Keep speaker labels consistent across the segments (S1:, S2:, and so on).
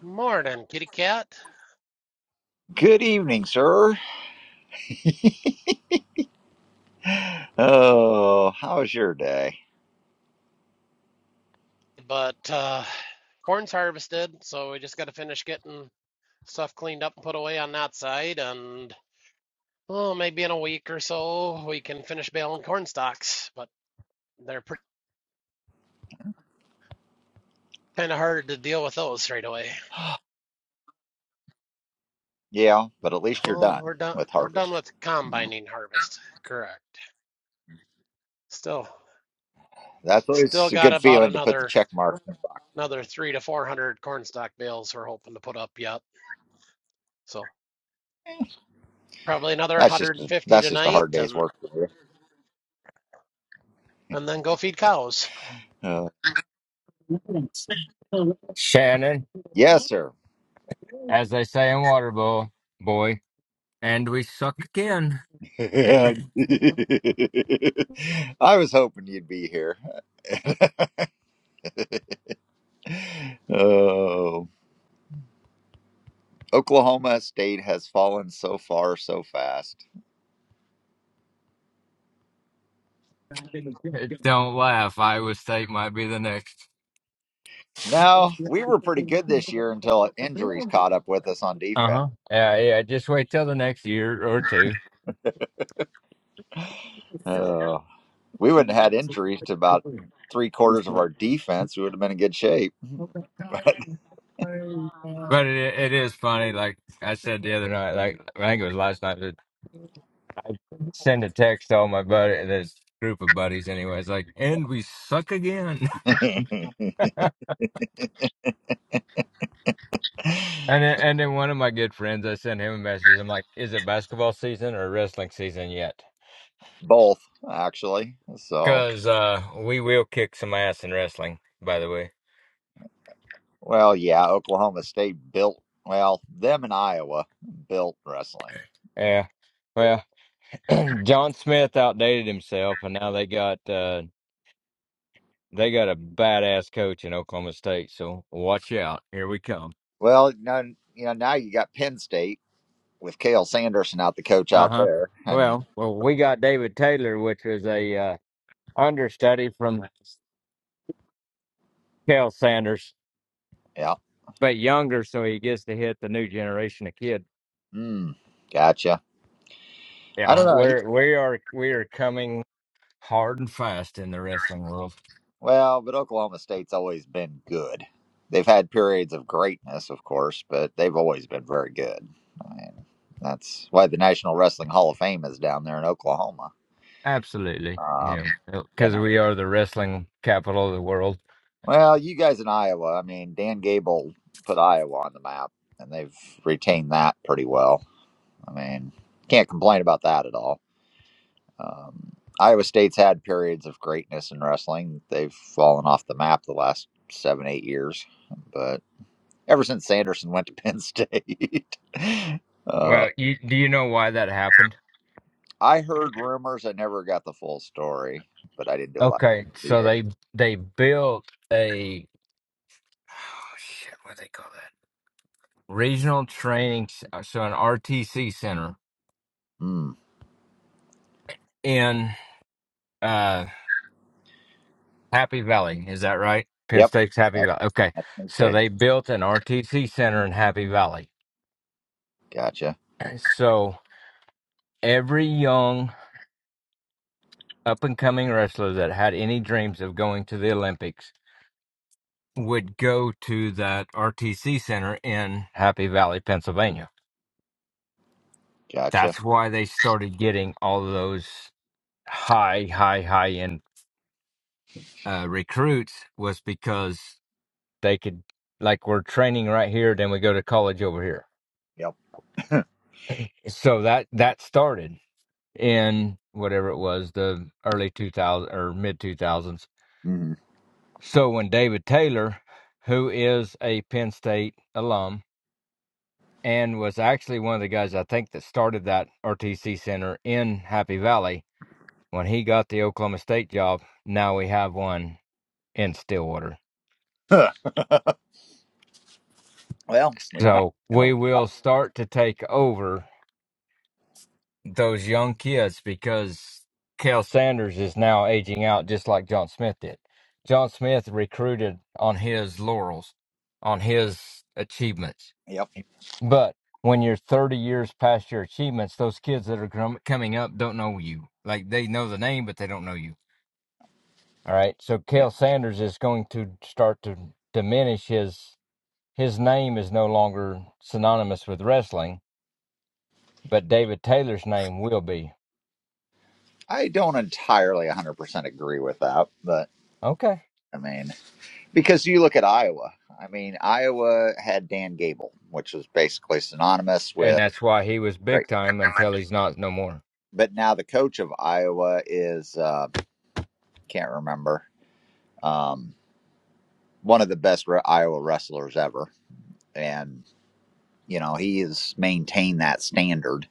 S1: Morning, kitty cat.
S2: Good evening, sir. Oh, how was your day?
S1: But uh corn's harvested, so we just got to finish getting stuff cleaned up and put away on that side, and oh, maybe in a week or so we can finish baling corn stalks. But they're pretty kind of hard to deal with those straight away.
S2: Yeah, but at least you're
S1: Oh,
S2: done
S1: we're done.
S2: with
S1: We're done
S2: harvest.
S1: with combining harvest. Correct. Still,
S2: That's
S1: still
S2: always a
S1: got
S2: good
S1: about
S2: feeling to put the
S1: another
S2: check mark in the
S1: another three to four hundred corn stalk bales we're hoping to put up yet. So
S2: box.
S1: probably another
S2: That's just a,
S1: 150
S2: that's just a
S1: tonight,
S2: hard day's
S1: and
S2: work for you.
S1: and then go feed cows.
S2: Uh, yes, sir. I was hoping you'd be here. oh, Oklahoma State has fallen so far so fast. No, we were pretty good this year until injuries caught up with us on defense. Uh, we wouldn't have had injuries to about three quarters of our defense. We would have been in good shape. Both, actually. So, well, yeah, Oklahoma State built, well, them and Iowa built wrestling. I mean, well, no, you know, now you got Penn State with Kale Sanderson out the coach out there. And yeah, mm, gotcha. I don't know. He, Well, but Oklahoma State's always been good. They've had periods of greatness, of course, but they've always been very good. I mean, that's why the National Wrestling Hall of Fame is down there in Oklahoma. Um, and well, you guys in Iowa, I mean, Dan Gable put Iowa on the map, and they've retained that pretty well. I mean, can't complain about that at all. Um, Iowa State's had periods of greatness in wrestling. They've fallen off the map the last seven, eight years, but ever since Sanderson went to Penn State. uh, I heard rumors. I never got the full story, but I didn't do a lot of it either. Mm. Yep. That, that's Penn State. Gotcha. Gotcha. Yep. hmm Well, we know how it's going to work. Yep. Yeah. I don't entirely 100% agree with that, but I mean, because you look at Iowa. I mean, Iowa had Dan Gable, which was basically synonymous with great but now the coach of Iowa is uh, can't remember. Um, one of the best re- Iowa wrestlers ever, and you know he has maintained that standard.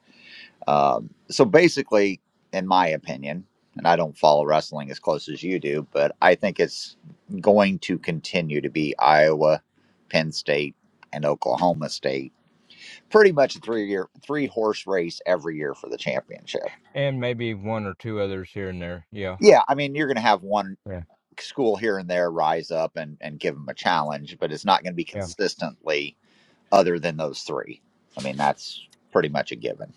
S2: Um, so basically, in my opinion, and I don't follow wrestling as close as you do, but I think it's going to continue to be Iowa, Penn State, and Oklahoma State. Pretty much a three year, three horse race every year for the championship. Yeah, I mean you're going to have one school here and there rise up and, and give them a challenge, but it's not going to be consistently other than those three. I mean, that's pretty much a given.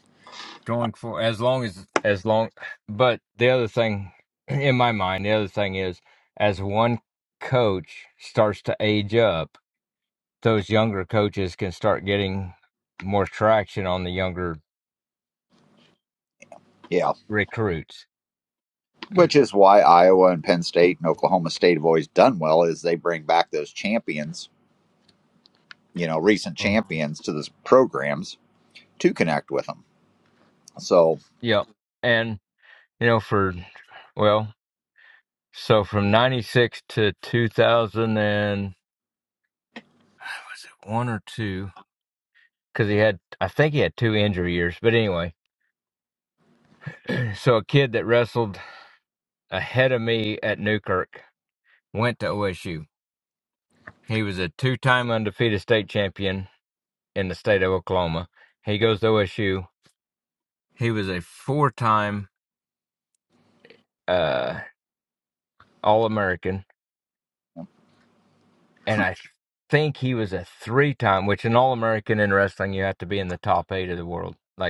S2: Yeah, which is why Iowa and Penn State and Oklahoma State have always done well is they bring back those champions, you know, recent champions to those programs to connect with them. So,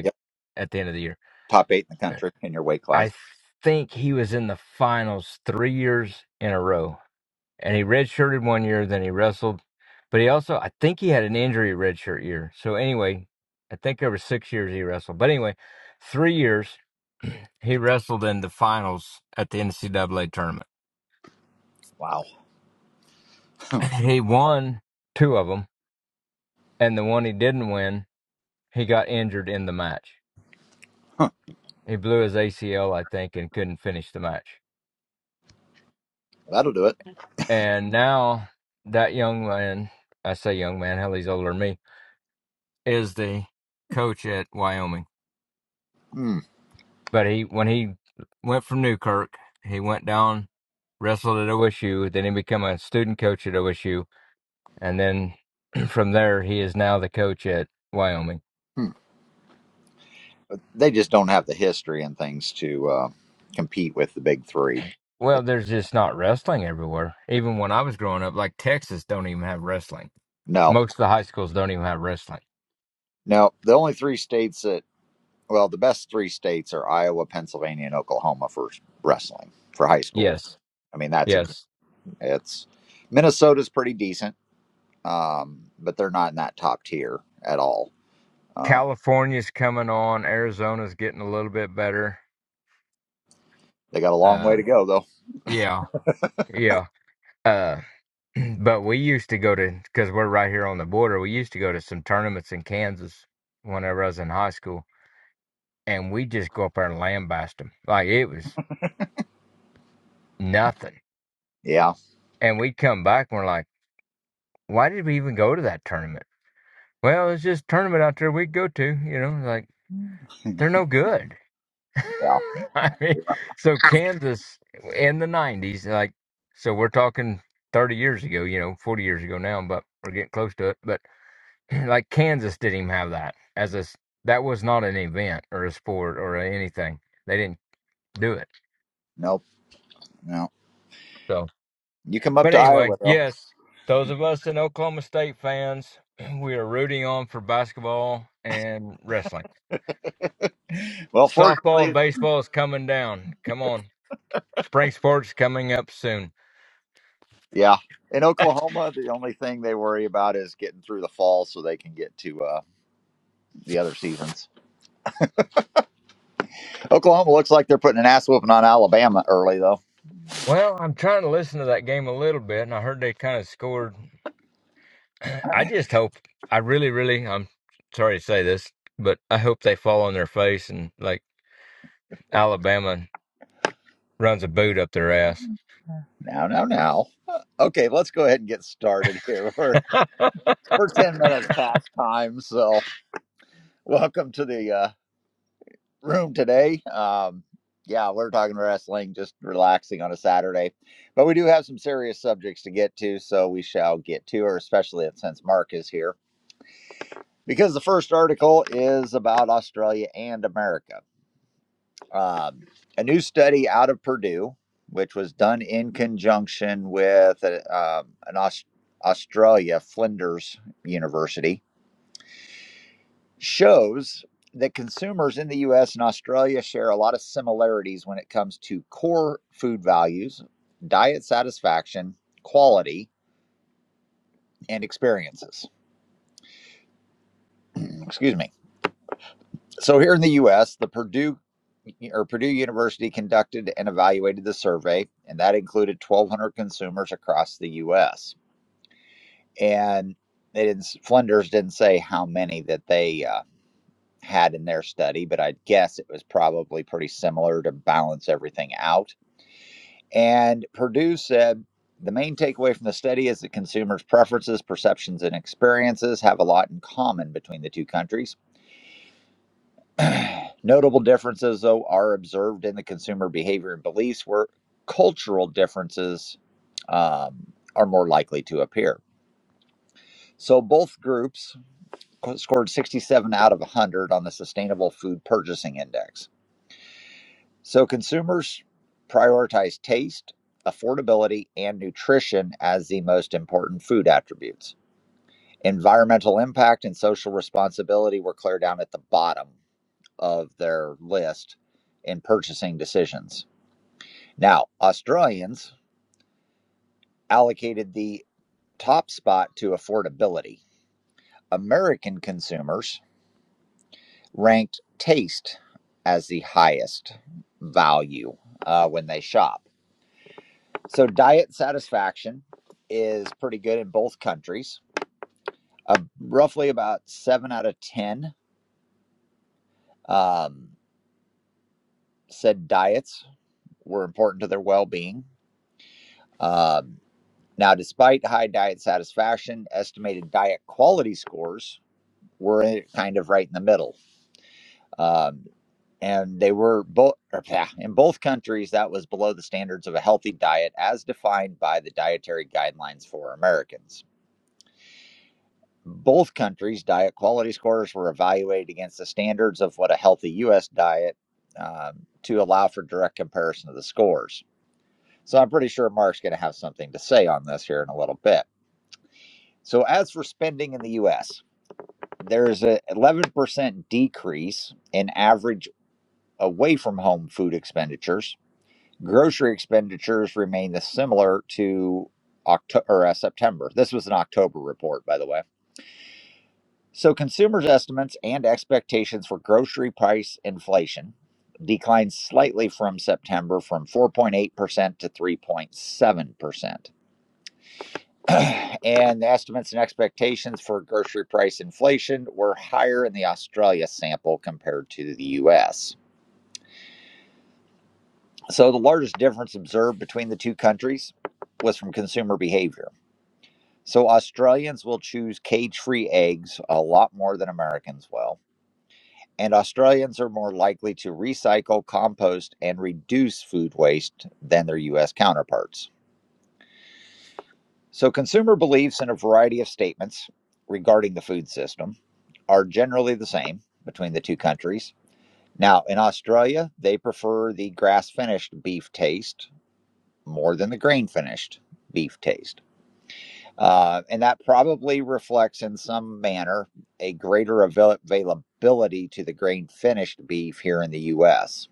S2: yep, top eight in the country in your weight class. Wow, that'll do it. Mm, hmm. But They just don't have the history and things to uh, compete with the big three. No, Now, the only three states that, well, the best three states are Iowa, Pennsylvania, and Oklahoma for wrestling for high school. I mean, that's a, it's Minnesota's pretty decent, um, but they're not in that top tier at all. Uh, they got a long way to go, though. Yeah, yeah. Nope, no. You come up to Iowa, though. Well, fortunately, yeah. In Oklahoma, the only thing they worry about is getting through the fall so they can get to uh, the other seasons. Oklahoma looks like they're putting an ass whooping on Alabama early, though. Now, now, now. Uh, Okay, let's go ahead and get started here. We're, we're 10 minutes past time, so welcome to the uh, room today. Um, yeah, we're talking wrestling, just relaxing on a Saturday. But we do have some serious subjects to get to, so we shall get to her, especially since Mark is here. Because the first article is about Australia and America. Um, a new study out of Purdue, which was done in conjunction with uh, um, an Aus- Australia Flinders University, shows that consumers in the U.S. and Australia share a lot of similarities when it comes to core food values, diet satisfaction, quality, and experiences. Excuse me. So here in the U.S., the Purdue or Purdue University conducted and evaluated the survey, and that included 1,200 consumers across the U.S. And they didn't, Flinders didn't say how many that they uh, had in their study, but I guess it was probably pretty similar to balance everything out. And Purdue said the main takeaway from the study is that consumers' preferences, perceptions, and experiences have a lot in common between the two countries. Notable differences, though, are observed in the consumer behavior and beliefs where cultural differences um, are more likely to appear. So both groups scored 67 out of 100 on the Sustainable Food Purchasing Index. So consumers prioritize taste, affordability, and nutrition as the most important food attributes. Environmental impact and social responsibility were clear down at the bottom of their list in purchasing decisions. Now, Australians allocated the top spot to affordability. American consumers ranked taste as the highest value uh, when they shop. So, diet satisfaction is pretty good in both countries. Uh, roughly about seven out of 10 um, said diets were important to their well being. Now, despite high diet satisfaction, estimated diet quality scores were kind of right in the middle. Um, and they were both, in both countries, that was below the standards of a healthy diet as defined by the dietary guidelines for Americans. Both countries' diet quality scores were evaluated against the standards of what a healthy U.S. diet um, to allow for direct comparison of the scores. So I'm pretty sure Mark's going to have something to say on this here in a little bit. So, as for spending in the U.S., there's a 11% decrease in average away from home food expenditures. Grocery expenditures remain the similar to October or uh, September. This was an October report, by the way. So consumers' estimates and expectations for grocery price inflation declined slightly from September from 4.8% to 3.7%. and the estimates and expectations for grocery price inflation were higher in the Australia sample compared to the US. So, the largest difference observed between the two countries was from consumer behavior. So, Australians will choose cage free eggs a lot more than Americans will. And Australians are more likely to recycle, compost, and reduce food waste than their US counterparts. So, consumer beliefs in a variety of statements regarding the food system are generally the same between the two countries. Now, in Australia, they prefer the grass finished beef taste more than the grain finished beef taste. Uh, and that probably reflects in some manner a greater avail- availability to the grain finished beef here in the U.S.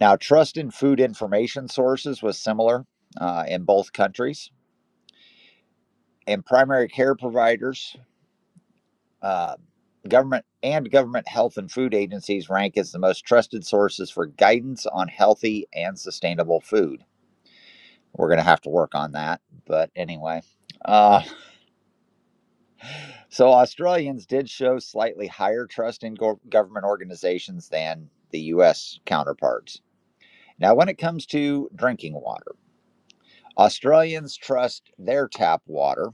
S2: Now, trust in food information sources was similar uh, in both countries. And primary care providers uh, government and government health and food agencies rank as the most trusted sources for guidance on healthy and sustainable food. We're going to have to work on that, but anyway. Uh, so Australians did show slightly higher trust in gov government organizations than the US counterparts. Now, when it comes to drinking water, Australians trust their tap water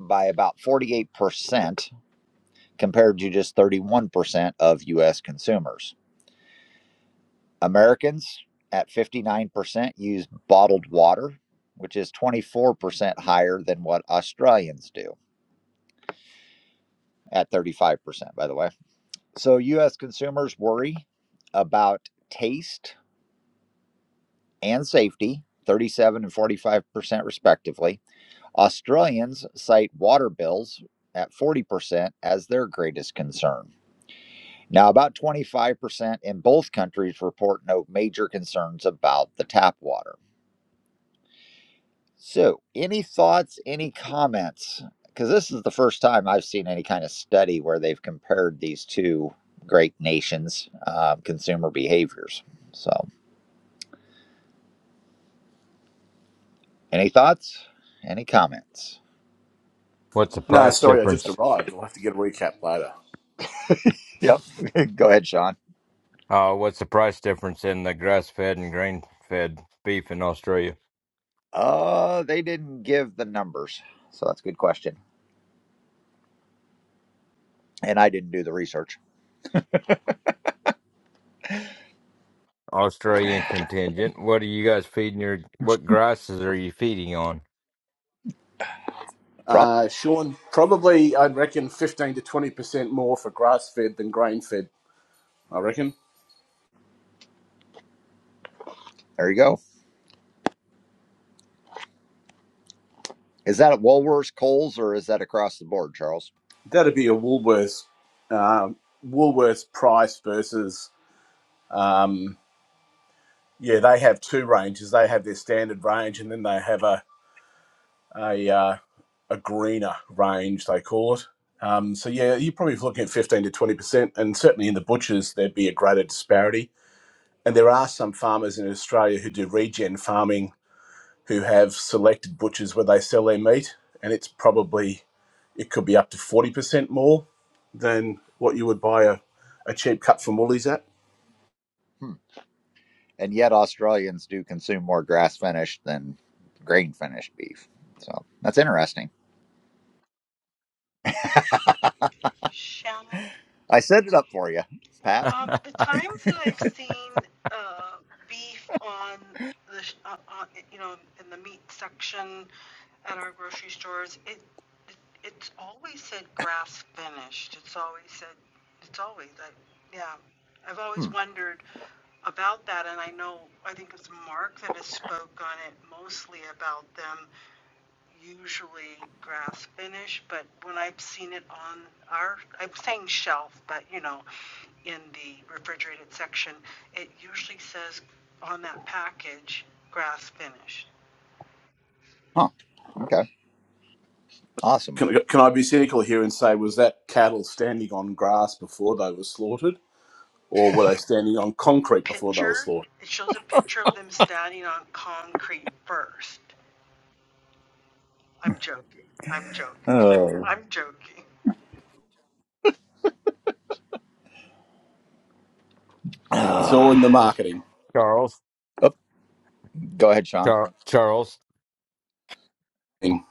S2: by about 48% compared to just 31% of US consumers. Americans at 59% use bottled water, which is 24% higher than what Australians do at 35%, by the way. So, US consumers worry about taste and safety, 37 and 45% respectively. Australians cite water bills at 40% as their greatest concern. Now, about 25% in both countries report no major concerns about the tap water. So, any thoughts, any comments? Because this is the first time I've seen any kind of study where they've compared these two great nations' uh, consumer behaviors. So, any thoughts, any comments?
S3: No, sorry, I just arrived. We'll have to get a recap later.
S2: Yep. Go ahead, Sean. Uh, they didn't give the numbers. So, that's a good question. And I didn't do the research. Prop.
S3: Uh, Sean, probably I'd reckon fifteen to twenty percent more for grass fed than grain fed. I reckon
S2: There you go. Is that at Woolworths, Kohl's, or is that across the board, Charles?
S3: that'd be a Woolworths, um, Woolworths price versus. Um, yeah, they have two ranges. They have their standard range, and then they have a a uh, a greener range they call it. Um, so yeah, you're probably looking at fifteen to twenty percent, and certainly in the butchers there'd be a greater disparity. And there are some farmers in Australia who do regen farming who have selected butchers where they sell their meat, and it's probably it could be up to forty percent more than what you would buy a, a cheap cut from Woolies at.
S2: Hmm. and yet Australians do consume more grass finished than grain finished beef. So that's interesting.
S4: Shannon,
S2: I set it up for you, Pat.
S4: um, the times that I've seen uh, beef on the sh- uh, uh, you know in the meat section at our grocery stores, it, it it's always said grass finished. It's always said it's always I, yeah. I've
S2: Hmm.
S4: always wondered about that, and I know I think it's Mark that has spoke on it mostly about them usually grass finish, but when I've seen it on our, I'm saying shelf, but you know, in the refrigerated section, it usually says on that package, grass finish.
S2: Huh. Okay. Awesome.
S3: Can, can I be cynical here and say was that cattle standing on grass before they were slaughtered, or were they standing on concrete before they were
S4: Picture,
S3: slaughtered?
S4: it shows a picture of them standing on concrete first. I'm joking. I'm joking.
S2: Oh.
S4: I'm joking.
S3: It's all
S2: Uh,
S3: in the marketing.
S2: oh, go ahead, Sean.
S3: thing.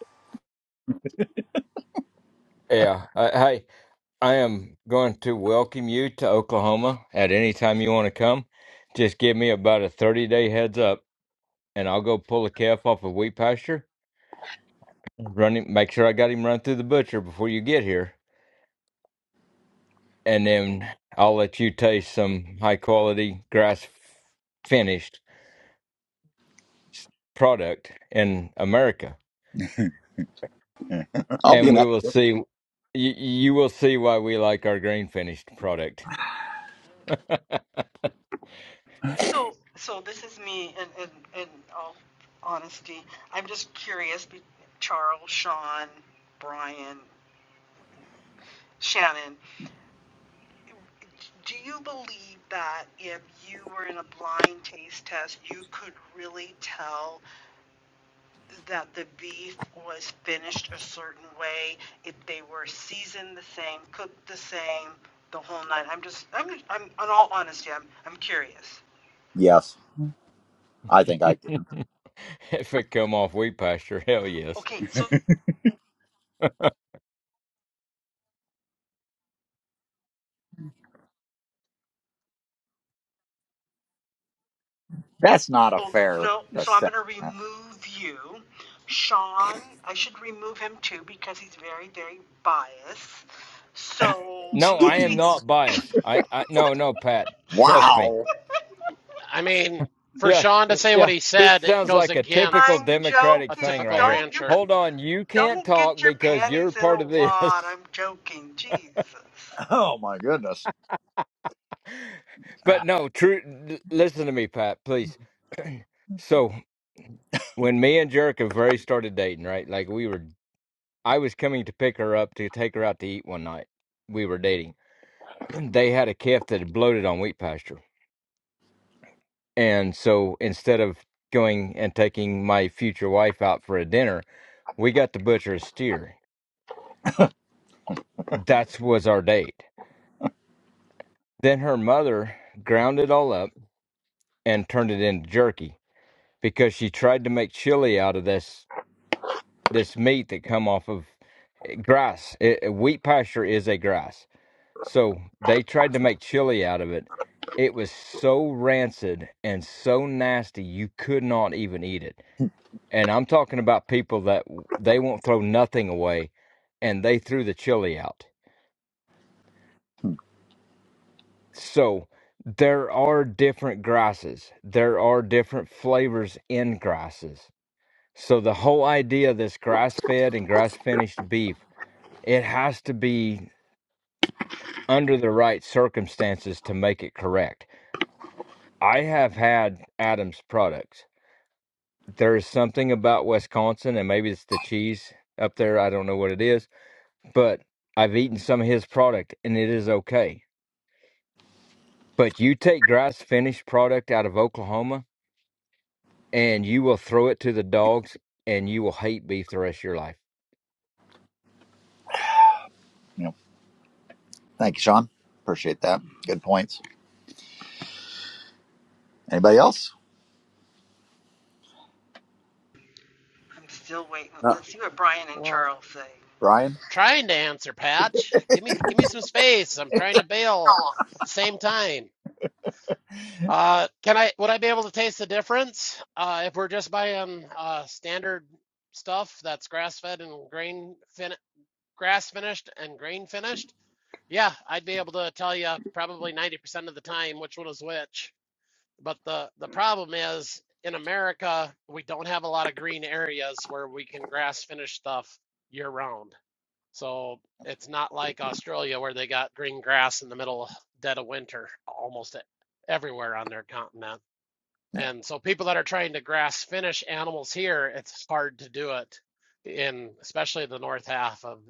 S3: I'll be an advocate.
S4: So, so this is me in, in, in all honesty. I'm just curious, be- Charles, Sean, Brian, Shannon, Do you believe that if you were in a blind taste test, you could really tell that the beef was finished a certain way, if they were seasoned the same, cooked the same, the whole nine? I'm just, I'm, I'm, in all honesty, I'm, I'm curious.
S2: Yes, I think I can.
S4: Okay, so
S2: That's not a fair
S4: no, so I'm
S2: assessment.
S4: gonna remove you, Sean. I should remove him too because he's very, very biased. So maybe.
S2: Jeez. Wow.
S1: I mean, for Sean to say what he said it goes against
S4: I'm
S1: a
S4: joking.
S1: typical
S4: Don't you
S1: rancher.
S4: c- don't get your panties in a wad. I'm joking. Jesus.
S2: Oh my goodness. You know, thank you, Sean. Appreciate that. Good points. Anybody else?
S4: I'm still waiting.
S3: Uh,
S4: Let's see what Brian and
S1: Well,
S4: Charles say.
S2: Brian?
S1: trying to answer, Patch. Give me give me some space. I'm trying to bail at the same time. Uh, can I would I be able to taste the difference uh, if we're just buying uh, standard stuff that's grass fed and grain fin grass finished and grain finished? Yeah, I'd be able to tell you probably 90% of the time which one is which. But the the problem is in America, we don't have a lot of green areas where we can grass finish stuff year round. So it's not like Australia where they got green grass in the middle dead of winter almost e- everywhere on their continent.
S2: Yeah.
S1: And so people that are trying to grass finish animals here, it's hard to do it in especially the north half of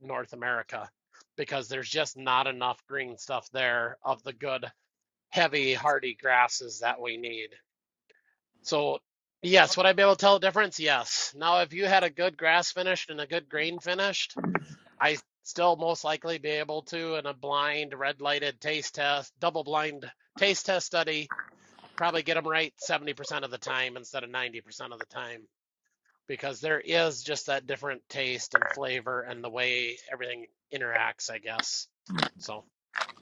S1: North America because there's just not enough green stuff there of the good heavy hardy grasses that we need. So, yes, would I be able to tell the difference? Yes. Now, if you had a good grass finished and a good green finished, I still most likely be able to in a blind, red lighted taste test, double blind taste test study, probably get them right 70% of the time instead of 90% of the time because there is just that different taste and flavor and the way everything interacts, I guess. So.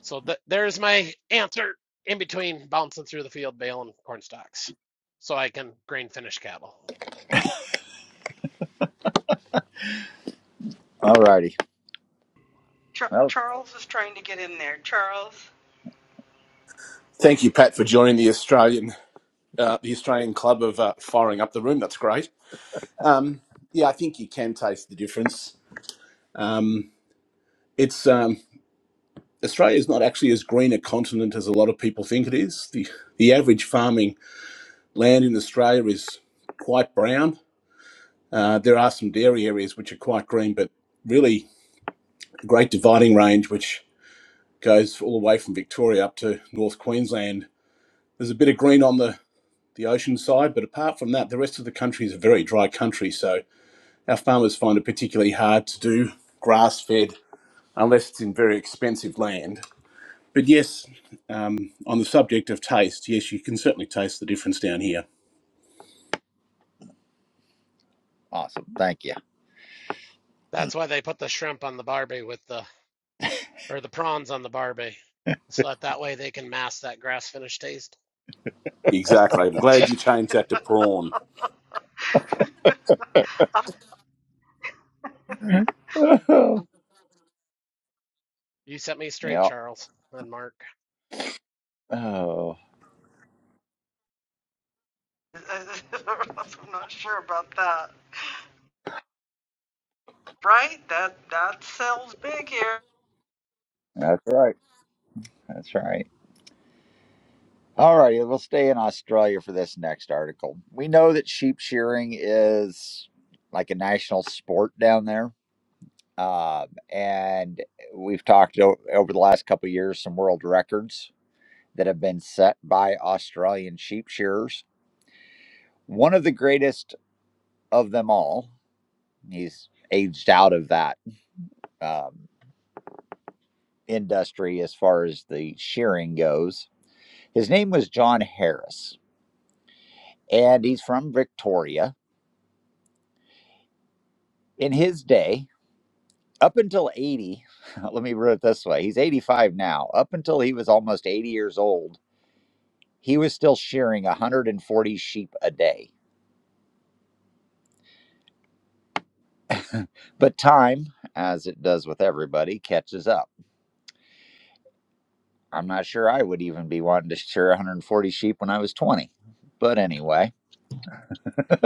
S1: So th- there's my answer in between bouncing through the field bale and corn stalks so I can grain finish cattle.
S2: All righty.
S4: Char-
S2: Well,
S4: Charles is trying to get in there. Charles,
S3: thank you, Pat, for joining the Australian uh, the Australian Club of uh, firing up the room. That's great. Um, yeah, I think you can taste the difference. Um, it's um, Australia is not actually as green a continent as a lot of people think it is. The, the average farming land in Australia is quite brown. Uh, there are some dairy areas which are quite green, but really a great dividing range which goes all the way from Victoria up to North Queensland. There's a bit of green on the, the ocean side, but apart from that, the rest of the country is a very dry country. So our farmers find it particularly hard to do grass fed unless it's in very expensive land But yes, um, on the subject of taste, yes, you can certainly taste the difference down here.
S2: awesome. Thank you.
S1: That's why they put the shrimp on the barbie with the, or the prawns on the barbie. So that that way they can mask that grass finish taste.
S3: Exactly. I'm glad you changed that to prawn.
S1: You set me straight,
S2: yeah.
S1: Charles and Mark.
S2: Oh,
S4: I'm not sure about that. Right? That that sells big here.
S2: that's right. That's right. All right. We'll stay in Australia for this next article. We know that sheep shearing is like a national sport down there. Um, and we've talked o- over the last couple of years some world records that have been set by Australian sheep shearers. One of the greatest of them all, he's aged out of that um, industry as far as the shearing goes, His name was John Harris, and he's from Victoria. In his day, up until 80, let me put it this way he's 85 now. Up until he was almost 80 years old, he was still shearing 140 sheep a day. But time, as it does with everybody, catches up. I'm not sure I would even be wanting to shear 140 sheep when I was 20. But anyway,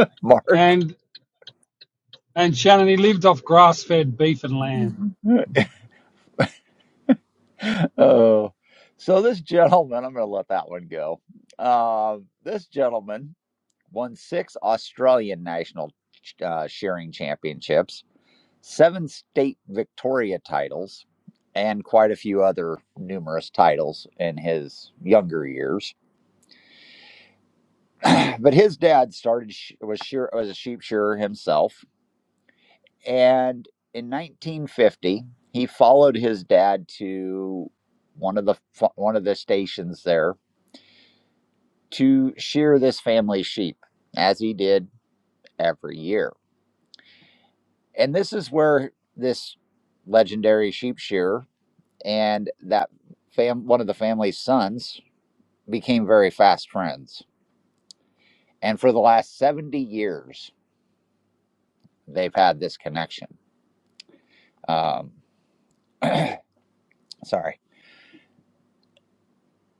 S2: Mark.
S5: And and Shannon, he lived off grass-fed beef and lamb.
S2: Oh, so this gentleman, I'm going to let that one go. Uh, this gentleman won six Australian national uh, shearing championships, seven state Victoria titles, and quite a few other numerous titles in his younger years. but his dad started was shear- was a sheep shearer himself, and in 1950 he followed his dad to one of the one of the stations there to shear this family's sheep, as he did every year. And this is where this legendary sheep shearer and that fam one of the family's sons became very fast friends. And for the last 70 years, they've had this connection. Um, sorry.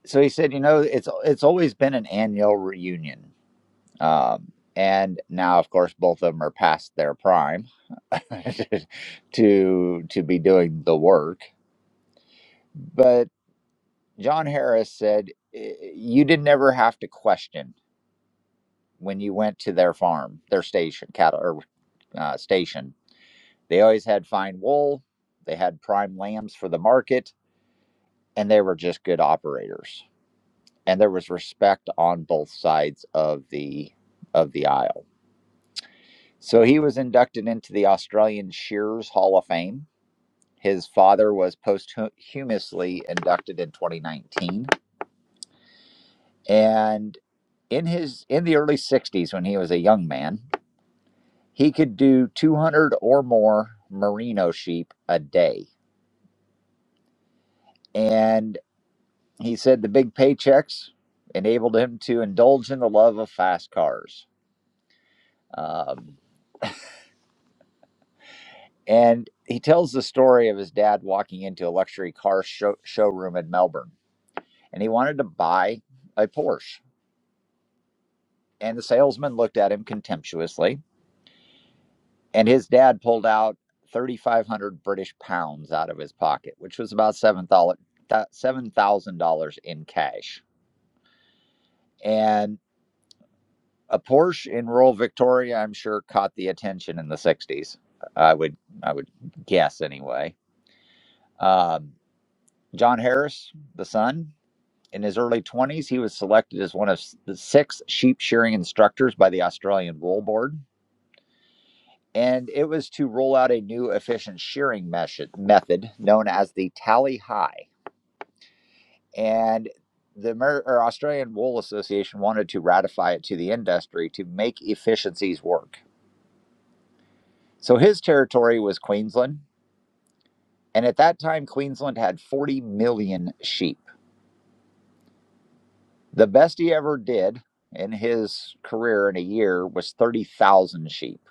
S2: So he said, you know, it's it's always been an annual reunion. Um, and now, of course, both of them are past their prime to to be doing the work. But John Harris said, "Eh, you didn't ever have to question when you went to their farm, their station, cattle or uh, station, they always had fine wool. They had prime lambs for the market, and they were just good operators. And there was respect on both sides of the of the aisle. So he was inducted into the Australian Shearers Hall of Fame. His father was posthumously inducted in 2019, and in his in the early 60s when he was a young man, He could do 200 or more merino sheep a day. And he said the big paychecks enabled him to indulge in the love of fast cars. Um, and he tells the story of his dad walking into a luxury car show- showroom in Melbourne, and he wanted to buy a Porsche. And the salesman looked at him contemptuously, and his dad pulled out 3,500 British pounds out of his pocket, which was about $7,000 $7,000 in cash And a Porsche in rural Victoria, I'm sure, caught the attention in the '60s. I would, I would guess anyway. Um, John Harris, the son, in his early 20s, he was selected as one of s- the six sheep shearing instructors by the Australian Wool Board, and it was to roll out a new efficient shearing mesh- method known as the tally high. And the Amer- or Australian Wool Association wanted to ratify it to the industry to make efficiencies work So his territory was Queensland. And at that time, Queensland had 40 million sheep. The best he ever did in his career in a year was 30,000 sheep.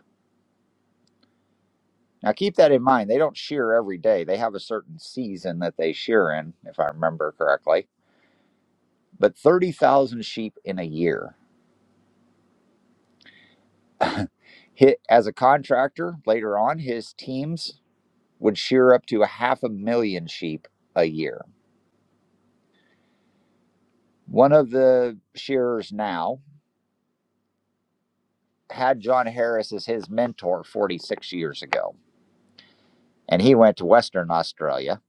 S2: Now, keep that in mind. They don't shear every day, they have a certain season that they shear in, if I remember correctly. But 30,000 sheep in a year. Hit, as a contractor, later on, his teams would shear up to a half a million sheep a year. One of the shearers now had John Harris as his mentor 46 years ago, and he went to Western Australia.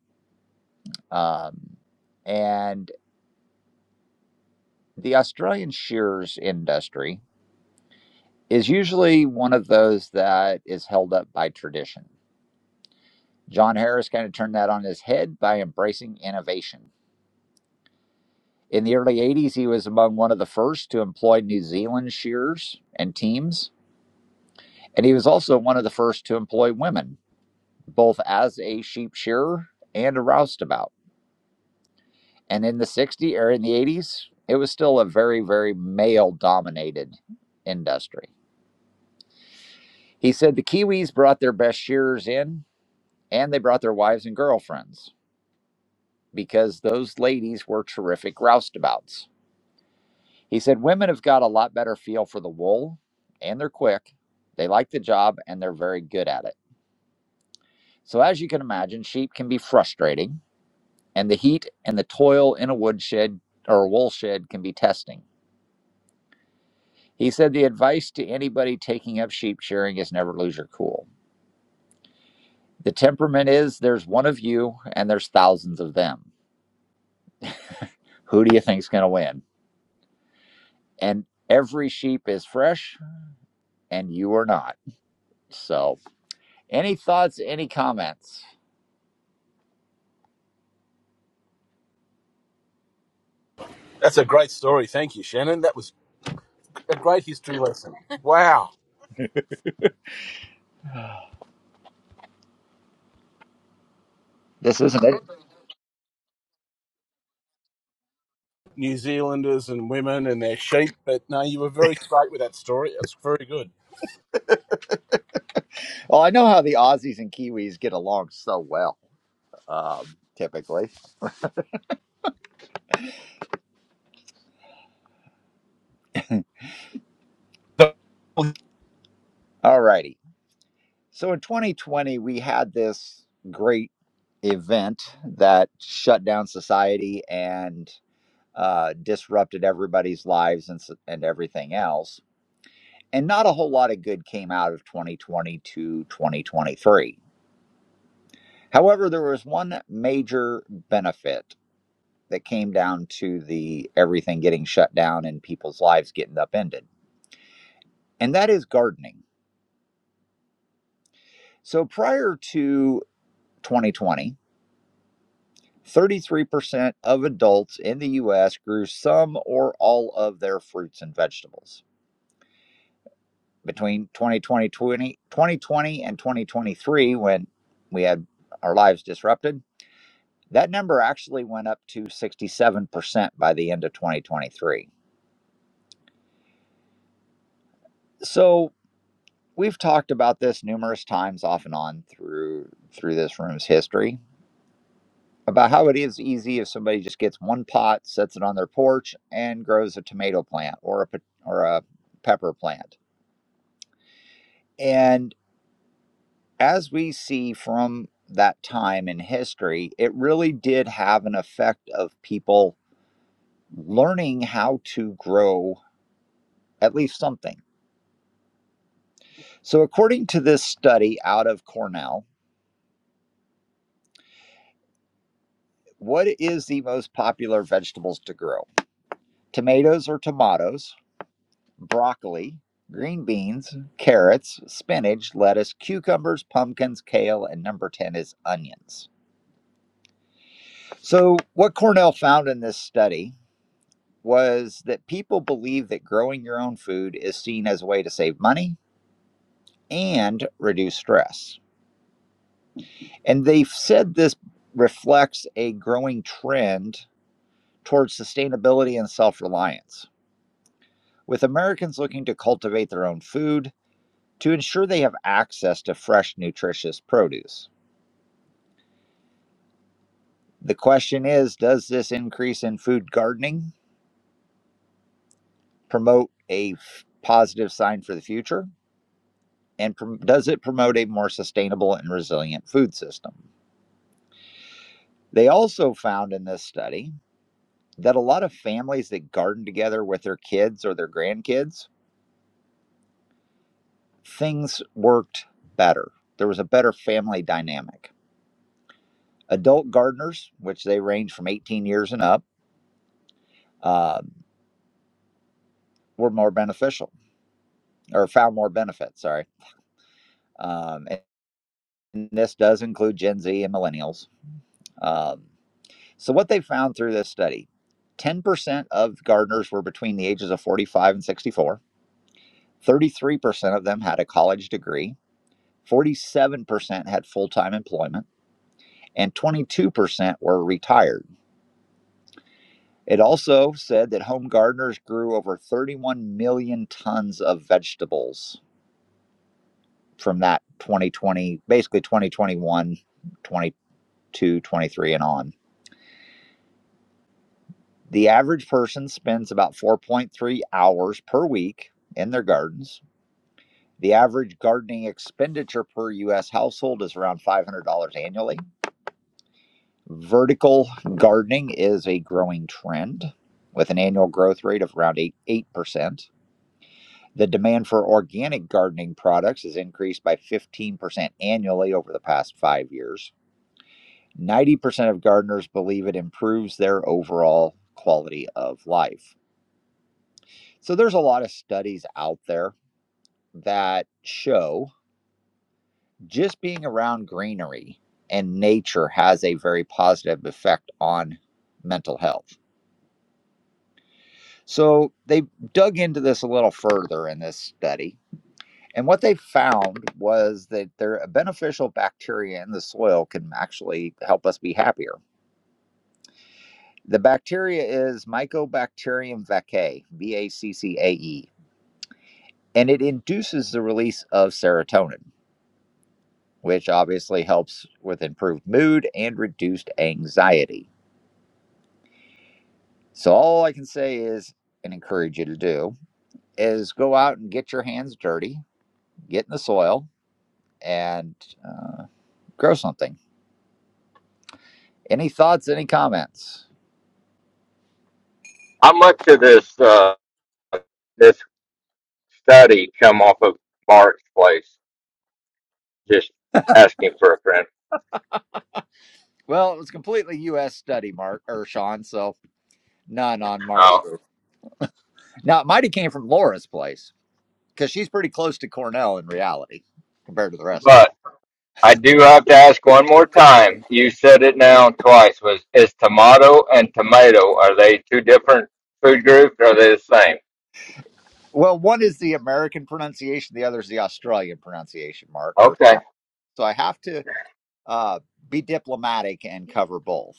S2: Um, and the Australian shears industry is usually one of those that is held up by tradition. John Harris kind of turned that on his head by embracing innovation. In the early 80s, he was among one of the first to employ New Zealand shears and teams, and he was also one of the first to employ women, both as a sheep shearer and a roustabout. And in the 60s or in the 80s, it was still a very, very male dominated industry. He said the Kiwis brought their best shearers in and they brought their wives and girlfriends because those ladies were terrific roustabouts. He said women have got a lot better feel for the wool and they're quick, they like the job, and they're very good at it. So, as you can imagine, sheep can be frustrating, and the heat and the toil in a woodshed or a wool shed can be testing. He said the advice to anybody taking up sheep shearing is never lose your cool. The temperament is there's one of you and there's thousands of them. Who do you think's going to win? And every sheep is fresh and you are not. So, any thoughts, any comments?
S3: That's a great story. Thank you, Shannon. That was a great history lesson. Wow.
S2: This isn't it.
S3: New Zealanders and women and their sheep, but no, you were very straight with that story. That's very good.
S2: Well, I know how the Aussies and Kiwis get along so well, um, typically.
S3: So,
S2: All righty. So, in 2020, we had this great event that shut down society and uh, disrupted everybody's lives and, and everything else. And not a whole lot of good came out of 2020 to 2023. However, there was one major benefit that came down to the everything getting shut down and people's lives getting upended, and that is gardening. So prior to 2020, 33% of adults in the US grew some or all of their fruits and vegetables. between 2020, 2020 and 2023 when we had our lives disrupted that number actually went up to 67% by the end of 2023 so we've talked about this numerous times off and on through through this room's history about how it is easy if somebody just gets one pot sets it on their porch and grows a tomato plant or a pot- or a pepper plant and as we see from that time in history, it really did have an effect of people learning how to grow at least something. So, according to this study out of Cornell, what is the most popular vegetables to grow? Tomatoes or tomatoes, broccoli, green beans, carrots, spinach, lettuce, cucumbers, pumpkins, kale, and number 10 is onions. So, what Cornell found in this study was that people believe that growing your own food is seen as a way to save money and reduce stress. And they've said this reflects a growing trend towards sustainability and self reliance, with Americans looking to cultivate their own food to ensure they have access to fresh, nutritious produce. The question is Does this increase in food gardening promote a f- positive sign for the future? And prom- does it promote a more sustainable and resilient food system? They also found in this study that a lot of families that garden together with their kids or their grandkids, things worked better. There was a better family dynamic. Adult gardeners, which they range from 18 years and up, um, were more beneficial or found more benefits, sorry. Um, and this does include Gen Z and millennials. Um, so, what they found through this study 10% of gardeners were between the ages of 45 and 64. 33% of them had a college degree. 47% had full time employment, and 22% were retired. It also said that home gardeners grew over 31 million tons of vegetables from that 2020, basically 2021, 22, 23, and on. The average person spends about 4.3 hours per week in their gardens. The average gardening expenditure per U.S. household is around $500 annually Vertical gardening is a growing trend with an annual growth rate of around 8, 8%. The demand for organic gardening products has increased by 15% annually over the past five years. 90% of gardeners believe it improves their overall quality of life. So there's a lot of studies out there that show just being around greenery and nature has a very positive effect on mental health So they dug into this a little further in this study. And what they found was that there are beneficial bacteria in the soil can actually help us be happier. The bacteria is Mycobacterium vaccae, V A C C A E, and it induces the release of serotonin, which obviously helps with improved mood and reduced anxiety. So, all I can say is, and encourage you to do, is go out and get your hands dirty, get in the soil, and grow something. Any thoughts, any comments?
S6: How much of this uh, this study come off of Mark's place? Just asking for a friend.
S2: Well, it was completely U.S. study, Mark or Sean, so none on Mark's
S6: Oh,
S2: group. Now, it might have came from Laura's place because she's pretty close to Cornell in reality compared to the rest of them. Well, one is the American pronunciation, the other is the Australian pronunciation, Mark or Sean. So I have to uh, be diplomatic and cover both.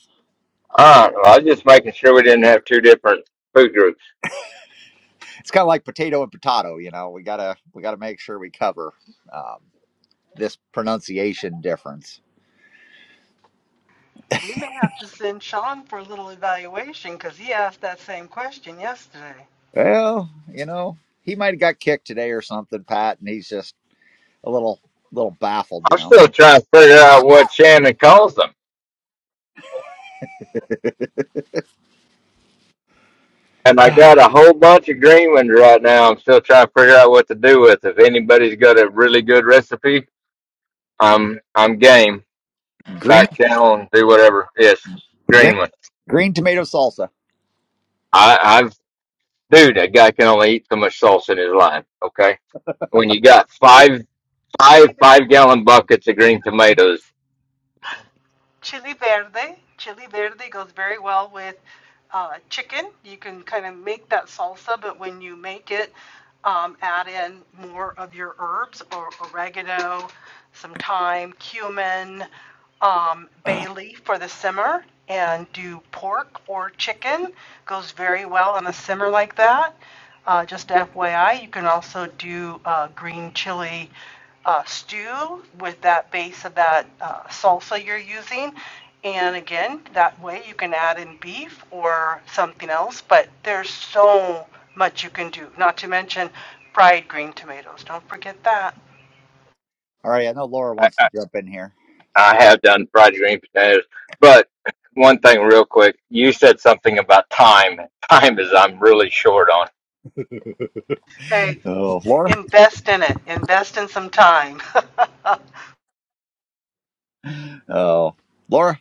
S2: It's kind of like potato and potato, you know. We gotta we gotta make sure we cover um, this pronunciation difference.
S4: We may have to send Sean for a little evaluation because he asked that same question yesterday.
S2: Well, you know, he might have got kicked today or something, Pat, and he's just a little little baffled, you know. green green green tomato salsa.
S4: Well, Chili, but chili verde. Chili verde goes very well with uh, chicken. You can kind of make that salsa, but when you make it, um, add in more of your herbs or oregano, some thyme, cumin um,
S2: Ugh.
S4: bay leaf for the simmer and do pork or chicken. Goes very well on a simmer like that. Uh, just FYI, you can also do uh, green chili uh, stew with that base of that uh, salsa you're using. And again, that way you can add in beef or something else, but there's so much you can do, not to mention fried green tomatoes. Don't forget that.
S2: All right, I know Laura wants to jump in here.
S6: I, one thing real quick.
S4: Hey,
S2: Oh, Laura?
S4: invest in it. Invest in some time.
S2: Oh, Laura?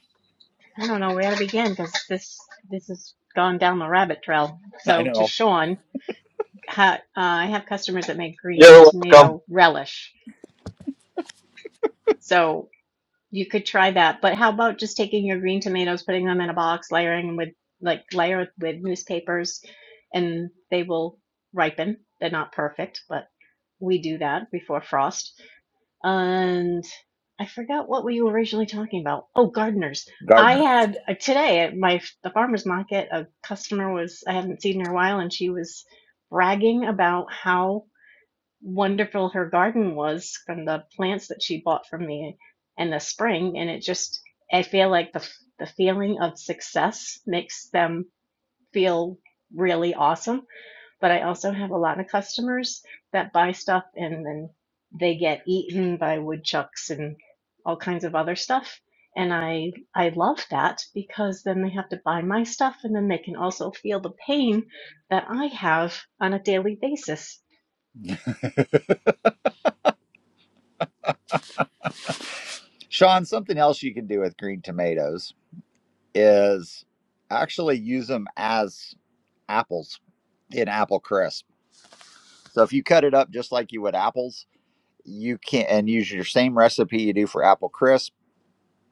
S7: I don't know where to begin because this this has gone down the rabbit trail.
S2: I
S7: So to
S2: know.
S7: Sean, ha, uh, I have customers that make green
S6: You're welcome.
S7: tomato relish. So you could try that. But how about just taking your green tomatoes, putting them in a box, layering them with like layer it with newspapers, and they will ripen. They're not perfect, but we do that before frost and I forgot what we were originally talking about. Oh, gardeners. I
S2: Gardener.
S7: had uh, today at my the farmers market a customer was I haven't seen her in a while and she was bragging about how wonderful her garden was from the plants that she bought from me in the spring and it just I feel like the the feeling of success makes them feel really awesome but I also have a lot of customers that buy stuff and then they get eaten by woodchucks and all kinds of other stuff. And I I love that because then they have to buy my stuff and then they can also feel the pain that I have on a daily basis.
S2: Sean, something else you can do with green tomatoes is actually use them as apples in apple crisp. So if you cut it up just like you would apples, you can and use your same recipe you do for apple crisp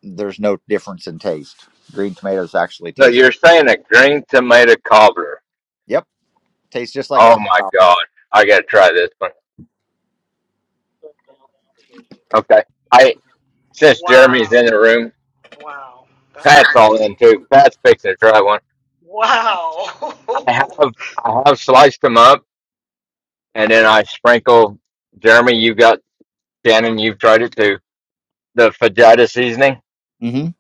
S2: there's no difference in taste. Green tomatoes actually
S6: So
S2: taste.
S6: you're saying a green tomato cobbler?
S2: Yep, tastes just like
S6: Oh
S2: apple
S6: my God! I gotta try this one. Okay.
S2: Yep.
S6: I since Jeremy's in the
S4: wow.
S6: room,
S4: Wow. That's
S6: Pat's
S4: amazing.
S6: all in too. Pat's fixing to try one.
S4: Wow.
S6: I have I have sliced them up and then I sprinkle. Jeremy, you got Shannon. You've tried it too. The fajita seasoning.
S2: Mm-hmm.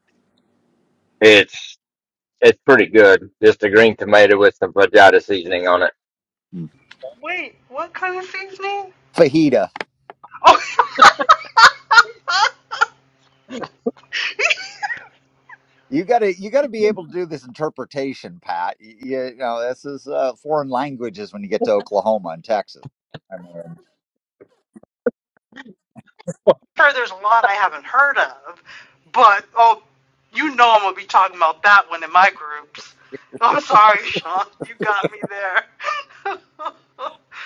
S6: It's It's pretty good. Just a green tomato with some vegeta seasoning on it.
S4: Wait, what kind of seasoning?
S2: Fajita.
S4: Oh, sure,
S2: You gotta you gotta be able to do this interpretation, Pat. You, you know this is uh, foreign languages when you get to Oklahoma and Texas. I mean,
S4: there's a lot I haven't heard of, but oh, you know I'm going to be talking about that one in my groups. I'm sorry, Sean. You got me there.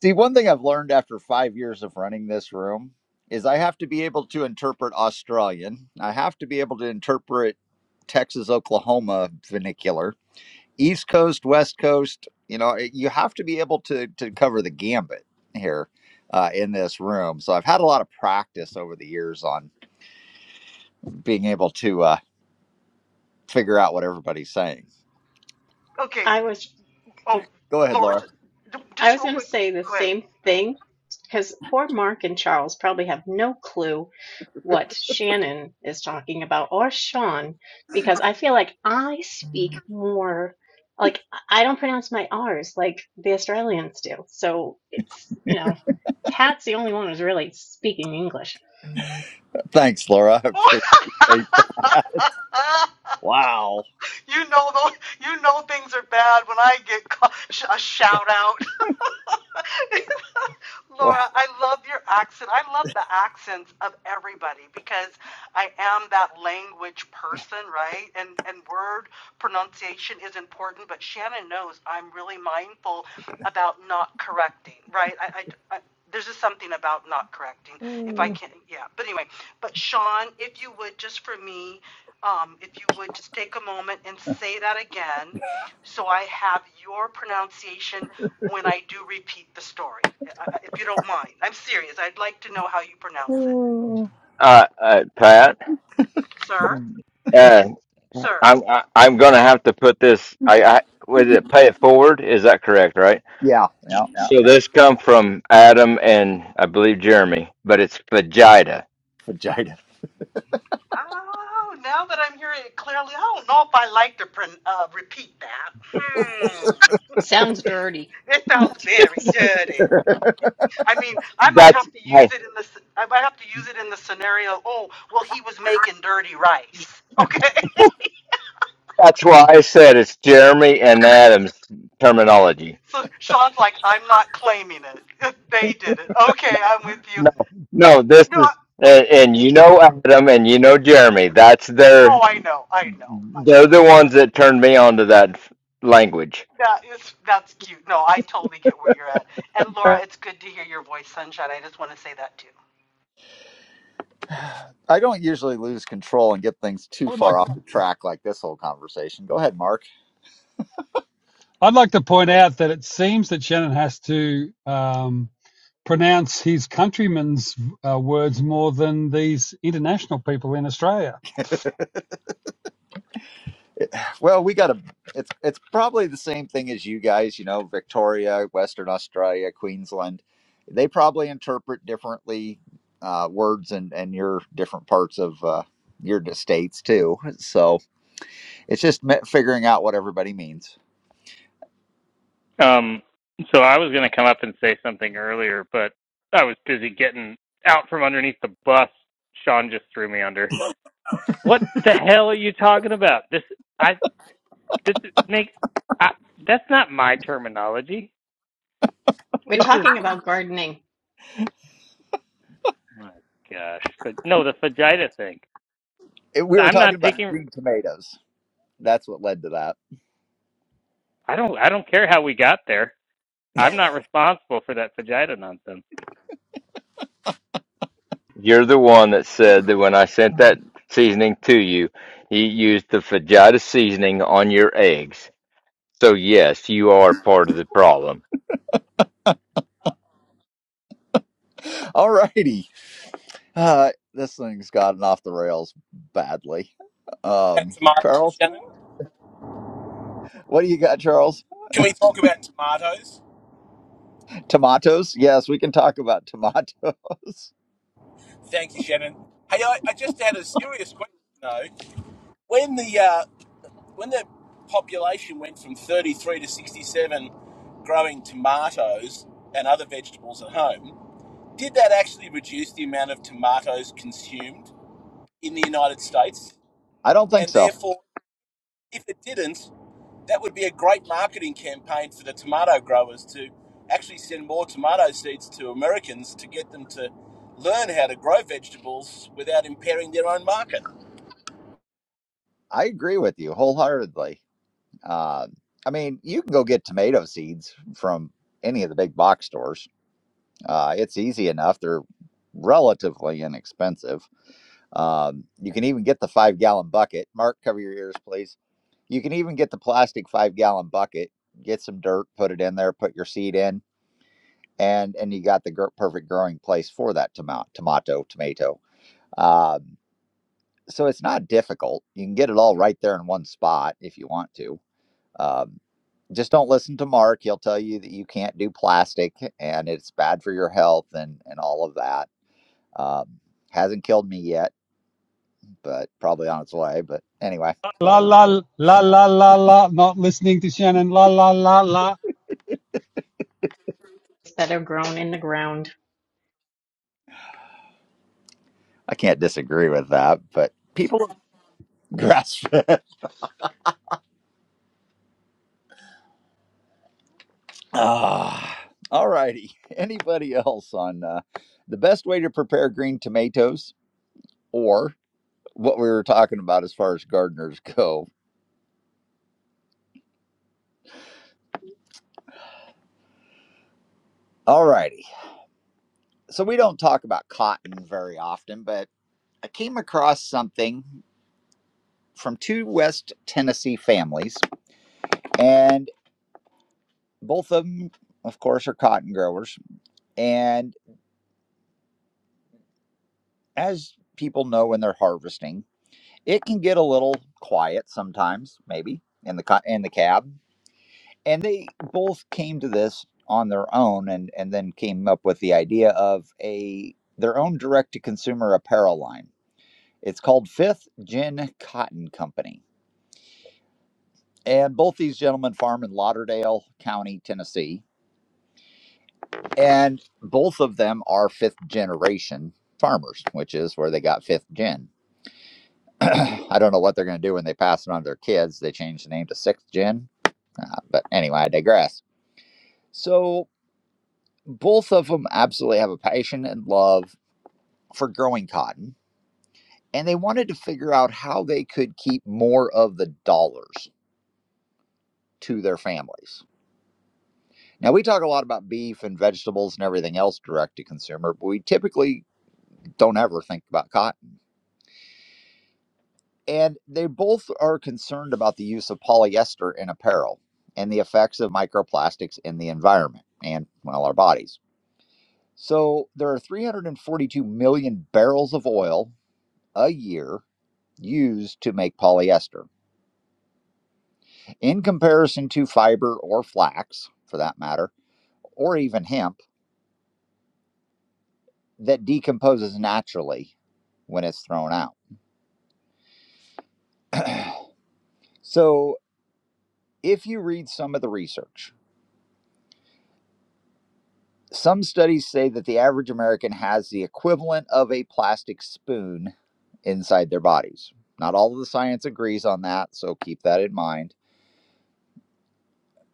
S2: see, one thing I've learned after five years of running this room is I have to be able to interpret Australian. I have to be able to interpret Texas Oklahoma vernacular East Coast, West Coast. You know, eh, you have to be able to to cover the gambit here uh, in this room. So I've had a lot of practice over the years on being able to uh, figure out what everybody's saying.
S4: Okay.
S7: I was
S4: Oh,
S2: Go ahead,
S4: Lord,
S2: Laura.
S7: I
S4: just
S7: was
S4: real
S7: going to
S4: quick.
S7: say the
S4: Go ahead.
S7: same thing because poor Mark and Charles probably have no clue what Shannon is talking about or Sean because I feel like I speak more like I don't pronounce my R's like the Australians do. So it's, you know, Pat's the only one who's really speaking English.
S2: Thanks, Laura. I appreciate that. Wow.
S4: you know those, you know things are bad when I get a shout out.
S2: What-
S4: Laura, I love your accent. I love the accents of everybody because I am that language person, right? And and word pronunciation is important, but Shannon knows I'm really mindful about not correcting, right? I, I, I there's just something about not correcting if I can, yeah. But anyway, but Sean, if you would just for me, um, if you would just take a moment and say that again so I have your pronunciation when I do repeat the story, uh, uh, if you don't mind. I'm serious. I'd like to know how you pronounce it. Sir? Sir?
S2: Yeah, yeah, yeah. Vagina.
S4: Oh, now that I'm hearing it clearly, I don't know if I like to uh, repeat that. Hmm.
S7: Sounds dirty.
S4: It sounds very dirty. I mean, I might
S6: That's
S4: have to use
S6: hey.
S4: it in the. I might have to use it in the scenario. Oh, well, he was making dirty rice. Okay.
S6: Well, I said it's Jeremy and Adams.
S4: So Sean's like, I'm not claiming it. They did it. Okay, I'm with you. No, I, yes. Oh, I know. I know. I know. That is that's cute. No, I totally get where you're at. And Laura, it's good to hear your voice, sunshine. I just want to say that too.
S2: I don't usually lose control and get things too
S5: I would like
S2: far
S5: to,
S2: off the track like this whole conversation. Go ahead, Mark.
S5: I'd like to point out that it seems that Shannon has to um, pronounce his countrymen's uh, words more than these international people in Australia.
S2: Well, we got a. It's it's probably the same thing as you guys. You know, Victoria, Western Australia, Queensland. They probably interpret differently uh, words and and your different parts of uh, your d- states too. So it's just me- figuring out what everybody means.
S8: Um, so I was going to come up and say something earlier, but I was busy getting out from underneath the bus. Sean just threw me under. What the hell are you talking about? This I this makes I, that's not my terminology.
S7: We're
S8: This is
S7: talking about gardening
S8: my gosh, but no, the fajita thing.
S2: It, we were
S8: I'm
S2: talking
S8: not
S2: about
S8: taking.
S2: green tomatoes. That's what led to that.
S8: I don't. I don't care how we got there. I'm not responsible for that fajita nonsense.
S4: Uh oh.
S2: All righty, uh, this thing's gotten off the rails badly. Um,
S3: tomatoes,
S2: Charles,
S3: Shannon.
S2: what do you got, Charles?
S3: Can we talk about tomatoes?
S2: Tomatoes? Yes, we can talk about tomatoes.
S3: Thank you, Shannon. Hey, I, I just had a serious question though. When the uh, when the population went from 33 to 67 growing tomatoes and other vegetables at home, did that actually reduce the amount of tomatoes consumed in the United States?
S2: I don't think
S3: And
S2: so.
S3: therefore, if it didn't, that would be a great marketing campaign for the tomato growers to actually send more tomato seeds to Americans to get them to learn how to grow vegetables without impairing their own market.
S2: I agree with you wholeheartedly. Uh, I mean, you can go get tomato seeds from any of the big box stores. Uh, it's easy enough. They're relatively inexpensive. Um, you can even get the five gallon bucket. Mark, cover your ears, please. You can even get the plastic five gallon bucket. Get some dirt, put it in there, put your seed in. and and you got the gr- perfect growing place for that tomato, tomato, tomato. Um, so it's not difficult. You can get it all right there in one spot if you want to. Um, just don't listen to Mark. He'll tell you that you can't do plastic and it's bad for your health and and all of that. Um, hasn't killed me yet, but probably on its way. But anyway,
S5: La la la la la la. Not listening to Shannon. La la la la.
S7: that are grown in the ground.
S2: I can't disagree with that. But people grass Ah, all righty. Anybody else on uh, the best way to prepare green tomatoes or what we were talking about as far as gardeners go? All righty. So we don't talk about cotton very often, but I came across something from two West Tennessee families, and both of them, of course, are cotton growers. And as people know when they're harvesting, it can get a little quiet sometimes, maybe in the co- in the cab and they both came to this on their own and and then came up with the idea of a their own direct to consumer apparel line it's called fifth gin cotton company and both these gentlemen farm in lauderdale county tennessee and both of them are fifth generation farmers which is where they got fifth gin i don't know what they're going to do when they pass it on to their kids they change the name to sixth gin uh, but anyway i digress so both of them absolutely have a passion and love for growing cotton, and they wanted to figure out how they could keep more of the dollars to their families. Now, we talk a lot about beef and vegetables and everything else direct to consumer, but we typically don't ever think about cotton. And they both are concerned about the use of polyester in apparel and the effects of microplastics in the environment and, well, our bodies. So there are 342 million barrels of oil a year used to make polyester. In comparison to fiber or flax, for that matter, or even hemp, that decomposes naturally when it's thrown out. so, if you read some of the research, some studies say that the average American has the equivalent of a plastic spoon inside their bodies. Not all of the science agrees on that, so keep that in mind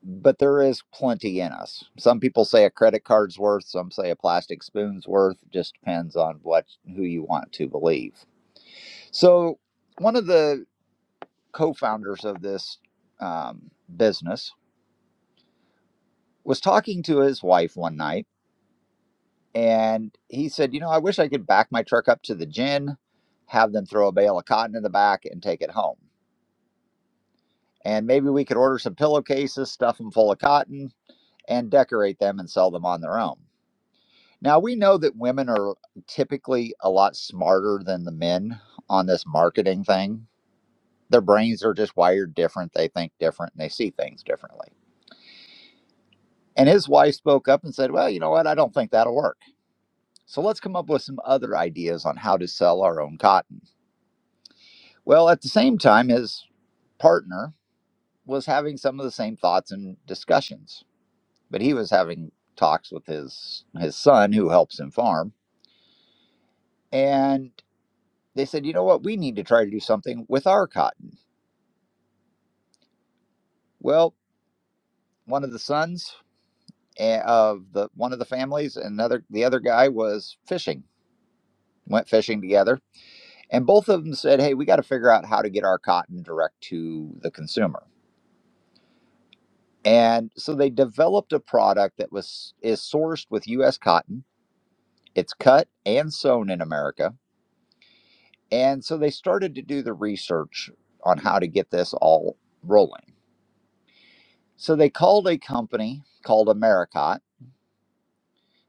S2: but there is plenty in us. Some people say a credit card's worth, some say a plastic spoon's worth, It just depends on what who you want to believe. So, one of the co-founders of this um, business was talking to his wife one night, and he said, "You know, I wish I could back my truck up to the gin, have them throw a bale of cotton in the back, and take it home, and maybe we could order some pillowcases, stuff them full of cotton." And decorate them and sell them on their own. Now we know that women are typically a lot smarter than the men on this marketing thing. Their brains are just wired different, they think different, and they see things differently. And his wife spoke up and said, "Well, you know what? I don't think that'll work. So let's come up with some other ideas on how to sell our own cotton." Well, at the same time his partner was having some of the same thoughts and discussions, but he was having talks with his his son who helps him farm, and. they said, you know what, we need to try to do something with our cotton. Well, one of the sons eh, of the one of the families, and another the other guy was fishing, went fishing together, and both of them said, hey, we got to figure out how to get our cotton direct to the consumer. And so they developed a product that was is sourced with U.S. cotton. It's cut and sewn in America, and so they started to do the research on how to get this all rolling. So they called a company called Americot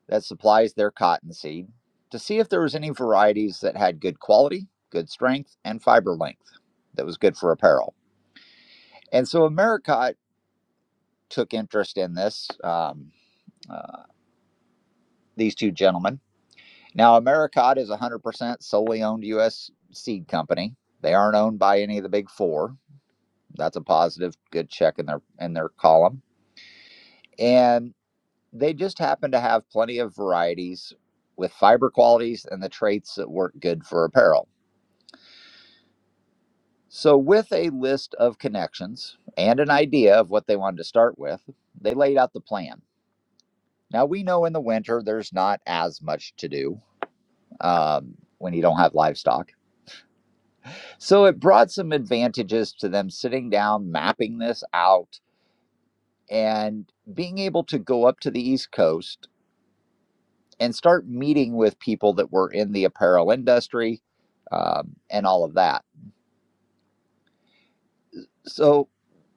S2: that supplies their cottonseed to see if there was any varieties that had good quality, good strength, and fiber length that was good for apparel. And so Americot took interest in this, um, uh, these two gentlemen. Now, Americot is 100% solely owned U.S. seed company. They aren't owned by any of the big four. That's a positive, good check in their in their column. And they just happen to have plenty of varieties with fiber qualities and the traits that work good for apparel. So, with a list of connections and an idea of what they wanted to start with, they laid out the plan. Now, we know in the winter there's not as much to do um, when you don't have livestock. So, it brought some advantages to them sitting down, mapping this out, and being able to go up to the East Coast and start meeting with people that were in the apparel industry um, and all of that. So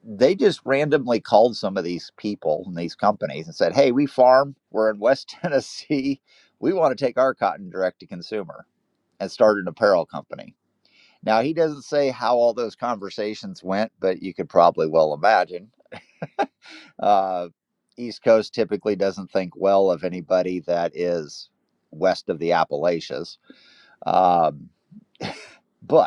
S2: they just randomly called some of these people and these companies and said, Hey, we farm, we're in West Tennessee. We want to take our cotton direct to consumer and start an apparel company. Now, he doesn't say how all those conversations went, but you could probably well imagine. Uh, East Coast typically doesn't think well of anybody that is west of the Appalachians. Um, but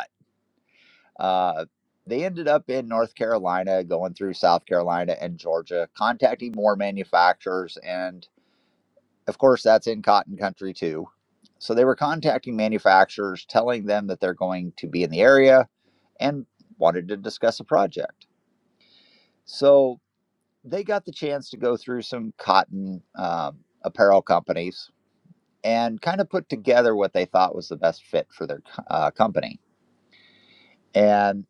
S2: Uh, they ended up in North Carolina, going through South Carolina and Georgia, contacting more manufacturers. And of course, that's in cotton country too. So they were contacting manufacturers, telling them that they're going to be in the area and wanted to discuss a project. So they got the chance to go through some cotton um, apparel companies and kind of put together what they thought was the best fit for their uh, company. And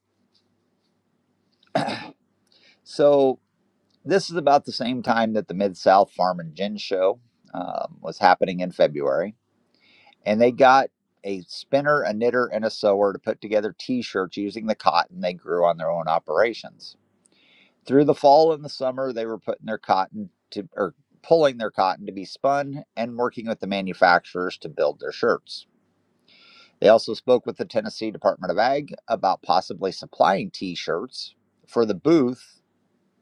S2: so This is about the same time that the Mid South Farm and Gin Show um, was happening in February. And they got a spinner, a knitter, and a sewer to put together t shirts using the cotton they grew on their own operations. Through the fall and the summer, they were putting their cotton to, or pulling their cotton to be spun and working with the manufacturers to build their shirts. They also spoke with the Tennessee Department of Ag about possibly supplying t shirts for the booth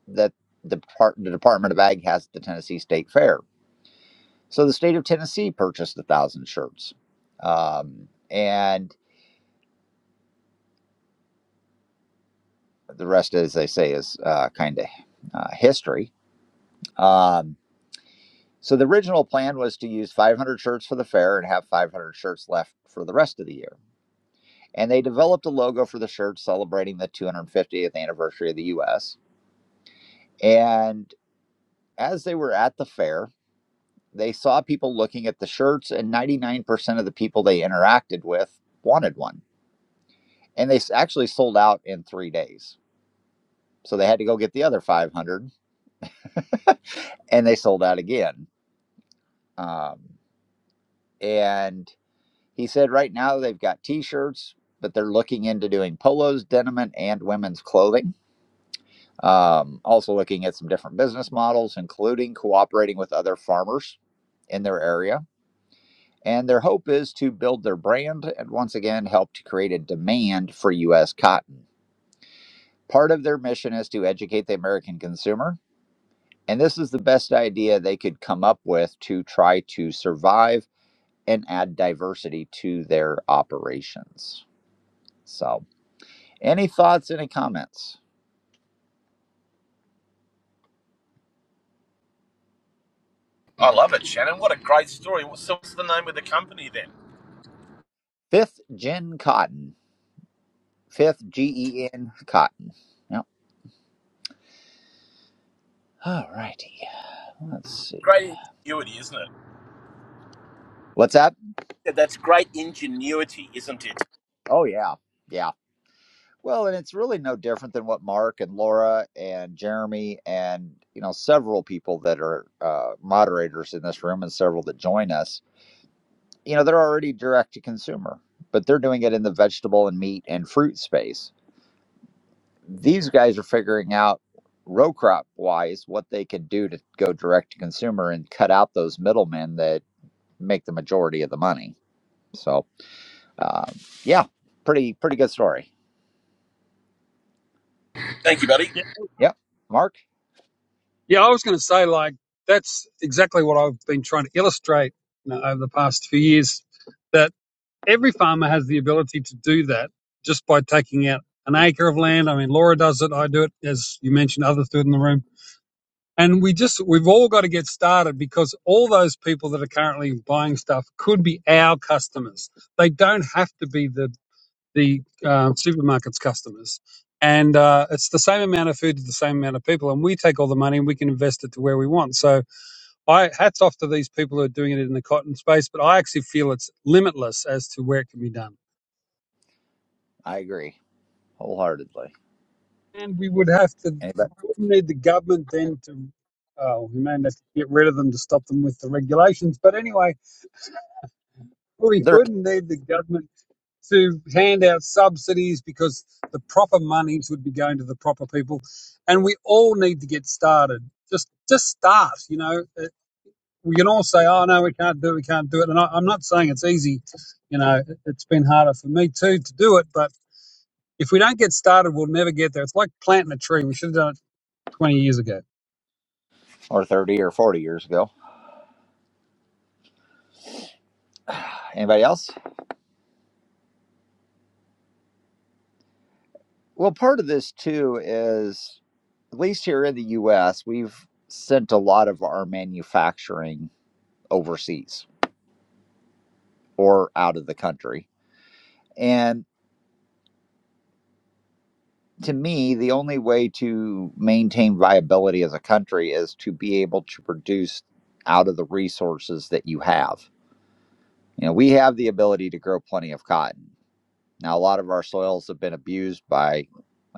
S2: that the, part, the Department of Ag has at the Tennessee State Fair. So the state of Tennessee purchased a thousand shirts, um, and the rest, as they say, is uh, kind of uh, history. Um, so the original plan was to use 500 shirts for the fair and have 500 shirts left for the rest of the year. And they developed a logo for the shirt celebrating the 250th anniversary of the U.S. And as they were at the fair, They saw people looking at the shirts, and 99% of the people they interacted with wanted one. And they actually sold out in three days. So they had to go get the other 500, and they sold out again. Um, and he said right now they've got t shirts, but they're looking into doing polos, denim, and women's clothing. Um, also looking at some different business models, including cooperating with other farmers in their area And their hope is to build their brand and once again help to create a demand for U.S. cotton. Part of their mission is to educate the American consumer. And this is the best idea they could come up with to try to survive and add diversity to their operations. So, any thoughts, any comments?
S3: I love it, Shannon. What a great story. So, what's the name of the company then?
S2: Fifth Gen Cotton. Fifth G E N Cotton. Yep. All righty. Let's see.
S3: Great ingenuity, isn't it?
S2: What's that?
S3: Yeah, that's great ingenuity, isn't it?
S2: Oh, yeah. Yeah. Well, and it's really no different than what Mark and Laura and Jeremy and you know several people that are uh, moderators in this room and several that join us. You know, they're already direct to consumer, but they're doing it in the vegetable and meat and fruit space. These guys are figuring out row crop wise what they can do to go direct to consumer and cut out those middlemen that make the majority of the money. So, um, yeah, pretty pretty good story.
S3: Thank you, buddy.
S5: Yeah,
S2: Yep, Mark,
S5: yeah. I was going to say like that's exactly what I've been trying to illustrate you know, over the past few years. that. every farmer has the ability to do that just by taking out an acre of land. I mean, Laura does it, I do it, as you mentioned, others do it in the room. And we just, we've all got to get started because all those people that are currently buying stuff could be our customers. They don't have to be the, the uh, supermarket's customers. And uh, it's the same amount of food to the same amount of people. And we take all the money and we can invest it to where we want. So I hats off to these people who are doing it in the cotton space, but I actually feel it's limitless as to where it can be done.
S2: I agree wholeheartedly.
S5: And we would have to
S2: Anybody?
S5: wouldn't need the government then to, uh, we may have to get rid of them to stop them with the regulations. But anyway, we
S2: there
S5: wouldn't need the government to hand out subsidies because the proper monies would be going to the proper people. And we all need to get started. Just, just start. You know, Uh, we can all say, "Oh no, we can't do it. We can't do it." And I, I'm not saying it's easy. You know, it- it's been harder for me too to do it. But if we don't get started, we'll never get there. It's like planting a tree. We should have done it 20 years ago.
S2: or 30 or 40 years ago. Anybody else? Well, part of this too is at least here in the US, we've sent a lot of our manufacturing overseas or out of the country. And to me, the only way to maintain viability as a country is to be able to produce out of the resources that you have. You know, we have the ability to grow plenty of cotton. Now, a lot of our soils have been abused by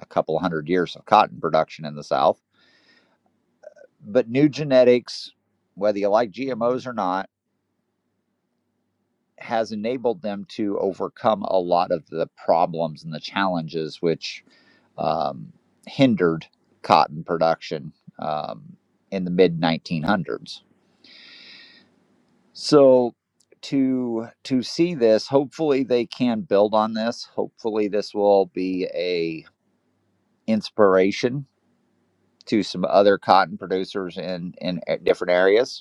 S2: a couple hundred years of cotton production in the South But new genetics, whether you like GMOs or not, has enabled them to overcome a lot of the problems and the challenges which um, hindered cotton production um, in the mid 1900s. So to to see this, hopefully they can build on this. Hopefully this will be a inspiration to some other cotton producers in in different areas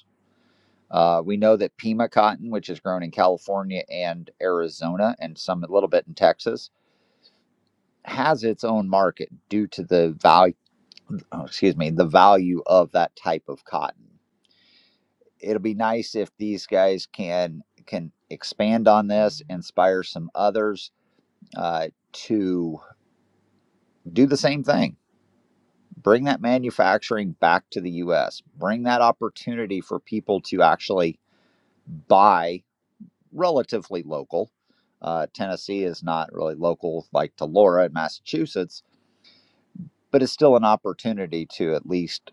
S2: Uh, we know that Pima cotton, which is grown in California and Arizona and some a little bit in Texas, has its own market due to the value, oh, excuse me, the value of that type of cotton. It'll be nice if these guys can can expand on this, inspire some others uh, to do the same thing. Bring that manufacturing back to the U.S. Bring that opportunity for people to actually buy relatively local. Uh, Tennessee is not really local like to Laura in Massachusetts, but it's still an opportunity to at least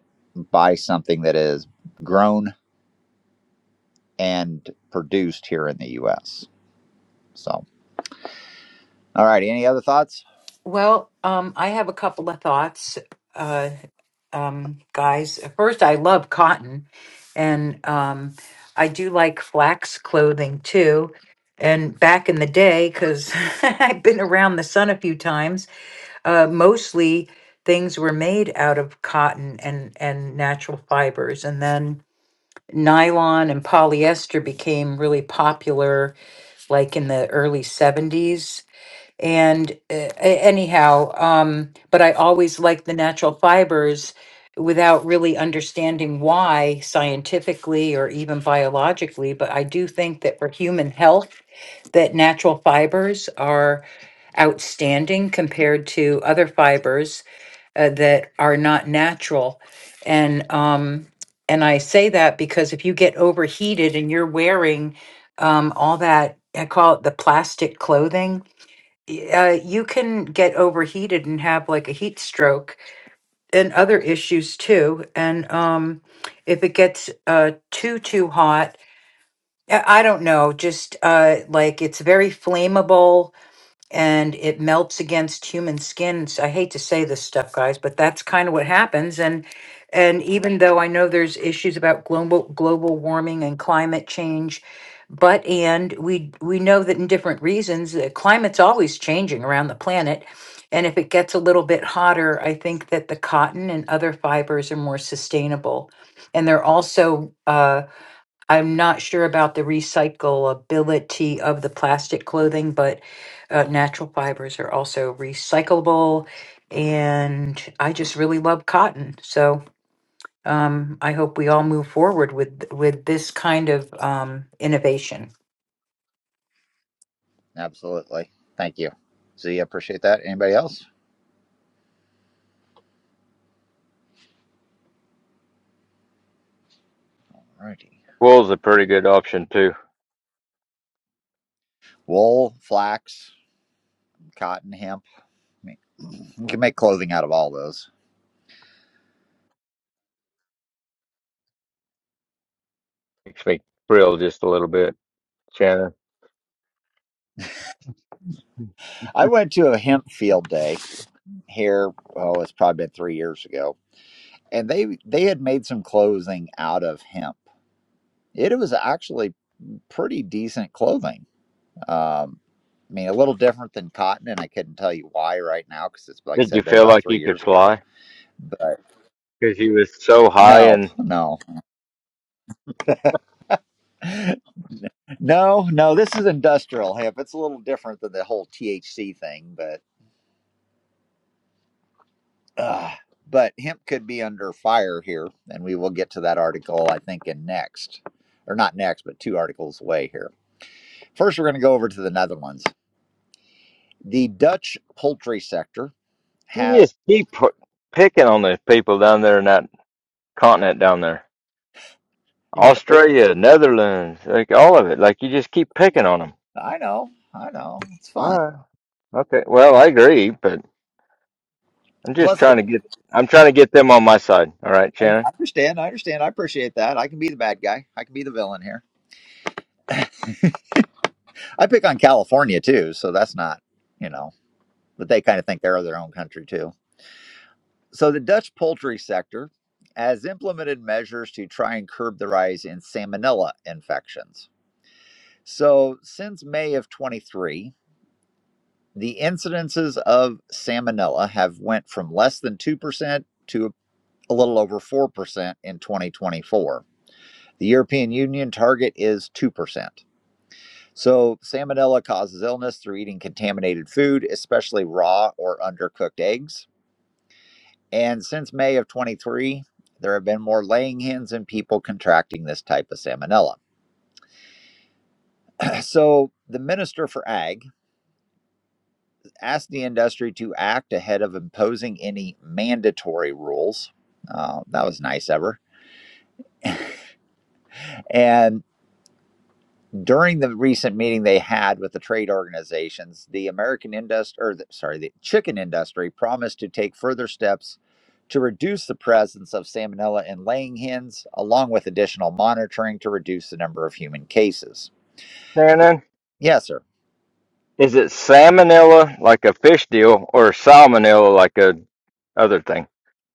S2: buy something that is grown and produced here in the U.S. So, all right. Any other thoughts?
S9: Well, um, I have a couple of thoughts, uh, um, guys. First, I love cotton, and um, I do like flax clothing too. And back in the day, because I've been around the sun a few times, uh, mostly things were made out of cotton and and natural fibers, and then nylon and polyester became really popular, like in the early '70s and uh, a- anyhow, um, but I always like the natural fibers without really understanding why scientifically or even biologically. But I do think that for human health, that natural fibers are outstanding compared to other fibers uh, that are not natural. And um, and I say that because if you get overheated and you're wearing um, all that, I call it the plastic clothing uh, you can get overheated and have like a heat stroke and other issues too. And um, if it gets uh, too too hot, I I don't know. Just uh, like it's very flammable and it melts against human skin. So I hate to say this stuff, guys, but that's kind of what happens. And and even though I know there's issues about global global warming and climate change, but and we we know that in different reasons, the climate's always changing around the planet. And if it gets a little bit hotter, I think that the cotton and other fibers are more sustainable. And they're also uh, I'm not sure about the recyclability of the plastic clothing, but uh, natural fibers are also recyclable. And I just really love cotton. So um, I hope we all move forward with with this kind of um, innovation.
S2: Absolutely. Thank you. Z, appreciate that. Anybody else? All righty. Wool, flax, cotton, hemp. I mean, You can make clothing out of all those. I went to a hemp field day here. Oh, it's probably been three years ago and they they had made some clothing out of hemp. It was actually pretty decent clothing. Um, I mean, a little different than cotton, and I couldn't tell you why right now because it's like I said, been about three years ago. But no, no, no, no. This is industrial hemp. It's a little different than the whole THC thing, but uh, but hemp could be under fire here, and we will get to that article I think in next, or not next, but two articles away here. First, we're going to go over to the Netherlands. The Dutch poultry sector has, you mean, oh, I know, I know, it's fun. Plus, I, I understand, I understand, I appreciate that. I can be the bad guy, I can be the villain here. I pick on California too, so that's not, you know, but they kind of think they're their own country too. So, the Dutch poultry sector has implemented measures to try and curb the rise in salmonella infections. So, since May of 23, the incidences of salmonella have went from less than 2% a little over 4% in 2024. The European Union target is 2%. So, salmonella causes illness through eating contaminated food, especially raw or undercooked eggs. And since May of 23, there have been more laying hens and people contracting this type of salmonella. So, the Minister for Ag asked the industry to act ahead of imposing any mandatory rules. Uh, that was nice of her. And during the recent meeting they had with the trade organizations, the American industry, or the, sorry, the chicken industry promised to take further steps to reduce the presence of salmonella in laying hens, along with additional monitoring to reduce the number of human cases. Yes, sir.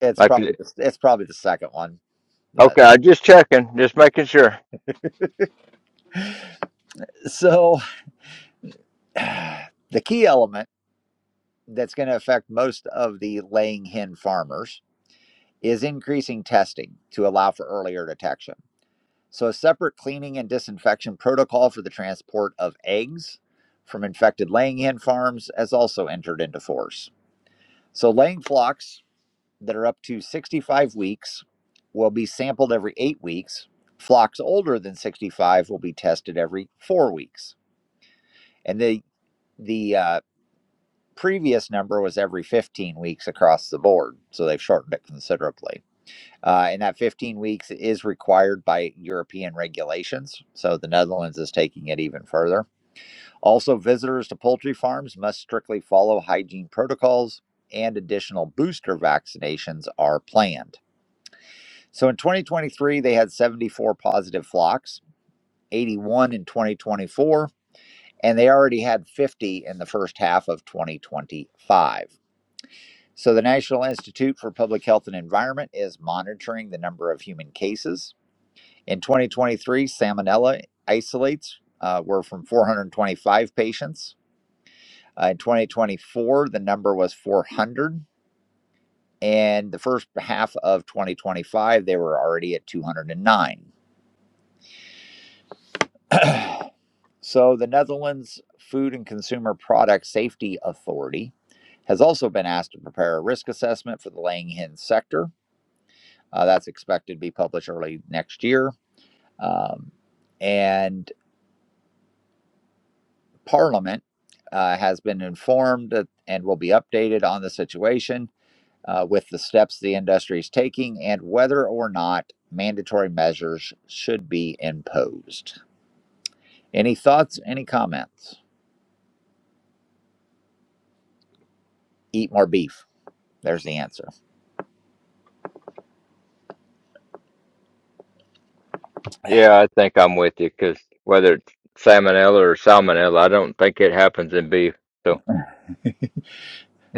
S2: It's probably the, it's probably the second one, but so the key element that's going to affect most of the laying hen farmers is increasing testing to allow for earlier detection. So, a separate cleaning and disinfection protocol for the transport of eggs from infected laying hen farms has also entered into force. So, laying flocks that are up to 65 weeks will be sampled every eight weeks. Flocks older than 65 will be tested every four weeks. And the, the uh, previous number was every 15 weeks across the board. So, they've shortened it considerably. Uh, and that 15 weeks is required by European regulations. So the Netherlands is taking it even further. Also, visitors to poultry farms must strictly follow hygiene protocols, and additional booster vaccinations are planned. So in 2023, they had 74 positive flocks, 81 in 2024, and they already had 50 in the first half of 2025. So, the National Institute for Public Health and Environment is monitoring the number of human cases In 2023, salmonella isolates uh, were from 425 patients. Uh, in 2024, the number was 400. And the first half of 2025, they were already at 209. So, the Netherlands Food and Consumer Product Safety Authority has also been asked to prepare a risk assessment for the laying hen sector. Uh, that's expected to be published early next year. Um, and Parliament uh, has been informed and will be updated on the situation uh, with the steps the industry is taking and whether or not mandatory measures should be imposed. Any thoughts? Any comments? Eat more beef. There's the answer.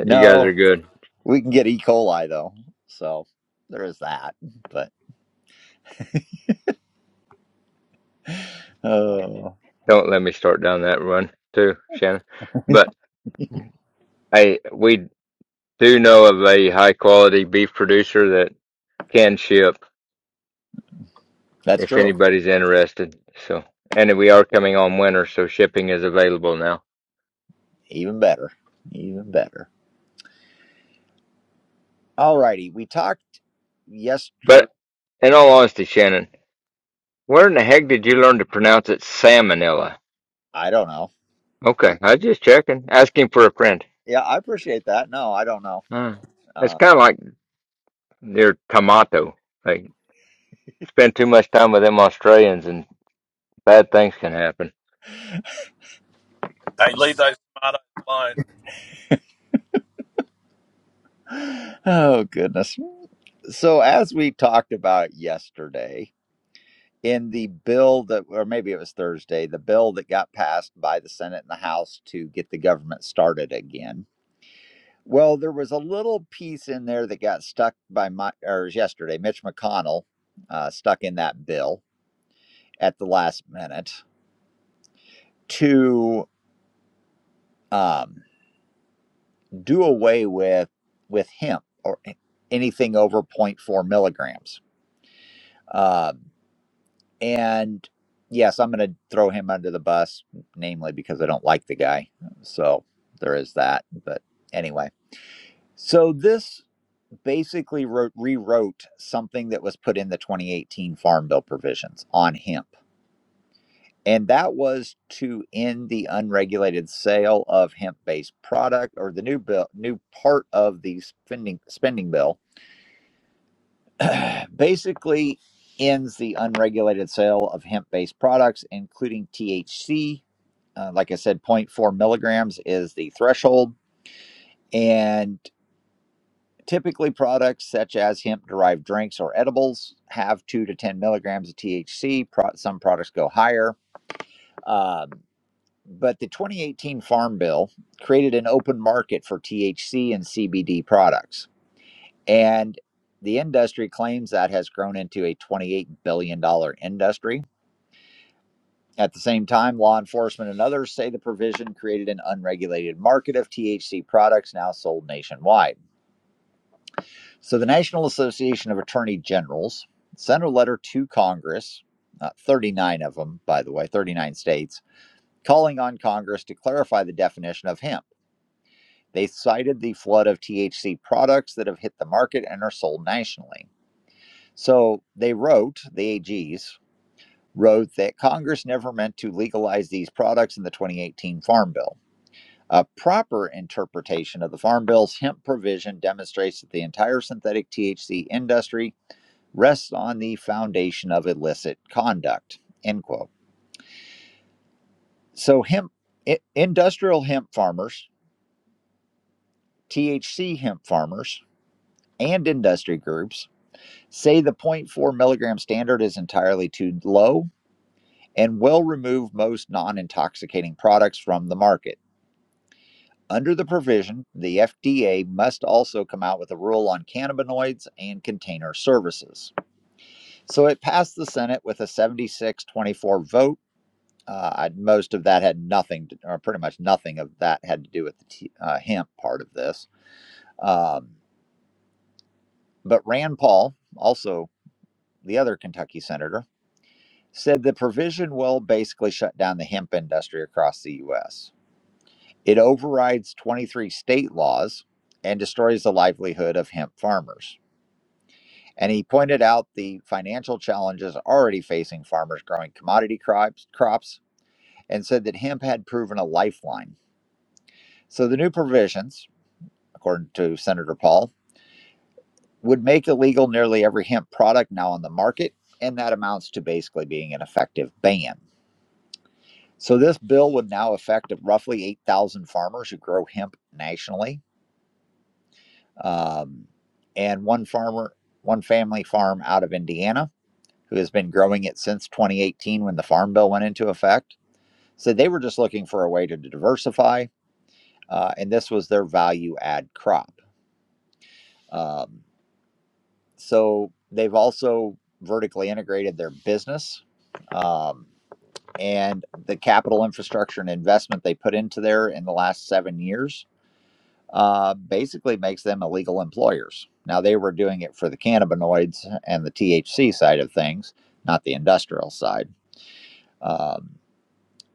S2: No, we can get E. coli though, so there is that. But uh, that's true. Even better. Even better. All righty. we talked yesterday. I don't know. Yeah, I appreciate that. No, I don't know. Uh,
S3: Hey, leave those tomatoes alone.
S2: oh, goodness. So, as we talked about yesterday, in the bill that, or maybe it was Thursday, the bill that got passed by the Senate and the House to get the government started again. Well, there was a little piece in there that got stuck by my, or it was yesterday, Mitch McConnell uh, stuck in that bill at the last minute to um, do away with with hemp or anything over zero point 0.4 milligrams. Uh, And yes, I'm going to throw him under the bus, namely because I don't like the guy. So there is that. But anyway, so this basically wrote, rewrote something that was put in the 2018 Farm Bill provisions on hemp. And that was to end the unregulated sale of hemp-based product, or the new bill, new part of the spending spending bill basically ends the unregulated sale of hemp based products, including THC. Uh, like I said, zero point 0.4 milligrams is the threshold. And typically, products such as hemp derived drinks or edibles have 2 to 10 milligrams of THC. Pro- some products go higher. Um, but the 2018 Farm Bill created an open market for THC and CBD products. And the industry claims that has grown into a $28 billion dollars industry. At the same time, law enforcement and others say the provision created an unregulated market of THC products now sold nationwide. So, the National Association of Attorney Generals sent a letter to Congress, uh, 39 of them, by the way, 39 states, calling on Congress to clarify the definition of hemp. They cited the flood of THC products that have hit the market and are sold nationally. So they wrote, the AGs wrote that Congress never meant to legalize these products in the 2018 Farm Bill. A proper interpretation of the Farm Bill's hemp provision demonstrates that the entire synthetic THC industry rests on the foundation of illicit conduct. End quote. So hemp i- industrial hemp farmers, THC hemp farmers, and industry groups say the zero point 0.4 milligram standard is entirely too low and will remove most non intoxicating products from the market. Under the provision, the FDA must also come out with a rule on cannabinoids and container services. So it passed the Senate with a 76 24 vote. Uh, most of that had nothing, to, or pretty much nothing of that had to do with the t- uh, hemp part of this. Um, but Rand Paul, also the other Kentucky senator, said the provision will basically shut down the hemp industry across the U.S. It overrides 23 state laws and destroys the livelihood of hemp farmers. And he pointed out the financial challenges already facing farmers growing commodity crops, crops and said that hemp had proven a lifeline. So the new provisions, according to Senator Paul, would make illegal nearly every hemp product now on the market, and that amounts to basically being an effective ban. So this bill would now affect roughly 8,000 farmers who grow hemp nationally um, and one farmer, one family farm out of Indiana who has been growing it since 2018 when the Farm Bill went into effect. So they were just looking for a way to diversify, uh, and this was their value add crop. Um, so they've also vertically integrated their business. Um, and the capital infrastructure and investment they put into there in the last seven years uh, basically makes them illegal employers. Now, they were doing it for the cannabinoids and the THC side of things, not the industrial side. Um,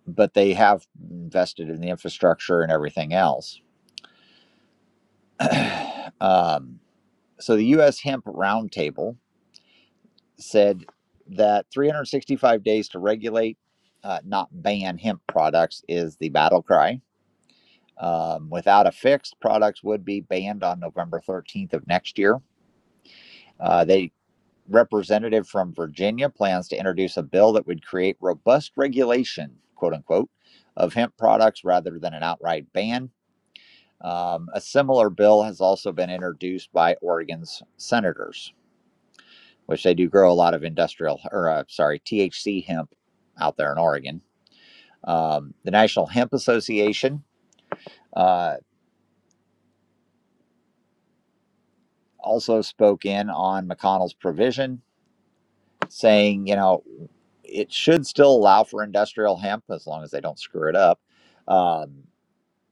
S2: but they have invested in the infrastructure and everything else. um, so, the U.S. Hemp Roundtable said that 365 days to regulate, uh, not ban hemp products is the battle cry. Um, without a fix, products would be banned on November 13th of next year. Uh, they representative from Virginia plans to introduce a bill that would create robust regulation, quote unquote, of hemp products rather than an outright ban. Um, a similar bill has also been introduced by Oregon's senators, which they do grow a lot of industrial, or uh, sorry, THC hemp out there in Oregon. Um, the National Hemp Association uh, also spoke in on McConnell's provision saying, you know, it should still allow for industrial hemp as long as they don't screw it up. Um,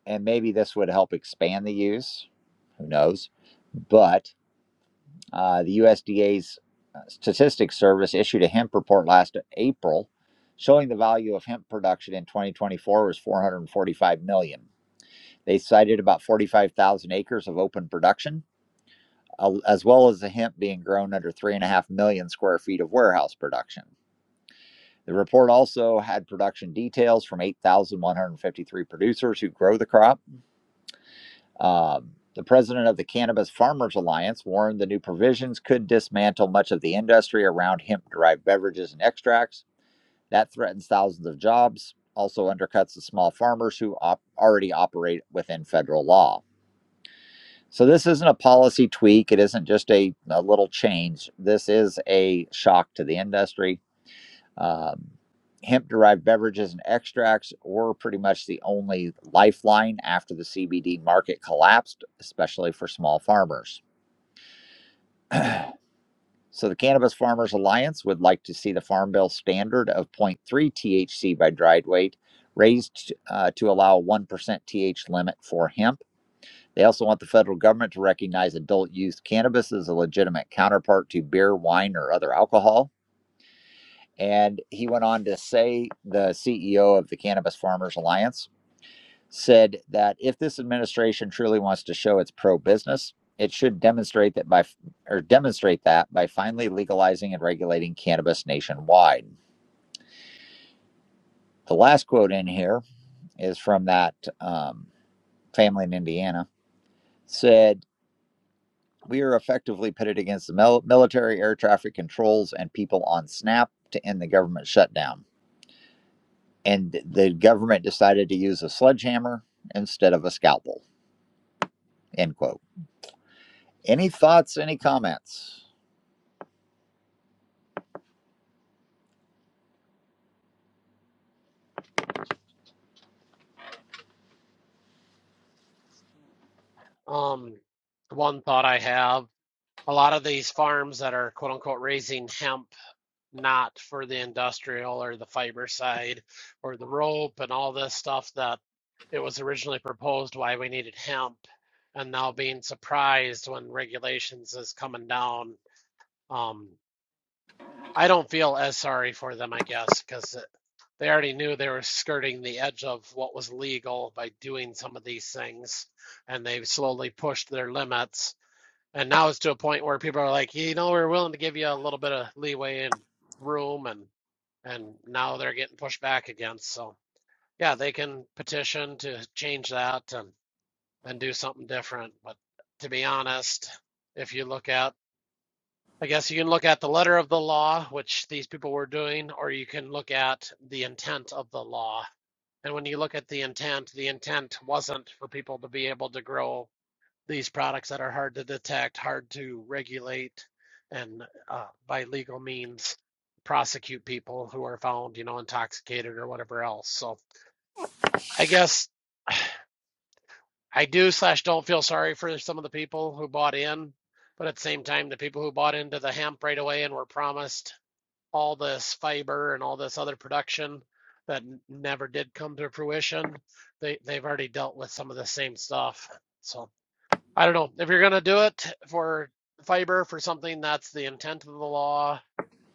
S2: and maybe this would help expand the use. Who knows? But uh, the USDA's Statistics Service issued a hemp report last April showing the value of hemp production in 2024 was 445 million. dollars. They cited about 45,000 acres of open production, uh, as well as the hemp being grown under 3.5 million square feet of warehouse production. The report also had production details from 8,153 producers who grow the crop. Um, the president of the Cannabis Farmers Alliance warned the new provisions could dismantle much of the industry around hemp derived beverages and extracts. That threatens thousands of jobs, also undercuts the small farmers who op- already operate within federal law. So, this isn't a policy tweak. It isn't just a, a little change. This is a shock to the industry Um, hemp derived beverages and extracts were pretty much the only lifeline after the CBD market collapsed, especially for small farmers. So, the Cannabis Farmers Alliance would like to see the Farm Bill standard of zero point 0.3 THC by dried weight raised uh, to allow a 1% TH limit for hemp. They also want the federal government to recognize adult use cannabis as a legitimate counterpart to beer, wine, or other alcohol. And he went on to say, the CEO of the Cannabis Farmers Alliance said that if this administration truly wants to show it's pro business, it should demonstrate that by or demonstrate that by finally legalizing and regulating cannabis nationwide. The last quote in here is from that um, family in Indiana said, "We are effectively pitted against the mil- military air traffic controls and people on SNAP to end the government shutdown." and the government decided to use a sledgehammer instead of a scalpel. End quote. Any thoughts? Any comments?
S1: Um, one thought I have, a lot of these farms that are quote unquote raising hemp not for the industrial or the fiber side or the rope and all this stuff that it was originally proposed why we needed hemp and now being surprised when regulations is coming down um i don't feel as sorry for them i guess because they already knew they were skirting the edge of what was legal by doing some of these things and they've slowly pushed their limits and now it's to a point where people are like you know we're willing to give you a little bit of leeway and room and and now they're getting pushed back against. So yeah, they can petition to change that and and do something different. But to be honest, if you look at, I guess you can look at the letter of the law, which these people were doing, or you can look at the intent of the law. And when you look at the intent, the intent wasn't for people to be able to grow these products that are hard to detect, hard to regulate, and uh, by legal means prosecute people who are found, you know, intoxicated or whatever else. So I guess I do slash don't feel sorry for some of the people who bought in, but at the same time, the people who bought into the hemp right away and were promised all this fiber and all this other production that never did come to fruition, they they've already dealt with some of the same stuff. So. I don't know. If you're going to do it for fiber for something that's the intent of the law,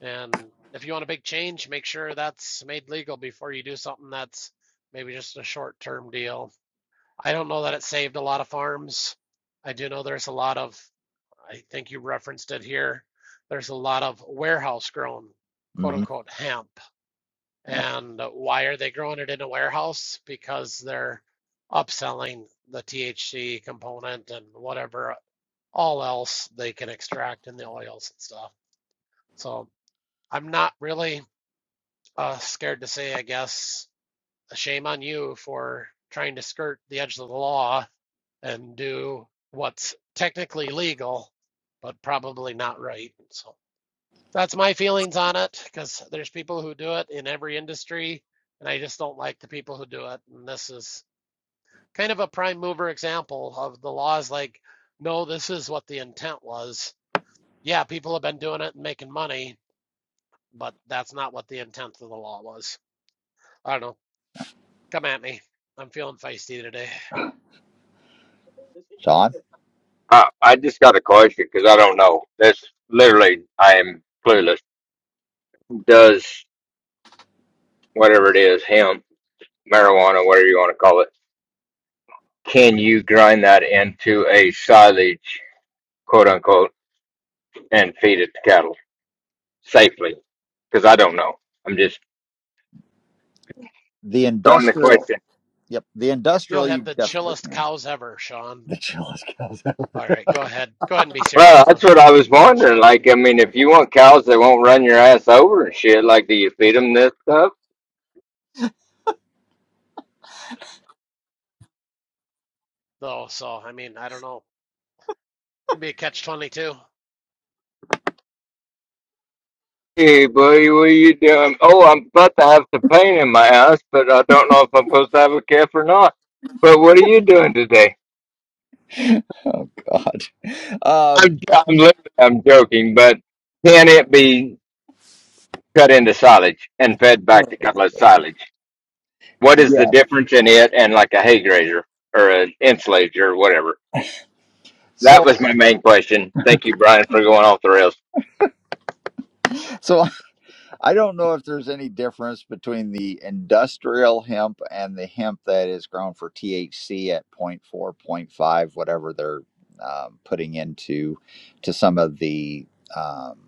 S1: and if you want a big change, make sure that's made legal before you do something that's maybe just a short term deal. I don't know that it saved a lot of farms. I do know there's a lot of, I think you referenced it here, there's a lot of warehouse grown, quote
S2: hmm
S1: unquote, hemp.
S2: Yep.
S1: And why are they growing it in a warehouse? Because they're upselling the THC component and whatever all else they can extract in the oils and stuff. So I'm not really uh, scared to say, I guess, shame on you for trying to skirt the edge of the law and do what's technically legal, but probably not right. So that's my feelings on it because there's people who do it in every industry, and I just don't like the people who do it. And this is kind of a prime mover example of the laws like, no, this is what the intent was Yeah, people have been doing it and making money, but that's not what the intent of the law was. I don't know. Come at me. I'm feeling feisty today.
S2: Sean, the industrial. Yep, the
S1: You'll
S2: industrial. You
S1: have the
S2: definitely
S1: chillest
S2: can.
S1: cows ever, Sean.
S2: The chill is cows.
S1: All right, go ahead. Go ahead and be serious now, Sh- Shannon. Though, so I mean, I don't know. It Could be a catch twenty-two.
S2: Oh God. Um, yeah. So, so I don't know if there's any difference between the industrial hemp and the hemp that is grown for THC at point four, point five, whatever they're um, putting into to some of the um,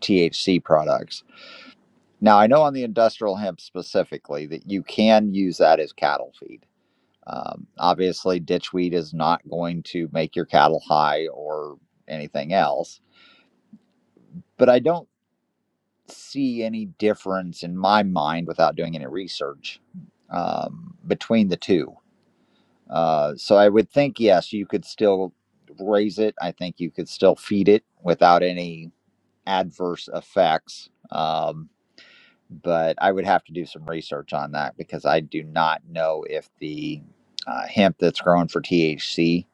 S2: THC products. Now, I know on the industrial hemp specifically that you can use that as cattle feed. Um, obviously, ditchweed is not going to make your cattle high or anything else, but I don't see any difference in my mind without doing any research um, between the two. Uh, so I would think, yes, you could still raise it. I think you could still feed it without any adverse effects. Um, but I would have to do some research on that because I do not know if the uh, hemp that's grown for THC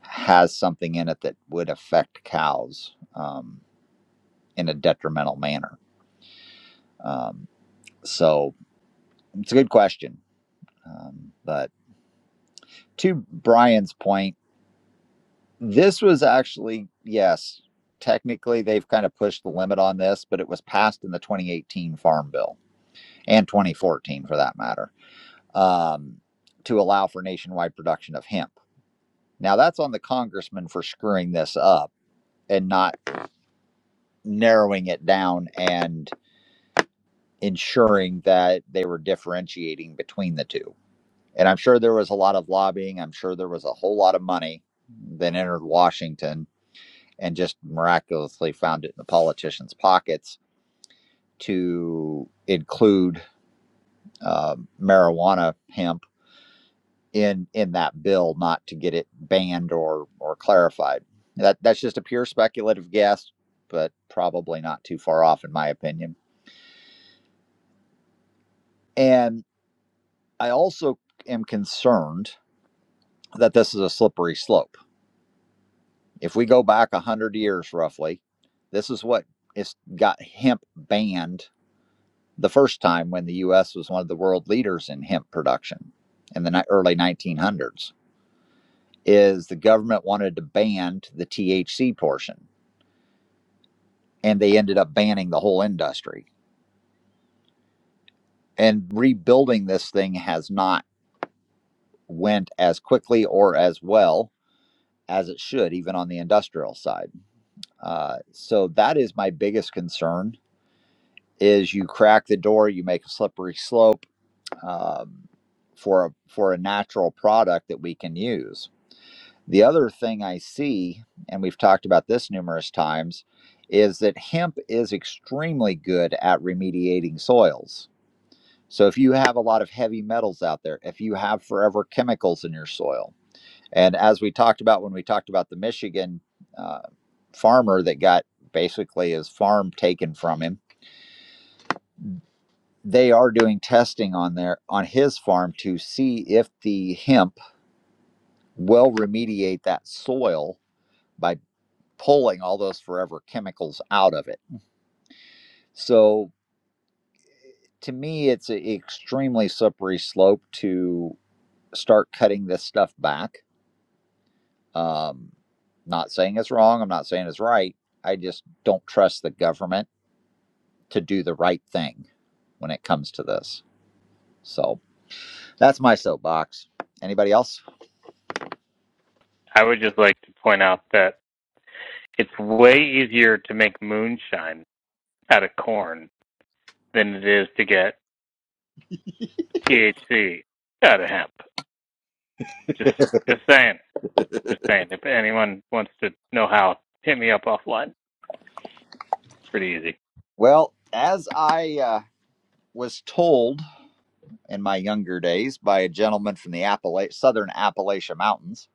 S2: has something in it that would affect cows um, in a detrimental manner. Um, so it's a good question Um, but to Brian's point, this was actually, yes, technically they've kind of pushed the limit on this, but it was passed in the 2018 Farm Bill and 2014 for that matter um, to allow for nationwide production of hemp. Now, that's on the congressman for screwing this up and not narrowing it down and ensuring that they were differentiating between the two. And I'm sure there was a lot of lobbying. I'm sure there was a whole lot of money that entered Washington and just miraculously found it in the politicians' pockets to include um marijuana hemp in in that bill, not to get it banned or or clarified. That that's just a pure speculative guess, but probably not too far off in my opinion. And I also am concerned that this is a slippery slope. If we go back a hundred years roughly, this is what it's got hemp banned the first time when the US was one of the world leaders in hemp production in the early 1900s is the government wanted to ban the THC portion and they ended up banning the whole industry and rebuilding this thing has not went as quickly or as well as it should even on the industrial side uh, so that is my biggest concern is you crack the door you make a slippery slope um, for a for a natural product that we can use The other thing I see, and we've talked about this numerous times, is that hemp is extremely good at remediating soils. So if you have a lot of heavy metals out there, if you have forever chemicals in your soil, and as we talked about when we talked about the Michigan uh, farmer that got basically his farm taken from him, they are doing testing on their on his farm to see if the hemp will remediate that soil by. pulling all those forever chemicals out of it. So to me, it's an extremely slippery slope to start cutting this stuff back. Um, not saying it's wrong. I'm not saying it's right. I just don't trust the government to do the right thing when it comes to this. So that's my soapbox. Anybody else?
S8: I would just like to point out that it's way easier to make moonshine out of corn than it is to get THC out of hemp. Just just saying. Just saying. If anyone wants to know how, hit me up offline. Pretty easy.
S2: Well, as I uh, was told in my younger days by a gentleman from the Appala- Southern Appalachian Mountains,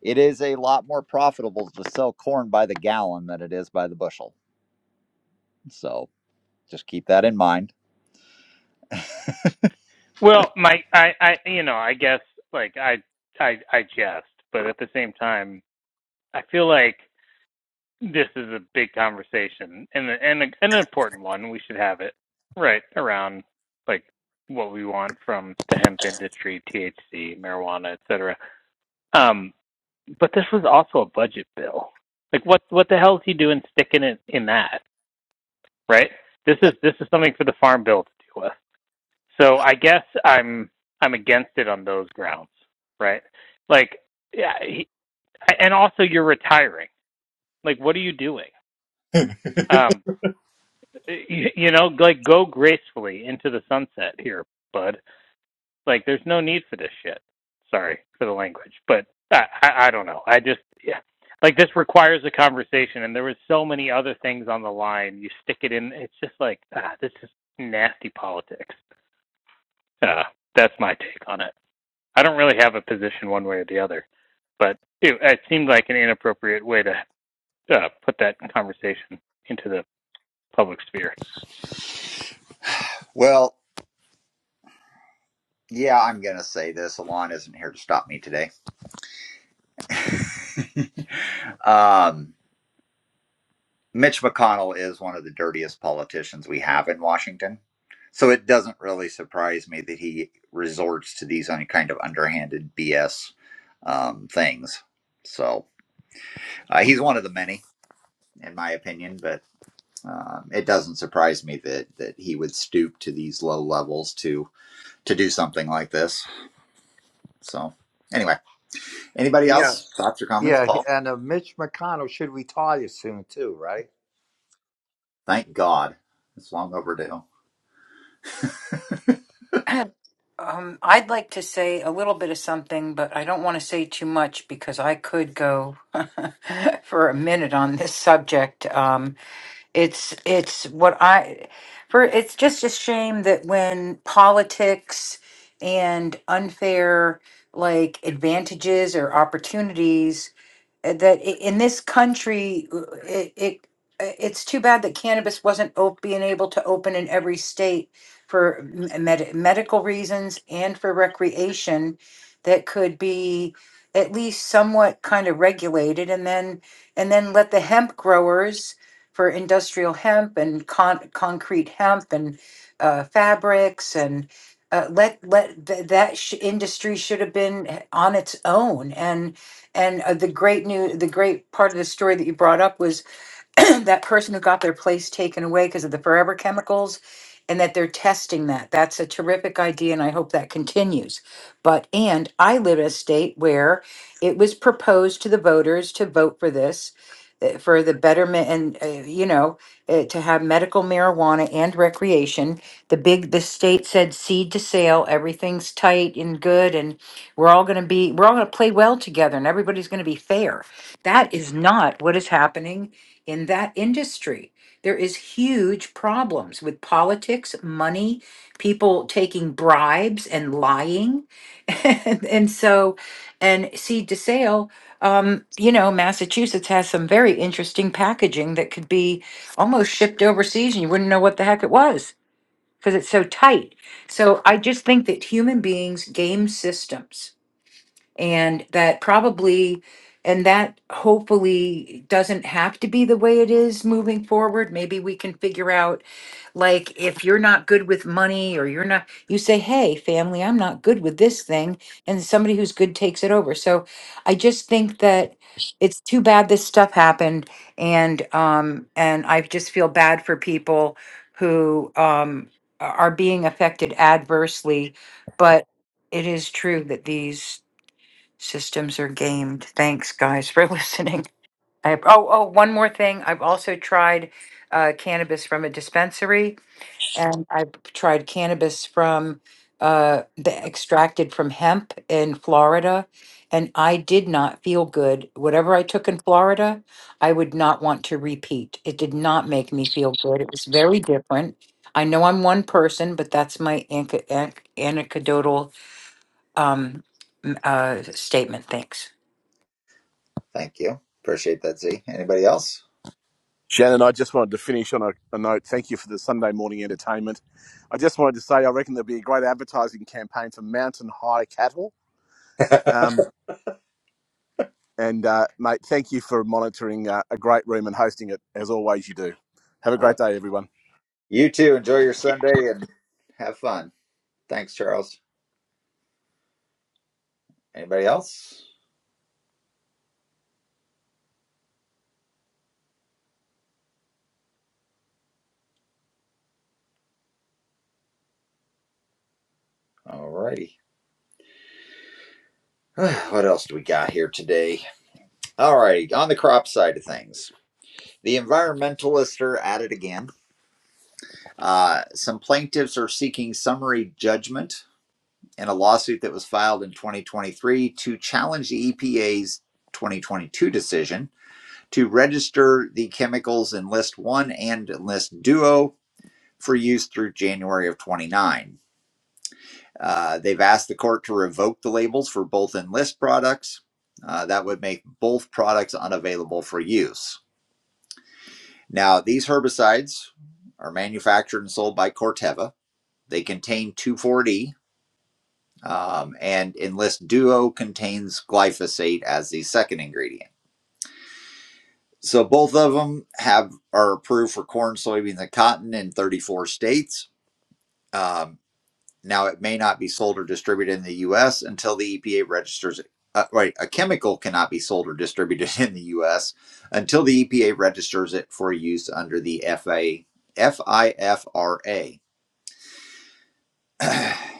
S2: It is a lot more profitable to sell corn by the gallon than it is by the bushel. So just keep that in mind.
S8: Well, my I, I you know, I guess like I I I jest, but at the same time, I feel like this is a big conversation and and, and an important one. We should have it right around like what we want from the hemp industry, THC, marijuana, etc. But this was also a budget bill. Like what what the hell is he doing sticking it in that? Right? This is
S2: Yep.
S8: this is something for the farm bill to deal with. So I guess I'm I'm against it on those grounds, right? Like yeah, he, and also you're retiring. Like what are you doing? Um you, you know, like go gracefully into the sunset here, bud. Like, there's no need for this shit. Sorry for the language, but I, I, I don't know. I just, yeah. Like, this requires a conversation, and there was so many other things on the line. You stick it in, it's just like, ah, this is nasty politics. Uh, that's my take on it. I don't really have a position one way or the other, but it, it seemed like an inappropriate way to uh, put that conversation into the public sphere.
S2: Well, yeah, I'm going to say this. Alon isn't here to stop me today. um, Mitch McConnell is one of the dirtiest politicians we have in Washington. So it doesn't really surprise me that he resorts to these kind of underhanded BS um, things. So uh, he's one of the many, in my opinion. but. Um, it doesn't surprise me that that he would stoop to these low levels to to do something like this. So anyway, anybody
S10: Yeah,
S2: else thoughts or comments?
S10: yeah,
S2: Paul,
S10: and uh, Mitch McConnell should retire soon too, right?
S2: thank God, it's long overdue.
S9: Um, I'd like to say a little bit of something, but I don't want to say too much because I could go for a minute on this subject. Um, It's it's what I for it's just a shame that when politics and unfair like advantages or opportunities uh, that i- in this country uh, it, it uh, it's too bad that cannabis wasn't op- being able to open in every state for m- med- medical reasons and for recreation that could be at least somewhat kind of regulated and then and then let the hemp growers for industrial hemp and con- concrete hemp and uh, fabrics and uh, let let th- that sh- industry should have been eh, on its own and. And uh, the great new, the great part of the story that you brought up was that person who got their place taken away because of the forever chemicals and that they're testing that. That's a terrific idea and I hope that continues. But and I live in a state where it was proposed to the voters to vote for this uh, for the betterment and uh, you know uh, to have medical marijuana and recreation the big the state said seed to sale everything's tight and good and we're all going to be we're all going to play well together and everybody's going to be fair that is not what is happening in that industry. There is huge problems with politics, money, people taking bribes and lying. and, and so, and see, DeSale, um, you know, Massachusetts has some very interesting packaging that could be almost shipped overseas and you wouldn't know what the heck it was because it's so tight. So I just think that human beings game systems and that probably and that hopefully doesn't have to be the way it is moving forward maybe we can figure out like if you're not good with money or you're not you say hey family i'm not good with this thing and somebody who's good takes it over so i just think that it's too bad this stuff happened and um and i just feel bad for people who um are being affected adversely but it is true that these systems are gamed. Thanks, guys, for listening. I, oh, oh, one more thing. I've also tried uh, cannabis from a dispensary, and I've tried cannabis from uh, the extracted from hemp in Florida, and I did not feel good. Whatever I took in Florida, I would not want to repeat. It did not make me feel good. It was very different. I know I'm one person, but that's my anec- anec- anecdotal um, m- uh, statement. Thanks.
S2: Thank you, appreciate that. Z. Anybody else?
S3: Shannon, I just wanted to finish on a, a note. Thank you for the Sunday morning entertainment. I just wanted to say I reckon there'll be a great advertising campaign for mountain high cattle. Um, and, uh, mate, thank you for monitoring uh, a great room and hosting it as always you do. Have a
S2: Uh,
S3: great day, everyone.
S2: you too. Enjoy your Sunday and have fun. Thanks, Charles. Anybody else? Alrighty. What else do we got here today? Alrighty, on the crop side of things, the environmentalists are at it again Uh, some plaintiffs are seeking summary judgment in a lawsuit that was filed in 2023 to challenge the EPA's 2022 decision to register the chemicals in List 1 and List Duo for use through January of 29. Uh, they've asked the court to revoke the labels for both Enlist products. Uh, that would make both products unavailable for use. Now, these herbicides are manufactured and sold by Corteva. They contain 2,4-D, Um, and Enlist Duo contains glyphosate as the second ingredient. So both of them have are approved for corn, soybeans, and cotton in 34 states. Um, now it may not be sold or distributed in the U.S. until the EPA registers. it. Uh, right, a chemical cannot be sold or distributed in the U.S. until the EPA registers it for use under the FA FIFRA.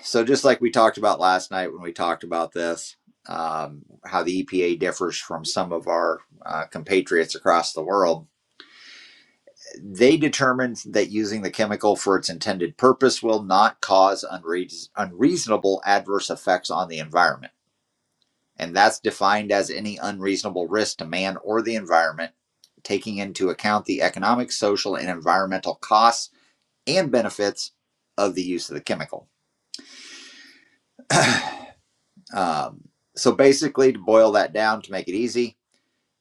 S2: So just like we talked about last night when we talked about this, um, how the EPA differs from some of our uh, compatriots across the world, they determined that using the chemical for its intended purpose will not cause unreas unreasonable adverse effects on the environment. And that's defined as any unreasonable risk to man or the environment, taking into account the economic, social, and environmental costs and benefits of the use of the chemical. Um, so basically, to boil that down to make it easy,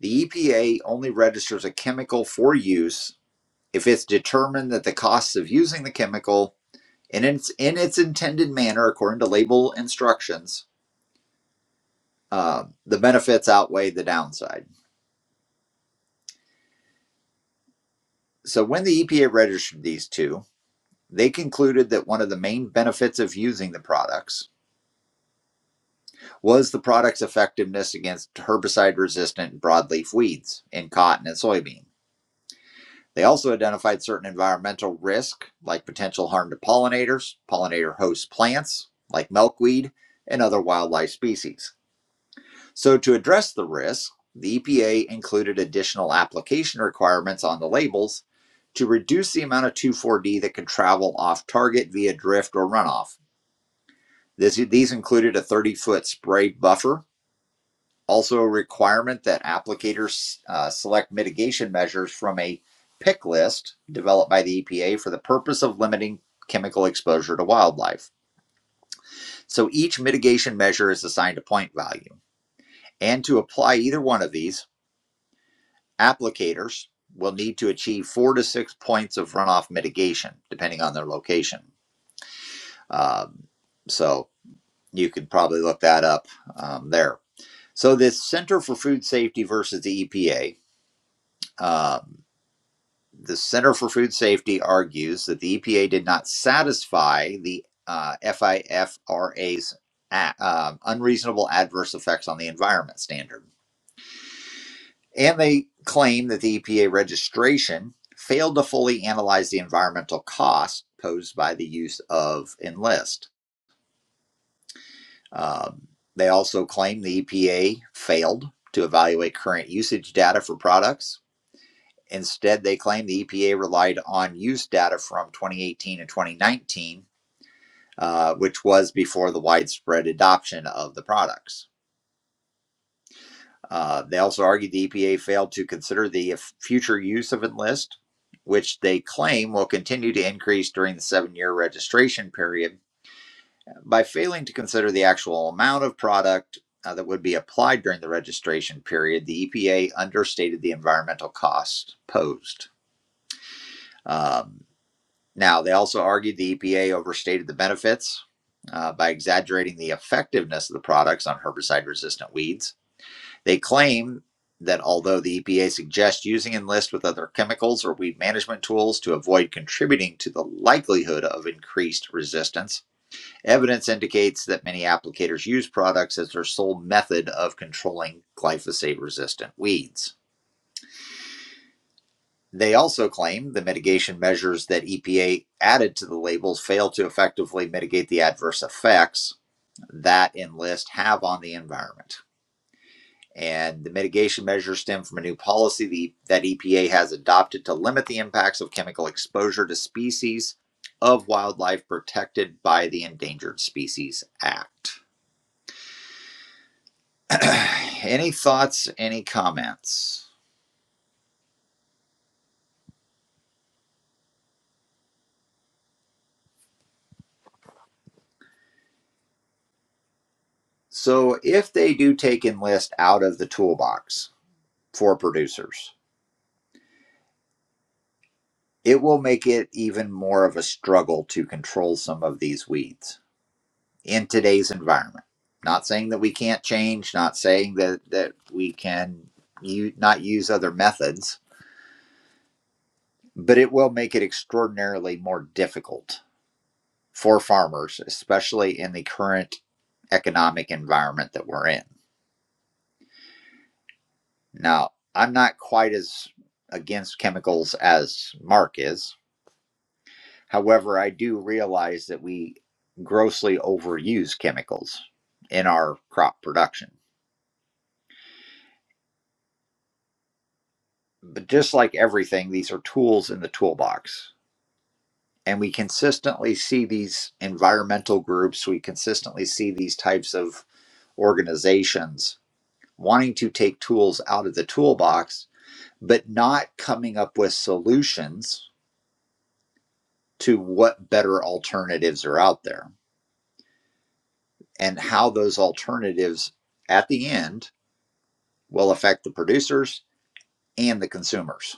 S2: the EPA only registers a chemical for use if it's determined that the costs of using the chemical in its, in its intended manner, according to label instructions, um, the benefits outweigh the downside. So when the EPA registered these two, they concluded that one of the main benefits of using the products was the product's effectiveness against herbicide resistant broadleaf weeds in cotton and soybean. They also identified certain environmental risk, like potential harm to pollinators, pollinator host plants, like milkweed, and other wildlife species. So, to address the risk, the EPA included additional application requirements on the labels to reduce the amount of 2,4 D that could travel off target via drift or runoff. This, these included a 30 foot spray buffer also, a requirement that applicators uh, select mitigation measures from a pick list developed by the EPA for the purpose of limiting chemical exposure to wildlife. So each mitigation measure is assigned a point value. And to apply either one of these, applicators will need to achieve four to six points of runoff mitigation, depending on their location. Um, so you could probably look that up um, there. So this Center for Food Safety versus the EPA. Um, the Center for Food Safety argues that the EPA did not satisfy the uh, FIFRA's a- uh, um, unreasonable adverse effects on the environment standard. And they claim that the EPA registration failed to fully analyze the environmental cost posed by the use of Enlist. Um, they also claim the EPA failed to evaluate current usage data for products Instead, they claim the EPA relied on use data from 2018 and 2019, uh, which was before the widespread adoption of the products. Uh, they also argued the EPA failed to consider the future use of Enlist, which they claim will continue to increase during the seven year registration period, by failing to consider the actual amount of product. uh, that would be applied during the registration period, the EPA understated the environmental cost posed. Um, Now, they also argued the EPA overstated the benefits uh, by exaggerating the effectiveness of the products on herbicide resistant weeds. They claim that although the EPA suggests using Enlist with other chemicals or weed management tools to avoid contributing to the likelihood of increased resistance, evidence indicates that many applicators use products as their sole method of controlling glyphosate resistant weeds. They also claim the mitigation measures that EPA added to the labels fail to effectively mitigate the adverse effects that Enlist have on the environment. And the mitigation measures stem from a new policy the- that EPA has adopted to limit the impacts of chemical exposure to species of wildlife protected by the Endangered Species Act. any thoughts, any comments? So, if they do take Enlist out of the toolbox for producers, It will make it even more of a struggle to control some of these weeds in today's environment. Not saying that we can't change, not saying that, that we can u- not use other methods, but it will make it extraordinarily more difficult for farmers, especially in the current economic environment that we're in. Now, I'm not quite as against chemicals as Mark is However, I do realize that we grossly overuse chemicals in our crop production. But just like everything, these are tools in the toolbox. And we consistently see these environmental groups, we consistently see these types of organizations wanting to take tools out of the toolbox, but not coming up with solutions to what better alternatives are out there and how those alternatives at the end will affect the producers and the consumers.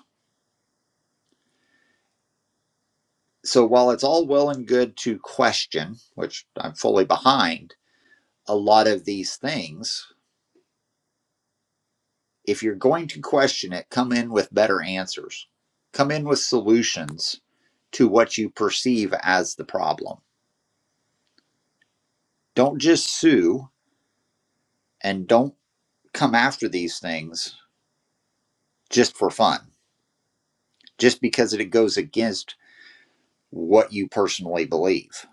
S2: So while it's all well and good to question, which I'm fully behind, a lot of these things, if you're going to question it, come in with better answers. Come in with solutions to what you perceive as the problem. Don't just sue and don't come after these things just for fun, just because it goes against what you personally believe.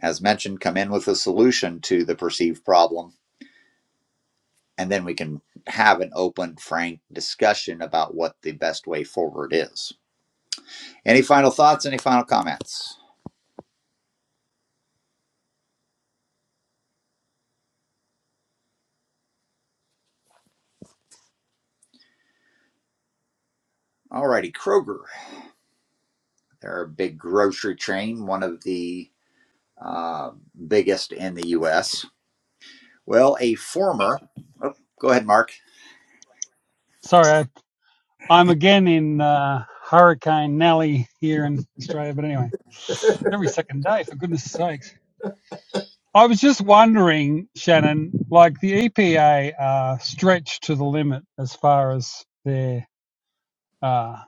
S2: As mentioned, come in with a solution to the perceived problem and then we can have an open, frank discussion about what the best way forward is. Any final thoughts? Any final comments? Alrighty, Kroger. They're a big grocery chain, one of the uh, biggest in the U.S. Well, a former. Oh, go ahead, Mark.
S5: Sorry, I, I'm again in uh, Hurricane Nelly here in Australia. But anyway, every second day, for goodness sakes. I was just wondering, Shannon, like the EPA are stretched to the limit as far as their, uh,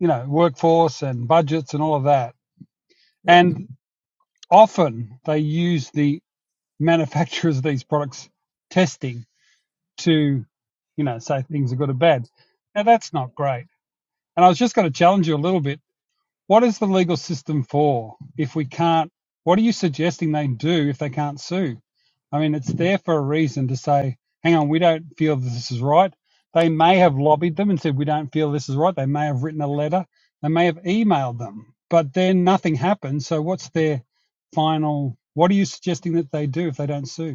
S5: you know, workforce and budgets and all of that. And often they use the manufacturers of these products testing to, you know, say things are good or bad. Now that's not great. And I was just going to challenge you a little bit What is the legal system for if we can't? What are you suggesting they do if they can't sue? I mean, it's there for a reason to say, hang on, we don't feel this is right. They may have lobbied them and said, we don't feel this is right. They may have written a letter. They may have emailed them, but then nothing happened. So, what's their final? What are you suggesting that they do if they don't sue?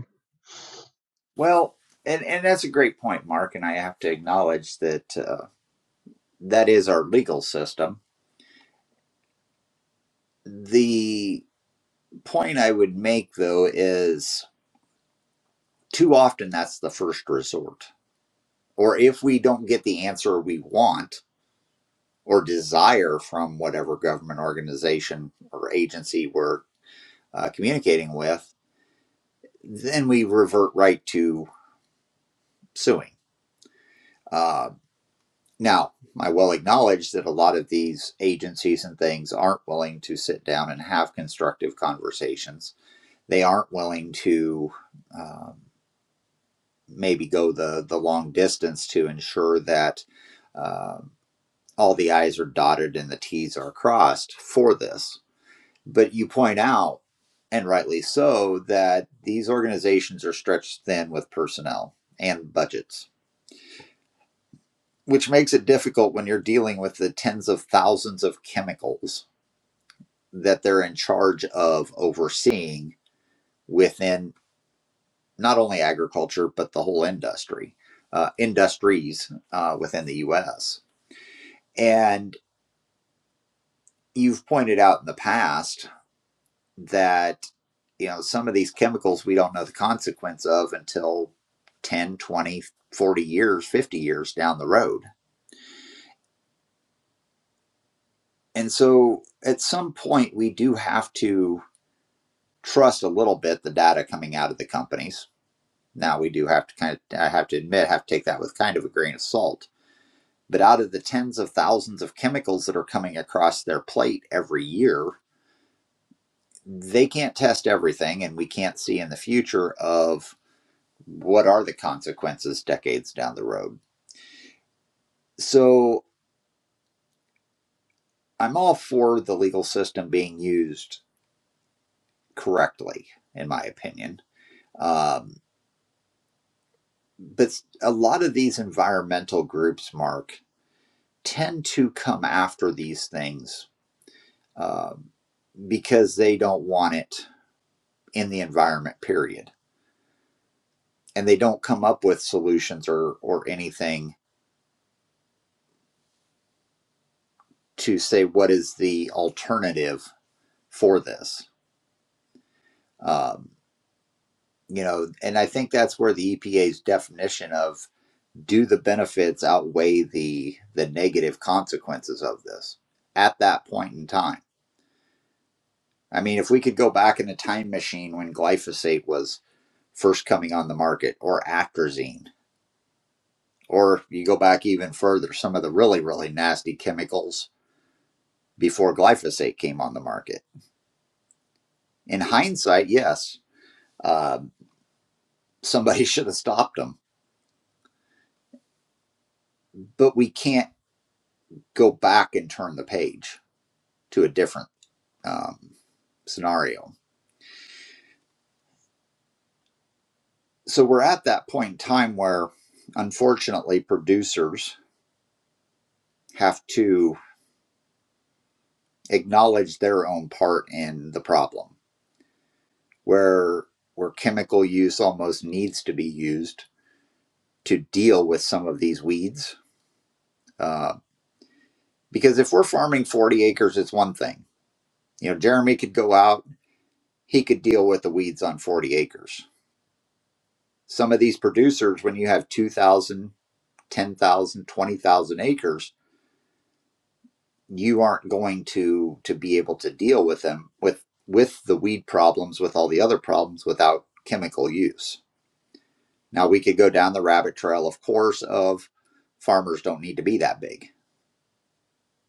S2: Well, and and that's a great point, Mark. And I have to acknowledge that uh, that is our legal system. The point I would make, though, is too often that's the first resort or if we don't get the answer we want or desire from whatever government organization or agency we're uh, communicating with, then we revert right to suing. Uh, now, I well acknowledge that a lot of these agencies and things aren't willing to sit down and have constructive conversations. They aren't willing to um, maybe go the, the long distance to ensure that. um all the I's are dotted and the T's are crossed for this. But you point out, and rightly so, that these organizations are stretched thin with personnel and budgets, which makes it difficult when you're dealing with the tens of thousands of chemicals that they're in charge of overseeing within not only agriculture, but the whole industry, uh, industries uh, within the US. And you've pointed out in the past that you know some of these chemicals we don't know the consequence of until 10, 20, 40 years 50 years down the road and so at some point we do have to trust a little bit the data coming out of the companies now we do have to kind of i have to admit have to take that with kind of a grain of salt but out of the tens of thousands of chemicals that are coming across their plate every year they can't test everything and we can't see in the future of what are the consequences decades down the road? So I'm all for the legal system being used correctly, in my opinion. Um, but a lot of these environmental groups, Mark, tend to come after these things um, because they don't want it in the environment, period. And they don't come up with solutions or, or anything to say what is the alternative for this. Um, you know and i think that's where the epa's definition of do the benefits outweigh the the negative consequences of this at that point in time i mean if we could go back in a time machine when glyphosate was first coming on the market or atrazine or you go back even further some of the really really nasty chemicals before glyphosate came on the market in hindsight yes uh, somebody should have stopped them but we can't go back and turn the page to a different um, scenario. So we're at that point in time where, unfortunately, producers have to acknowledge their own part in the problem, where where chemical use almost needs to be used to deal with some of these weeds. Uh, because if we're farming 40 acres, it's one thing. You know, Jeremy could go out, he could deal with the weeds on 40 acres. Some of these producers, when you have 2,000, 10,000, 20,000 acres, you aren't going to to be able to deal with them with with the weed problems with all the other problems without chemical use now we could go down the rabbit trail of course of farmers don't need to be that big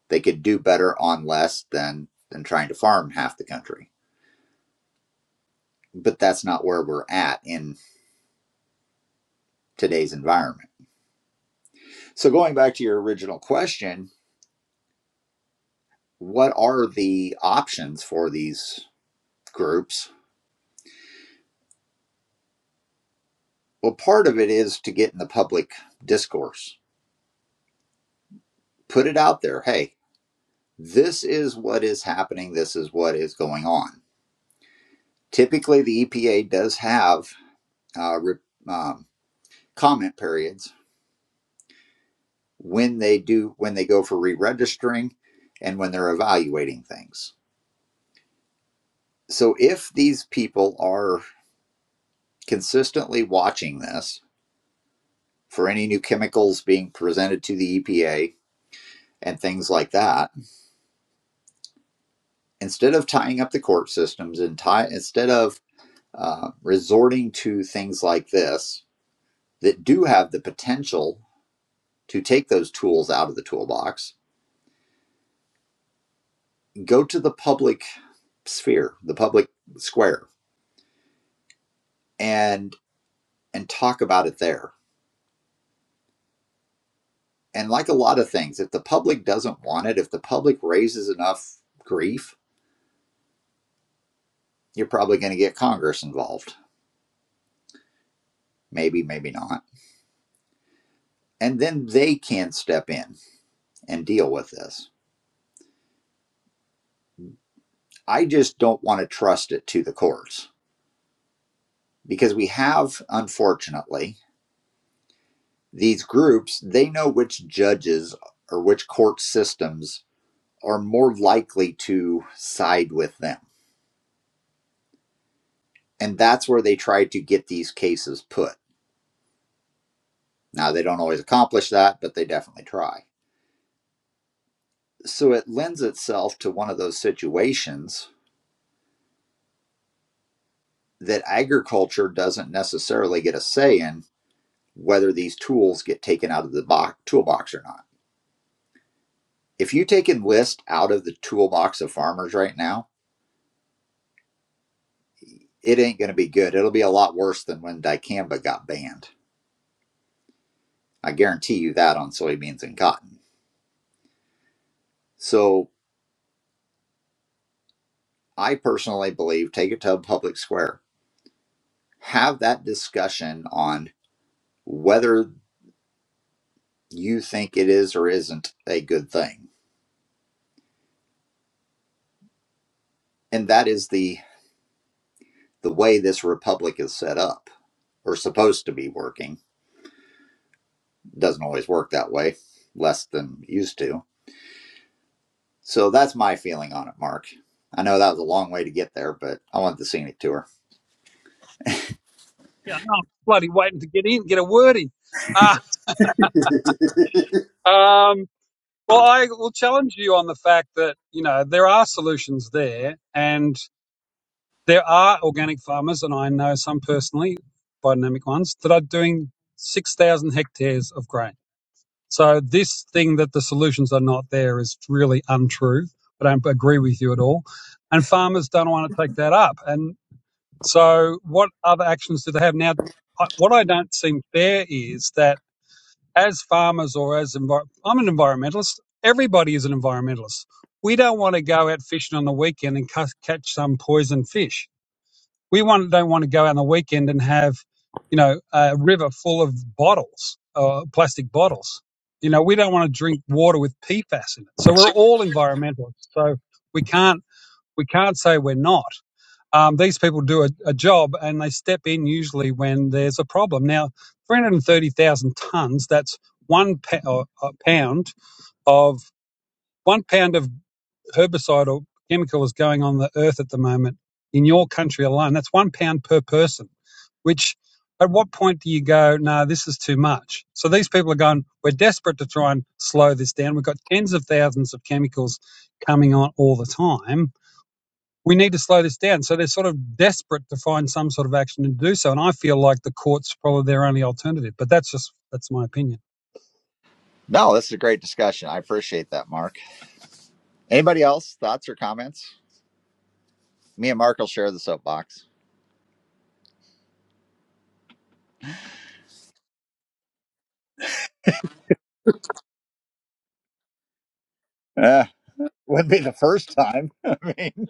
S2: they could do better on less than than trying to farm half the country but that's not where we're at in today's environment so going back to your original question what are the options for these groups well part of it is to get in the public discourse put it out there. Hey, this is what is happening. This is what is going on. Typically, the EPA does have uh, re- um, comment periods when they do when they go for re-registering and when they're evaluating things. So, if these people are consistently watching this for any new chemicals being presented to the EPA and things like that, instead of tying up the court systems and tie, instead of uh, resorting to things like this, that do have the potential to take those tools out of the toolbox, go to the public sphere, the public square, and and talk about it there. And like a lot of things, if the public doesn't want it, if the public raises enough grief, you're probably going to get Congress involved. Maybe, maybe not. And then they can step in and deal with this. I just don't want to trust it to the courts because we have, unfortunately, These groups, they know which judges or which court systems are more likely to side with them. And that's where they try to get these cases put. Now, they don't always accomplish that, but they definitely try. So it lends itself to one of those situations that agriculture doesn't necessarily get a say in whether these tools get taken out of the box, toolbox or not. If you take enlist out of the toolbox of farmers right now, it ain't going to be good. It'll be a lot worse than when dicamba got banned. I guarantee you that on soybeans and cotton. So I personally believe take it to a public square. Have that discussion on whether you think it is or isn't a good thing. And that is the the way this republic is set up or supposed to be working. Doesn't always work that way, less than used to. So that's my feeling on it, Mark. I know that was a long way to get there, but I wanted to see it to her.
S5: Yeah, no, I'm bloody waiting to get in, get a word in. Uh, um, well, I will challenge you on the fact that, you know, there are solutions there and there are organic farmers, and I know some personally, biodynamic ones, that are doing 6,000 hectares of grain. So this thing that the solutions are not there is really untrue. I don't agree with you at all. And farmers don't want to take that up. And so what other actions do they have? Now, what I don't seem fair is that as farmers or as envir- I'm an environmentalist, everybody is an environmentalist. We don't want to go out fishing on the weekend and ca- catch some poison fish we want, don't want to go out on the weekend and have, you know, a river full of bottles, uh, plastic bottles. You know, we don't want to drink water with PFAS in it. So we're all environmentalists. So we can't, we can't say we're not. Um, these people do a, a job and they step in usually when there's a problem. Now, 330,000 tons, that's one pa- or, uh, pound of one pound of Herbicidal chemical is going on the earth at the moment in your country alone. That's one pound per person, which at what point do you go, no, nah, this is too much? So these people are going, we're desperate to try and slow this down. We've got tens of thousands of chemicals coming on all the time. We need to slow this down. So they're sort of desperate to find some sort of action to do so. And I feel like the court's probably their only alternative. But that's just, that's my opinion.
S2: No, this is a great discussion. I appreciate that, Mark. Anybody else? Thoughts or comments? Me and Mark will share the soapbox. Uh, wouldn't be the first time. I mean,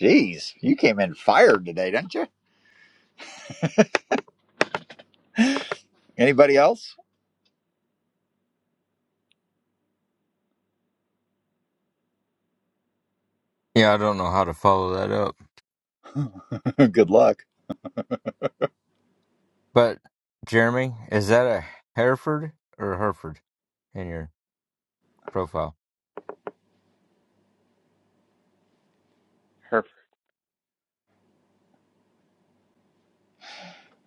S2: geez, you came in fired today, didn't you? Anybody else? Good luck.
S8: Her,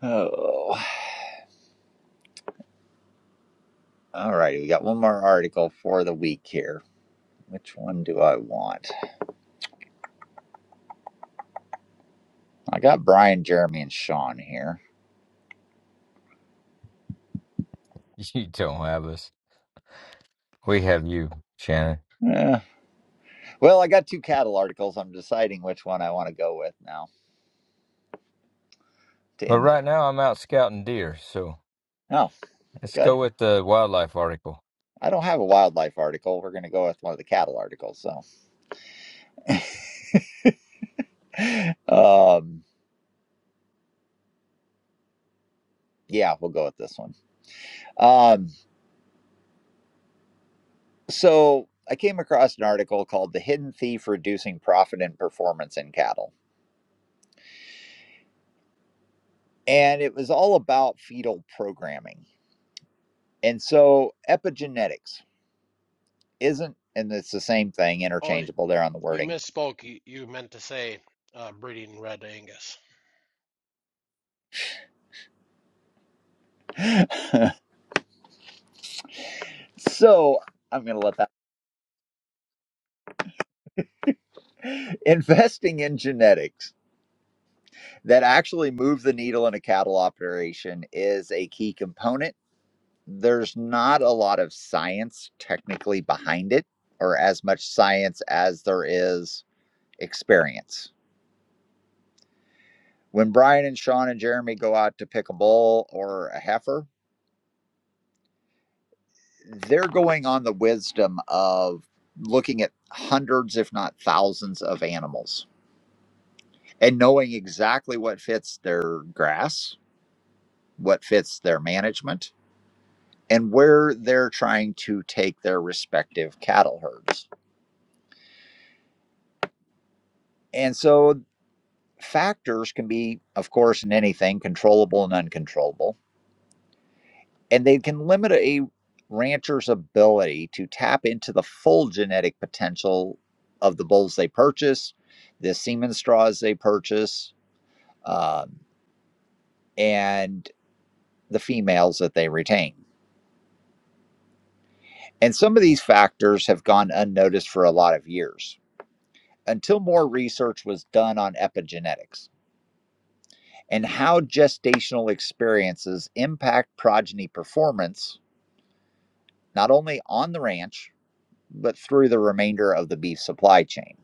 S2: Oh, all righty. We got one more article for the week here. Which one do I want? I got Brian, Jeremy, and Sean here. Uh, well, I got two cattle articles. I'm deciding which one I want to go with now to end. The- oh, good. I don't have a wildlife article. We're going to go with one of the cattle articles. So, um, yeah, we'll go with this one. Um, so, I came across an article called The Hidden Thief Reducing Profit and Performance in Cattle. And it was all about fetal programming. And so, epigenetics isn't, and it's the same thing,
S1: Oh,
S2: interchangeable there on the
S1: you
S2: wording.
S1: misspoke. You, you meant to say uh, breeding red Angus.
S2: so, I'm going to let that. Investing in genetics that actually move the needle in a cattle operation is a key component. There's not a lot of science technically behind it, or as much science as there is experience. When Brian and Sean and Jeremy go out to pick a bull or a heifer, they're going on the wisdom of looking at hundreds, if not thousands, of animals and knowing exactly what fits their grass, what fits their management, and where they're trying to take their respective cattle herds. And so factors can be, of course, in anything controllable and uncontrollable, and they can limit a rancher's ability to tap into the full genetic potential of the bulls they purchase, the semen straws they purchase, um, and the females that they retain. And some of these factors have gone unnoticed for a lot of years until more research was done on epigenetics. and how gestational experiences impact progeny performance, not only on the ranch, but through the remainder of the beef supply chain.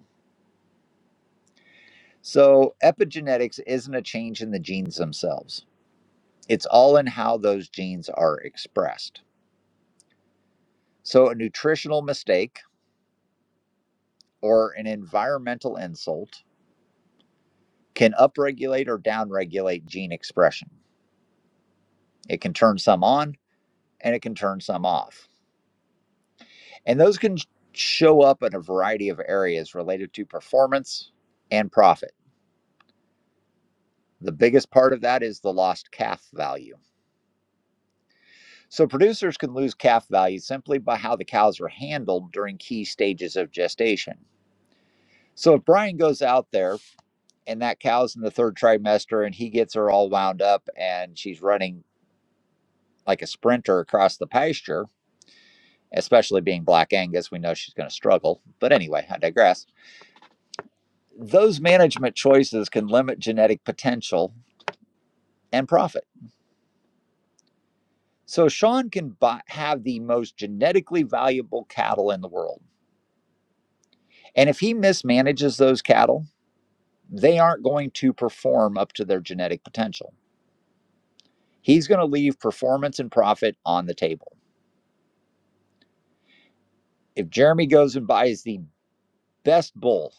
S2: So, epigenetics isn't a change in the genes themselves, it's all in how those genes are expressed. So, a nutritional mistake or an environmental insult can upregulate or downregulate gene expression. It can turn some on and it can turn some off. And those can show up in a variety of areas related to performance and profit. The biggest part of that is the lost calf value. So, producers can lose calf value simply by how the cows are handled during key stages of gestation. So, if Brian goes out there and that cow's in the third trimester and he gets her all wound up and she's running like a sprinter across the pasture, especially being Black Angus, we know she's going to struggle. But anyway, I digress. Those management choices can limit genetic potential and profit. So Sean can buy, have the most genetically valuable cattle in the world. And if he mismanages those cattle, they aren't going to perform up to their genetic potential. He's going to leave performance and profit on the table. If Jeremy goes and buys the best bull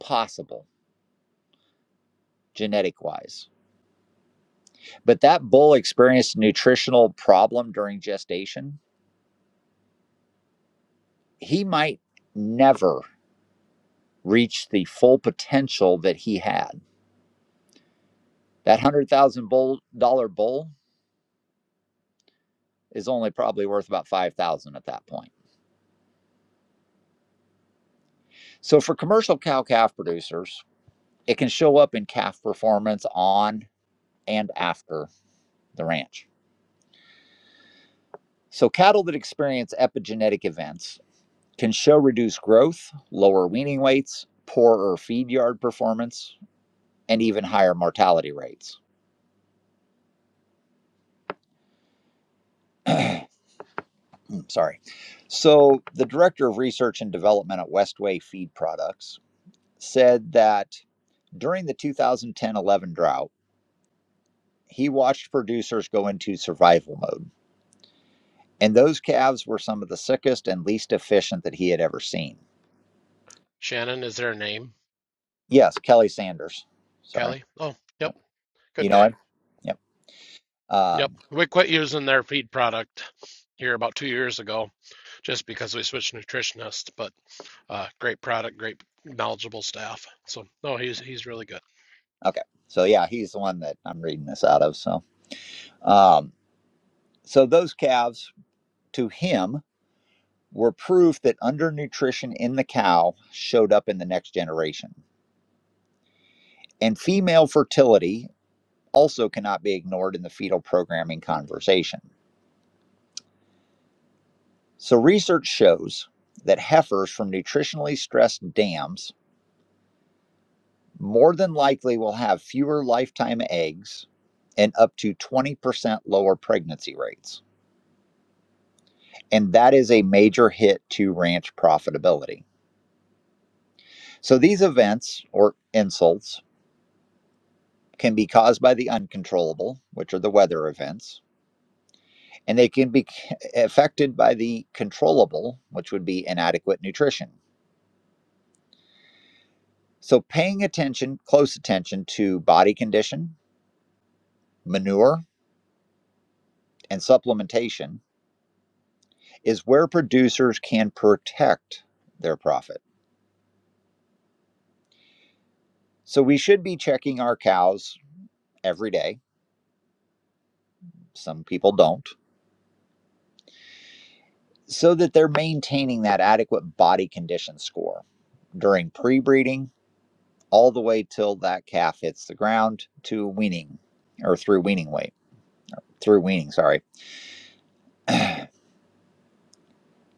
S2: possible, genetic wise, but that bull experienced a nutritional problem during gestation, he might never reach the full potential that he had That one hundred thousand thousand dollar bull is only probably worth about five thousand dollars at that point. So for commercial cow calf producers, it can show up in calf performance on and after the ranch. So cattle that experience epigenetic events can show reduced growth, lower weaning weights, poorer feed yard performance, and even higher mortality rates. Sorry. So the director of research and development at Westway Feed Products said that During the 2010 11 drought, he watched producers go into survival mode, and those calves were some of the sickest and least efficient that he had ever seen.
S1: Shannon, is there a name?
S2: Yes, Kelly Sanders. Sorry.
S1: Kelly? Oh, yep.
S2: Yep.
S1: Good
S2: You know
S1: guy.
S2: him? Yep.
S1: Yep.
S2: Um,
S1: We quit using their feed product here about two years ago just because we switched nutritionists, but uh, great product, great knowledgeable staff. So no, he's he's really good.
S2: okay. So, yeah, he's the one that I'm reading this out of. So, um, so those calves to him were proof that undernutrition in the cow showed up in the next generation. And female fertility also cannot be ignored in the fetal programming conversation So, research shows that heifers from nutritionally stressed dams more than likely will have fewer lifetime eggs and up to 20% lower pregnancy rates. And that is a major hit to ranch profitability. So, these events or insults can be caused by the uncontrollable, which are the weather events, and they can be affected by the controllable, which would be inadequate nutrition. So, paying attention, close attention to body condition, manure, and supplementation is where producers can protect their profit. So we should be checking our cows every day. Some people don't, so that they're maintaining that adequate body condition score during pre breeding all the way till that calf hits the ground to weaning or through weaning weight, through weaning, sorry.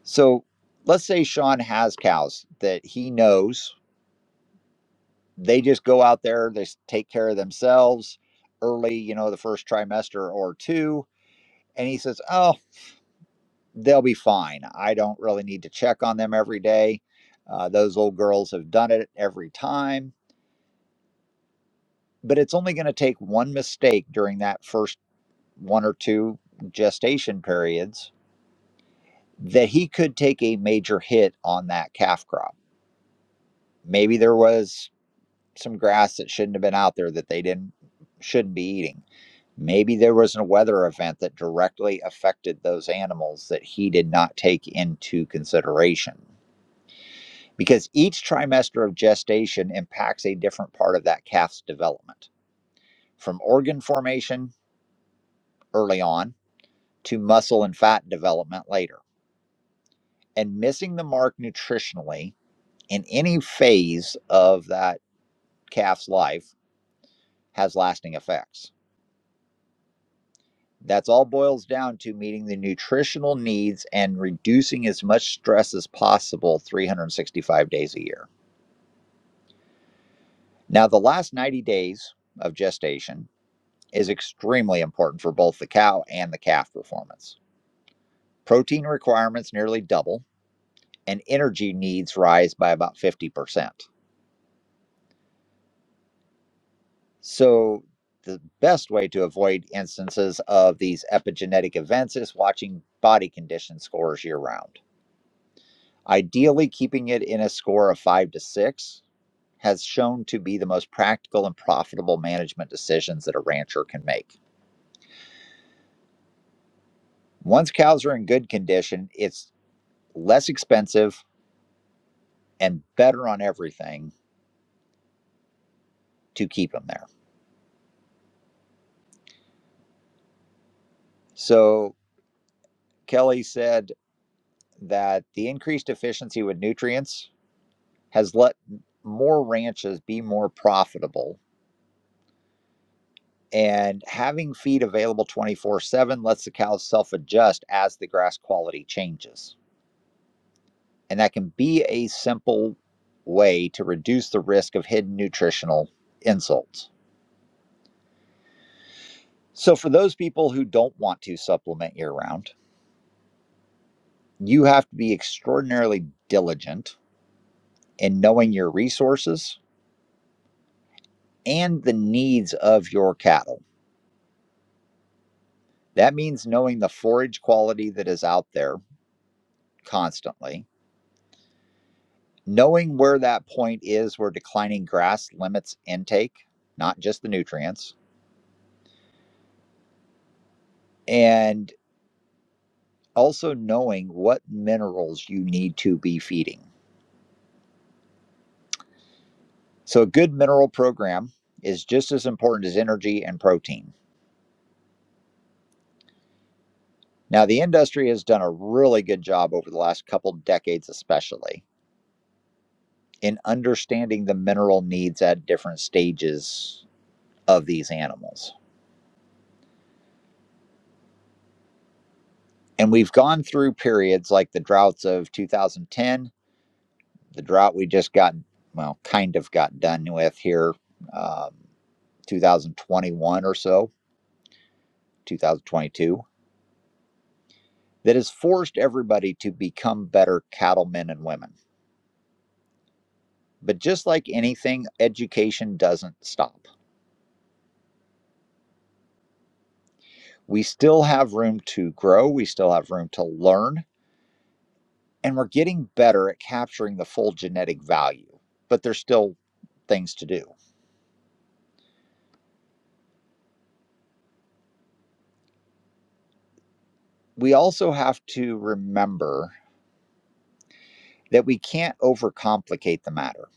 S2: So let's say Sean has cows that he knows they just go out there, they take care of themselves early, you know, the first trimester or two. And he says, Oh, they'll be fine. I don't really need to check on them every day. Uh, those old girls have done it every time. But it's only going to take one mistake during that first one or two gestation periods that he could take a major hit on that calf crop. Maybe there was some grass that shouldn't have been out there that they didn't shouldn't be eating Maybe there was a weather event that directly affected those animals that he did not take into consideration. Because each trimester of gestation impacts a different part of that calf's development, from organ formation early on to muscle and fat development later. And missing the mark nutritionally in any phase of that calf's life has lasting effects. That's all boils down to meeting the nutritional needs and reducing as much stress as possible 365 days a year. Now, the last 90 days of gestation is extremely important for both the cow and the calf performance. Protein requirements nearly double, and energy needs rise by about 50%. So, the best way to avoid instances of these epigenetic events is watching body condition scores year round. Ideally, keeping it in a score of five to six has shown to be the most practical and profitable management decisions that a rancher can make. Once cows are in good condition, it's less expensive and better on everything to keep them there. So, Kelly said that the increased efficiency with nutrients has let more ranches be more profitable. And having feed available 24 7 lets the cows self adjust as the grass quality changes. And that can be a simple way to reduce the risk of hidden nutritional insults. So, for those people who don't want to supplement year round, you have to be extraordinarily diligent in knowing your resources and the needs of your cattle. That means knowing the forage quality that is out there constantly, knowing where that point is where declining grass limits intake, not just the nutrients, and also knowing what minerals you need to be feeding. So, a good mineral program is just as important as energy and protein. Now, the industry has done a really good job over the last couple decades, especially in understanding the mineral needs at different stages of these animals. And we've gone through periods like the droughts of 2010, the drought we just got, well, kind of got done with here, um, 2021 or so, 2022 that has forced everybody to become better cattlemen and women. But just like anything, education doesn't stop. We still have room to grow, we still have room to learn, and we're getting better at capturing the full genetic value, but there's still things to do. We also have to remember that we can't overcomplicate the matter.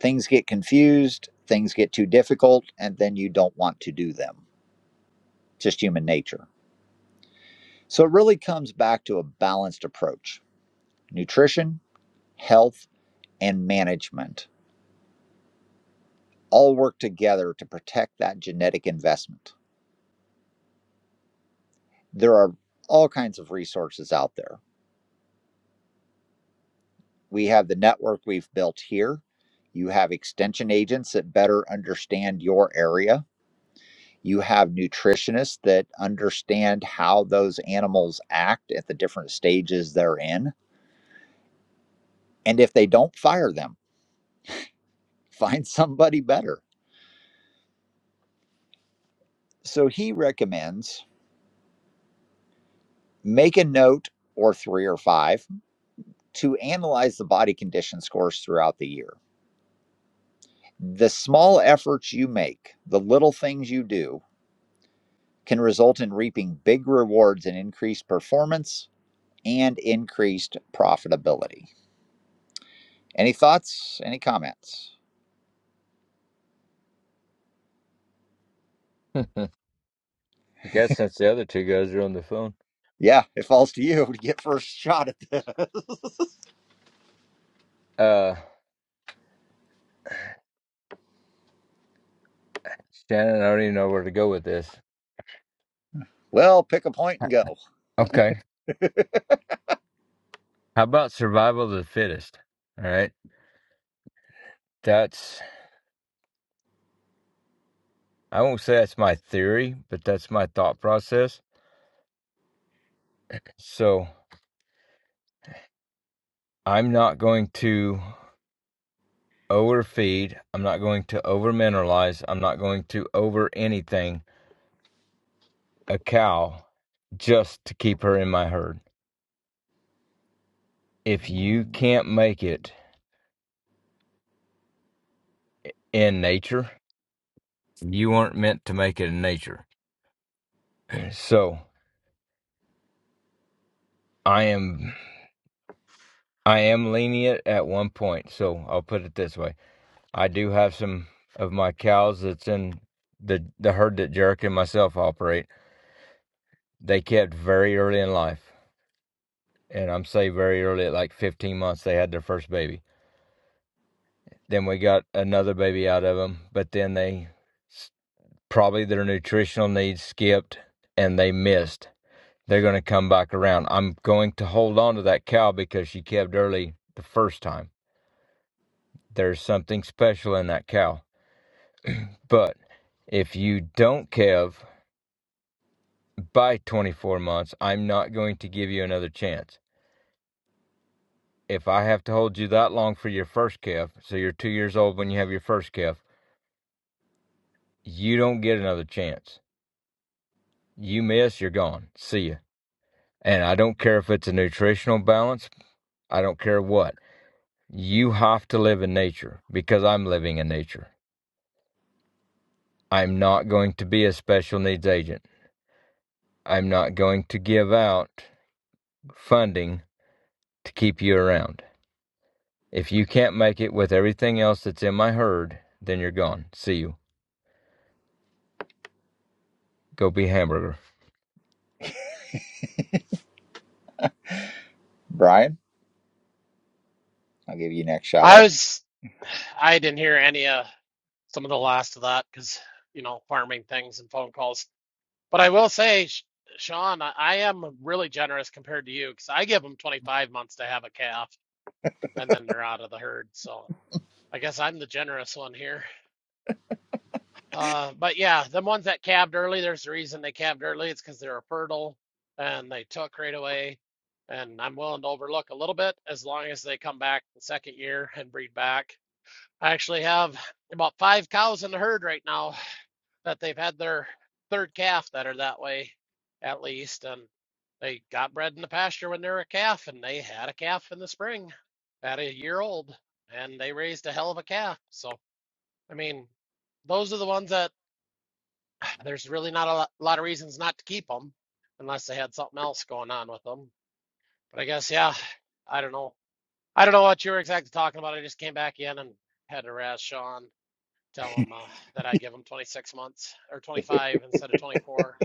S2: Things get confused, things get too difficult, and then you don't want to do them. Just human nature. So it really comes back to a balanced approach Nutrition, health, and management all work together to protect that genetic investment. There are all kinds of resources out there. We have the network we've built here. You have extension agents that better understand your area. You have nutritionists that understand how those animals act at the different stages they're in. And if they don't fire them, find somebody better. So he recommends make a note or three or five to analyze the body condition scores throughout the year. The small efforts you make, the little things you do, can result in reaping big rewards in increased performance and increased profitability. Any thoughts? Any comments? Yeah, it falls to you to get first shot at this. Well, pick a point and go. Brian, I'll give you next shot
S1: I
S2: at
S1: was I didn't hear any of some of the last of that because you know farming things and phone calls. But I will say, Sh- Sean, I, I am really generous compared to you because I give them 25 months to have a calf and then they're out of the herd. So I guess I'm the generous one here. Uh, but yeah, the ones that calved early, there's a reason they calved early. It's because they're a fertile and they took right away. And I'm willing to overlook a little bit as long as they come back the second year and breed back. I actually have about five cows in the herd right now that they've had their third calf that are that way, at least. And they got bred in the pasture when they were a calf, and they had a calf in the spring at a year old, and they raised a hell of a calf. So, I mean, those are the ones that there's really not a lot, of reasons not to keep them unless they had something else going on with them. But I guess, yeah, I don't know. I don't know what you were exactly talking about. I just came back in and had to razz Sean, tell him uh, that I give him 26 months or 25 instead of 24.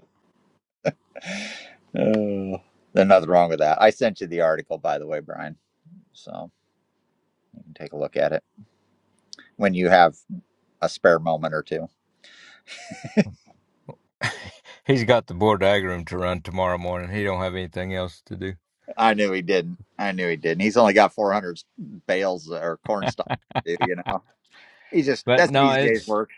S2: it. Uh, There's nothing wrong with that. I sent you the article, by the way, Brian. So you can take a look at it when you have a spare moment or two. I knew he didn't. I knew he didn't. He's only got 400 bales or corn stalks, to do, you know. He's just, that's an easy day's work.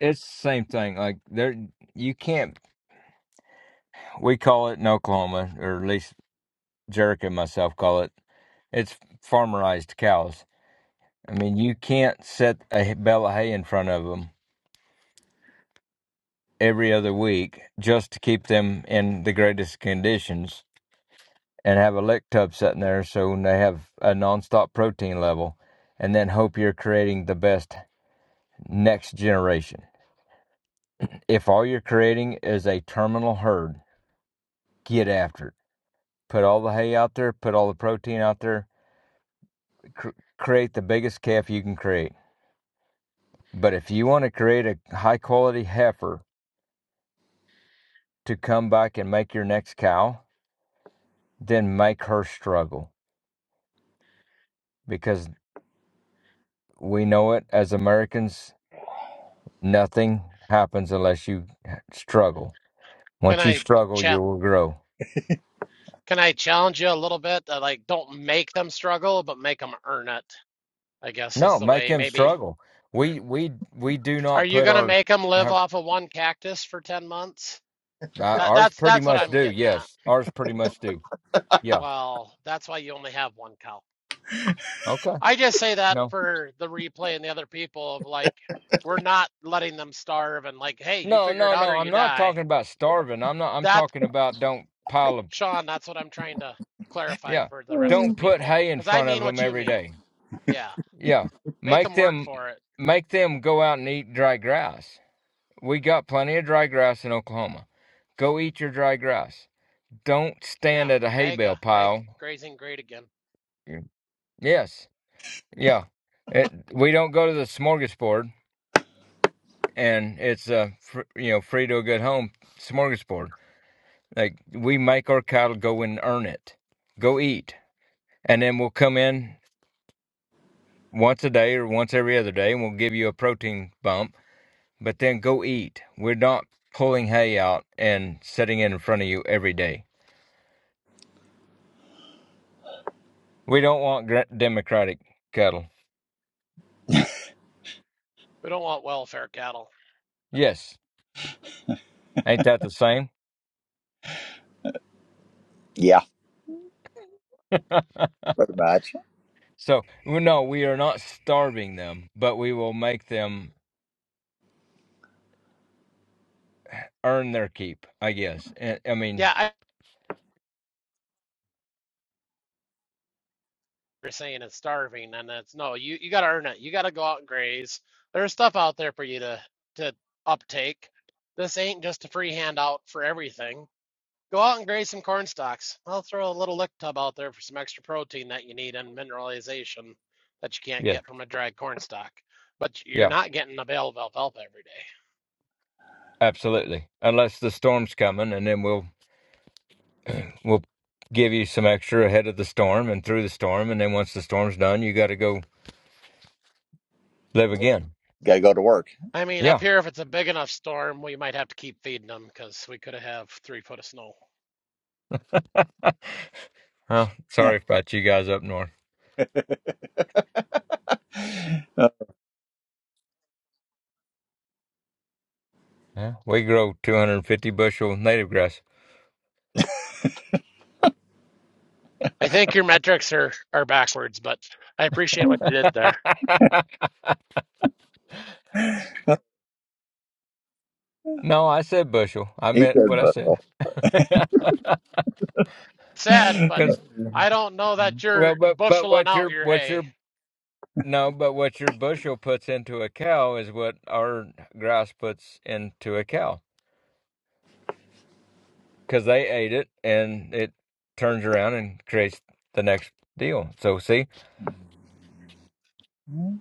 S1: Can I champ? Can I challenge you a little bit? Uh, like, don't make them struggle, but make them earn it. I guess is the way. Maybe. Are you gonna make them live off of one cactus for 10 months? That that's that's what I'm getting at. Well, that's why you only have one cow. I just say that for the replay and the other people of like, we're not letting them starve and like, hey, you figure it out or you die. That, Sean, that's what I'm trying to clarify for the rest of the
S2: Mm.
S1: people. Because I mean what you mean. Yeah. Make them work for it. Yeah. Mega. Make grazing great again. We don't want welfare cattle.
S2: Yeah, pretty much.
S1: Yeah. I saying it's starving, and it's no, you you got to earn it. You got to go out and graze. There's stuff out there for you to to uptake. This ain't just a free handout for everything. Go out and graze some corn stalks. I'll throw a little lick tub out there for some extra protein that you need and mineralization that you can't get from a dried corn stalk. But you're not getting a bale of alfalfa every day.
S2: Got to go to work.
S1: I mean, up here, if it's a big enough storm, we might have to keep feeding them because we could have three foot of snow. I think your metrics are are backwards, but I appreciate what
S2: he
S1: you did there.
S2: said, "Bustle."
S1: said, but I don't know that you're busheling out your hay.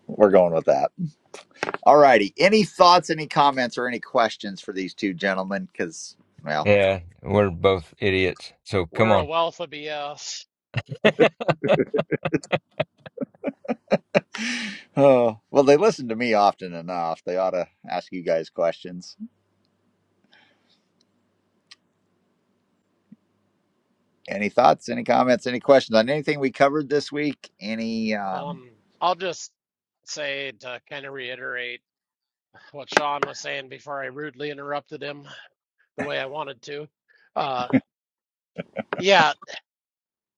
S2: We're going with that. All righty. Any thoughts, any comments, or any questions for these two gentlemen? Because, well,
S1: We're a wealth of BS.
S2: oh, well, they listen to me often enough. They ought to ask you guys questions. Any thoughts, any comments, any questions on anything we covered this week? Any, um,
S1: Um, I'll just say to kind of reiterate what Sean was saying before I rudely interrupted him the way I wanted to. Uh, yeah,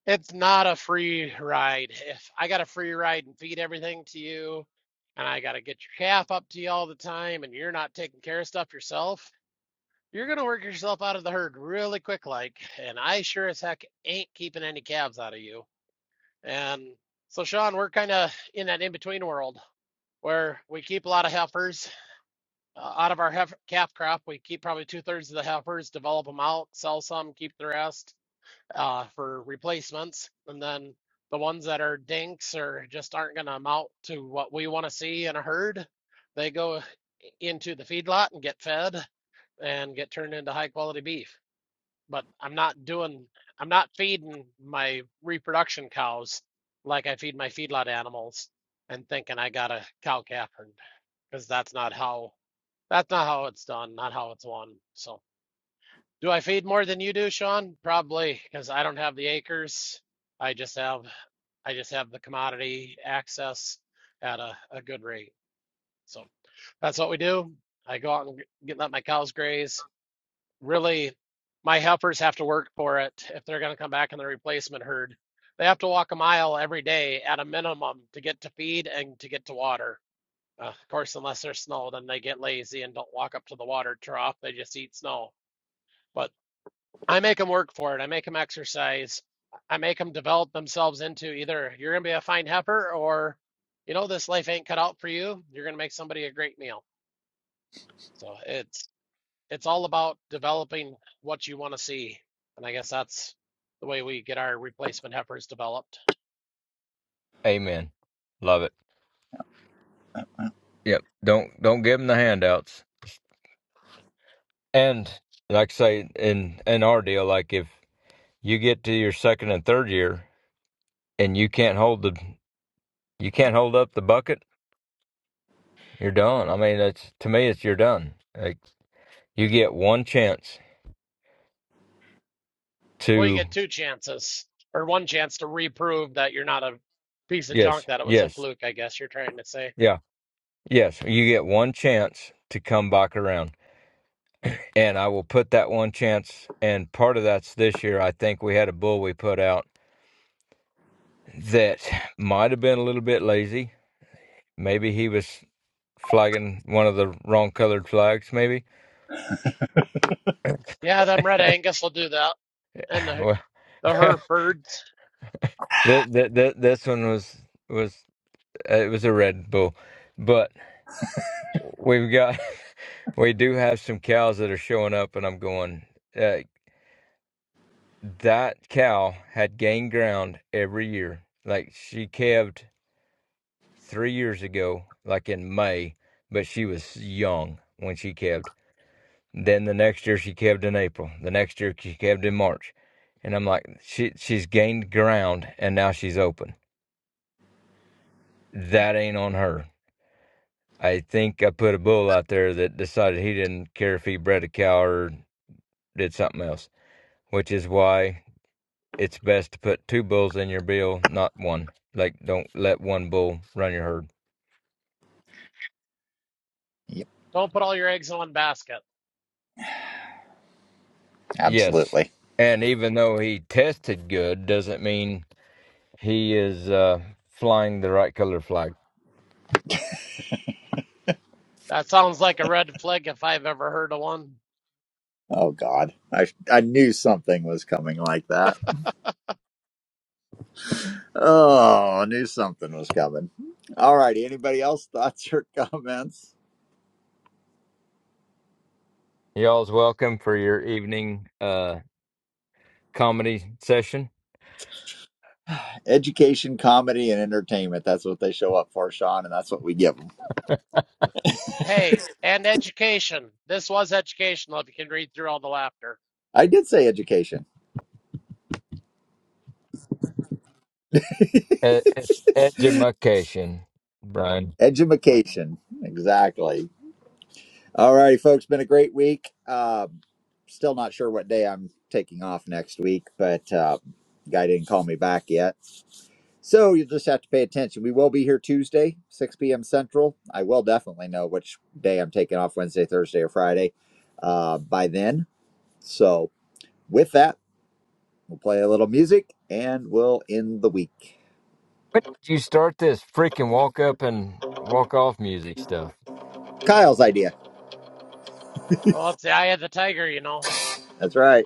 S1: it's not a free ride. If I got a free ride and feed everything to you, and I got to get your calf up to you all the time, and you're not taking care of stuff yourself. You're gonna work yourself out of the herd really quick, like, and I sure as heck ain't keeping any calves out of you. And so, Sean, we're kind of in that in-between world where we keep a lot of heifers uh, out of our hef- calf crop. We keep probably two-thirds of the heifers, develop them out, sell some, keep the rest uh, for replacements, and then the ones that are dinks or just aren't gonna amount to what we want to see in a herd, they go into the feedlot and get fed and get turned into high-quality beef but I'm not doing, I'm not feeding my reproduction cows like I feed my feedlot animals and thinking I got a cow calf herd, because that's not how, that's not how it's done, not how it's won. So, do I feed more than you do, Sean? Probably because I don't have the acres. I just have, I just have the commodity access at a, a good rate. So that's what we do. I go out and get let my cows graze really my heifers have to work for it if they're going to come back in the replacement herd. They have to walk a mile every day at a minimum to get to feed and to get to water. Uh, of course, unless there's snow, then they get lazy and don't walk up to the water trough. They just eat snow. But I make them work for it. I make them exercise. I make them develop themselves into either you're going to be a fine heifer or, you know, this life ain't cut out for you. You're going to make somebody a great meal. So it's it's all about developing what you want to see. And I guess that's the way we get our replacement heifers developed. Well, you get two chances or one chance to reprove that you're not a piece of junk, that it was a fluke, I guess you're trying to say. Yeah, them red Angus will do that. And the, the Herefords.
S2: yep,
S1: Don't put all your eggs in one basket.
S2: absolutely.
S1: That sounds like a red flag if I've ever heard of one.
S2: Oh God, I, I knew something was coming like that. Oh, I knew something was coming. All righty. Anybody else thoughts or comments? Education, comedy, and entertainment. That's what they show up for, Sean, and that's what we give them.
S1: Hey, and education. This was educational if you can read through all the laughter.
S2: I did say education. Edumacation. Exactly. All righty, folks. Been a great week. Um, still not sure what day I'm taking off next week, but uh, guy didn't call me back yet. So you'll just have to pay attention. We will be here Tuesday, 6 p.m. Central. I will definitely know which day I'm taking off Wednesday, Thursday, or Friday uh, by then. So with that, we'll play a little music and we'll end the week. Kyle's idea.
S1: Well, let's see. I had the tiger, you know.
S2: That's right.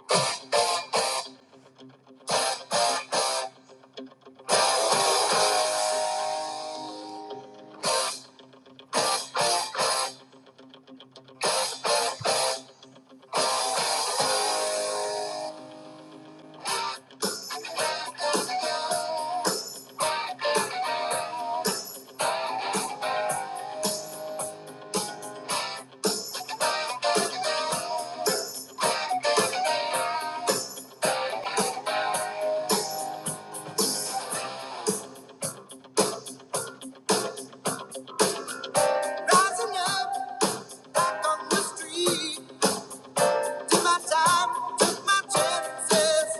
S2: Rising up, back on the street, took my time, took my chances.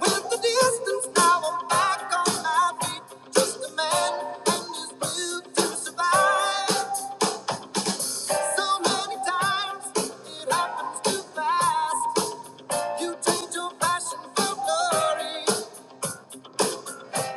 S2: With the distance now I'm back on my feet. Just a man and his will to survive. So many times it happens too fast. You change your passion for glory.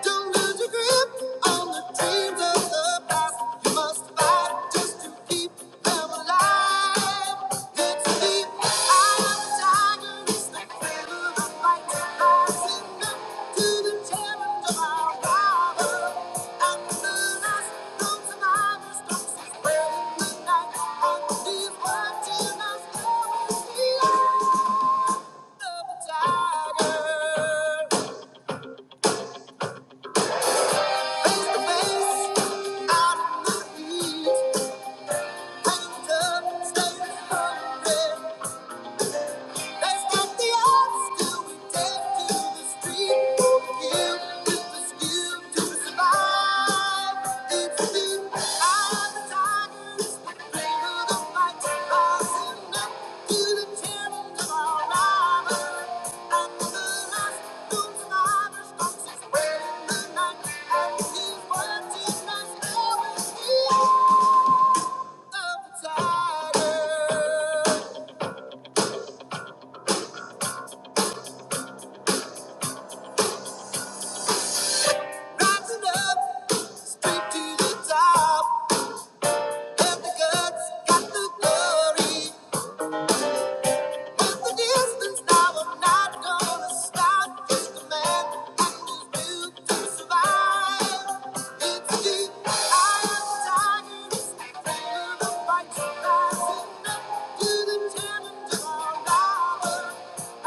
S2: Don't lose your grip on the dreams of the past. You must fight just to keep them alive. Good to be eye of the tiger is the thrill of the fight. Rising up to the challenge of our rival. Out the last room, survivors don't say well in these watching us always the the tiger. Face-to-face, out of my league. Painted, stay hungry. They've got the odds to be to the street. Killed with the skill to survive. It's the eye of the tigers, the thrill of the fight, rising up to the challenge of our rivals. And the last known survivor stalks his prey the night, and he's watching us all. The eye of the tiger. Rising up, straight to the top. Have the guts, got the glory. The distance now I'm not gonna stop. Just a man who's built to survive. It's deep. I am tired of the fight, rising up to the challenge of our hour.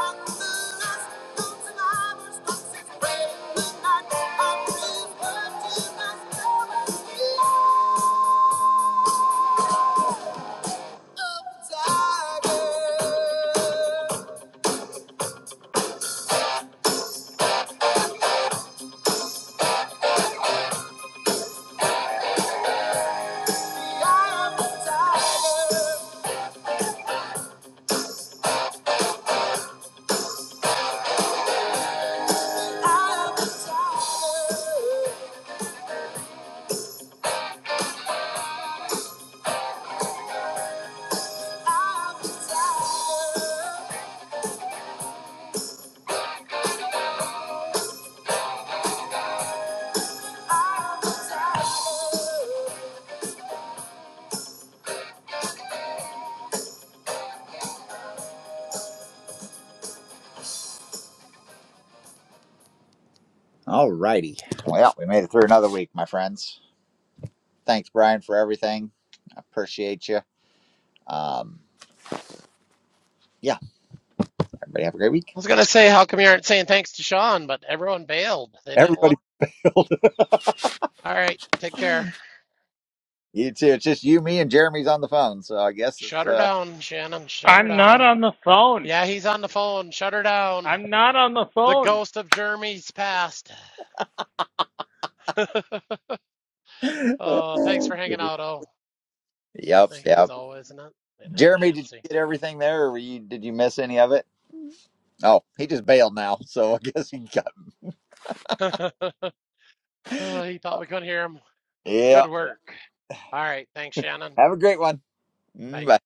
S2: And the last of survivors talks its way the night. I'm prisoner to my stubborn fear of tiger. Alrighty, Well, we made it through another week, my friends. Thanks, Brian, for everything. I appreciate you. Um, yeah, everybody have a great week.
S1: I was gonna say, how come you aren't saying thanks to Sean? But everyone bailed. They didn't
S2: Everybody
S1: want.
S2: build
S1: All right, take care.
S2: You too. It's just you, me, and Jeremy's on the phone, so I guess it's
S1: Shut her
S2: uh.
S1: down, Shannon. Shut her
S8: I'm not
S1: down.
S8: on the phone.
S1: Yeah, he's on the phone. Shut her down.
S8: I'm not on the
S1: The
S8: phone.
S1: ghost of Jeremy's past. oh, thanks for hanging out. Oh,
S2: Yep,
S1: I think it's
S2: yep.
S1: always, isn't it? Yeah, I
S2: Jeremy,
S1: can't
S2: did you
S1: see.
S2: get everything there, or were you did you miss any of it? Oh, he just bailed now, so I guess he got.
S1: oh, he thought we couldn't hear him.
S2: Yeah.
S1: Good work. All right, thanks, Shannon.
S2: Have a great one. Mm,
S1: Bye.
S2: Bye.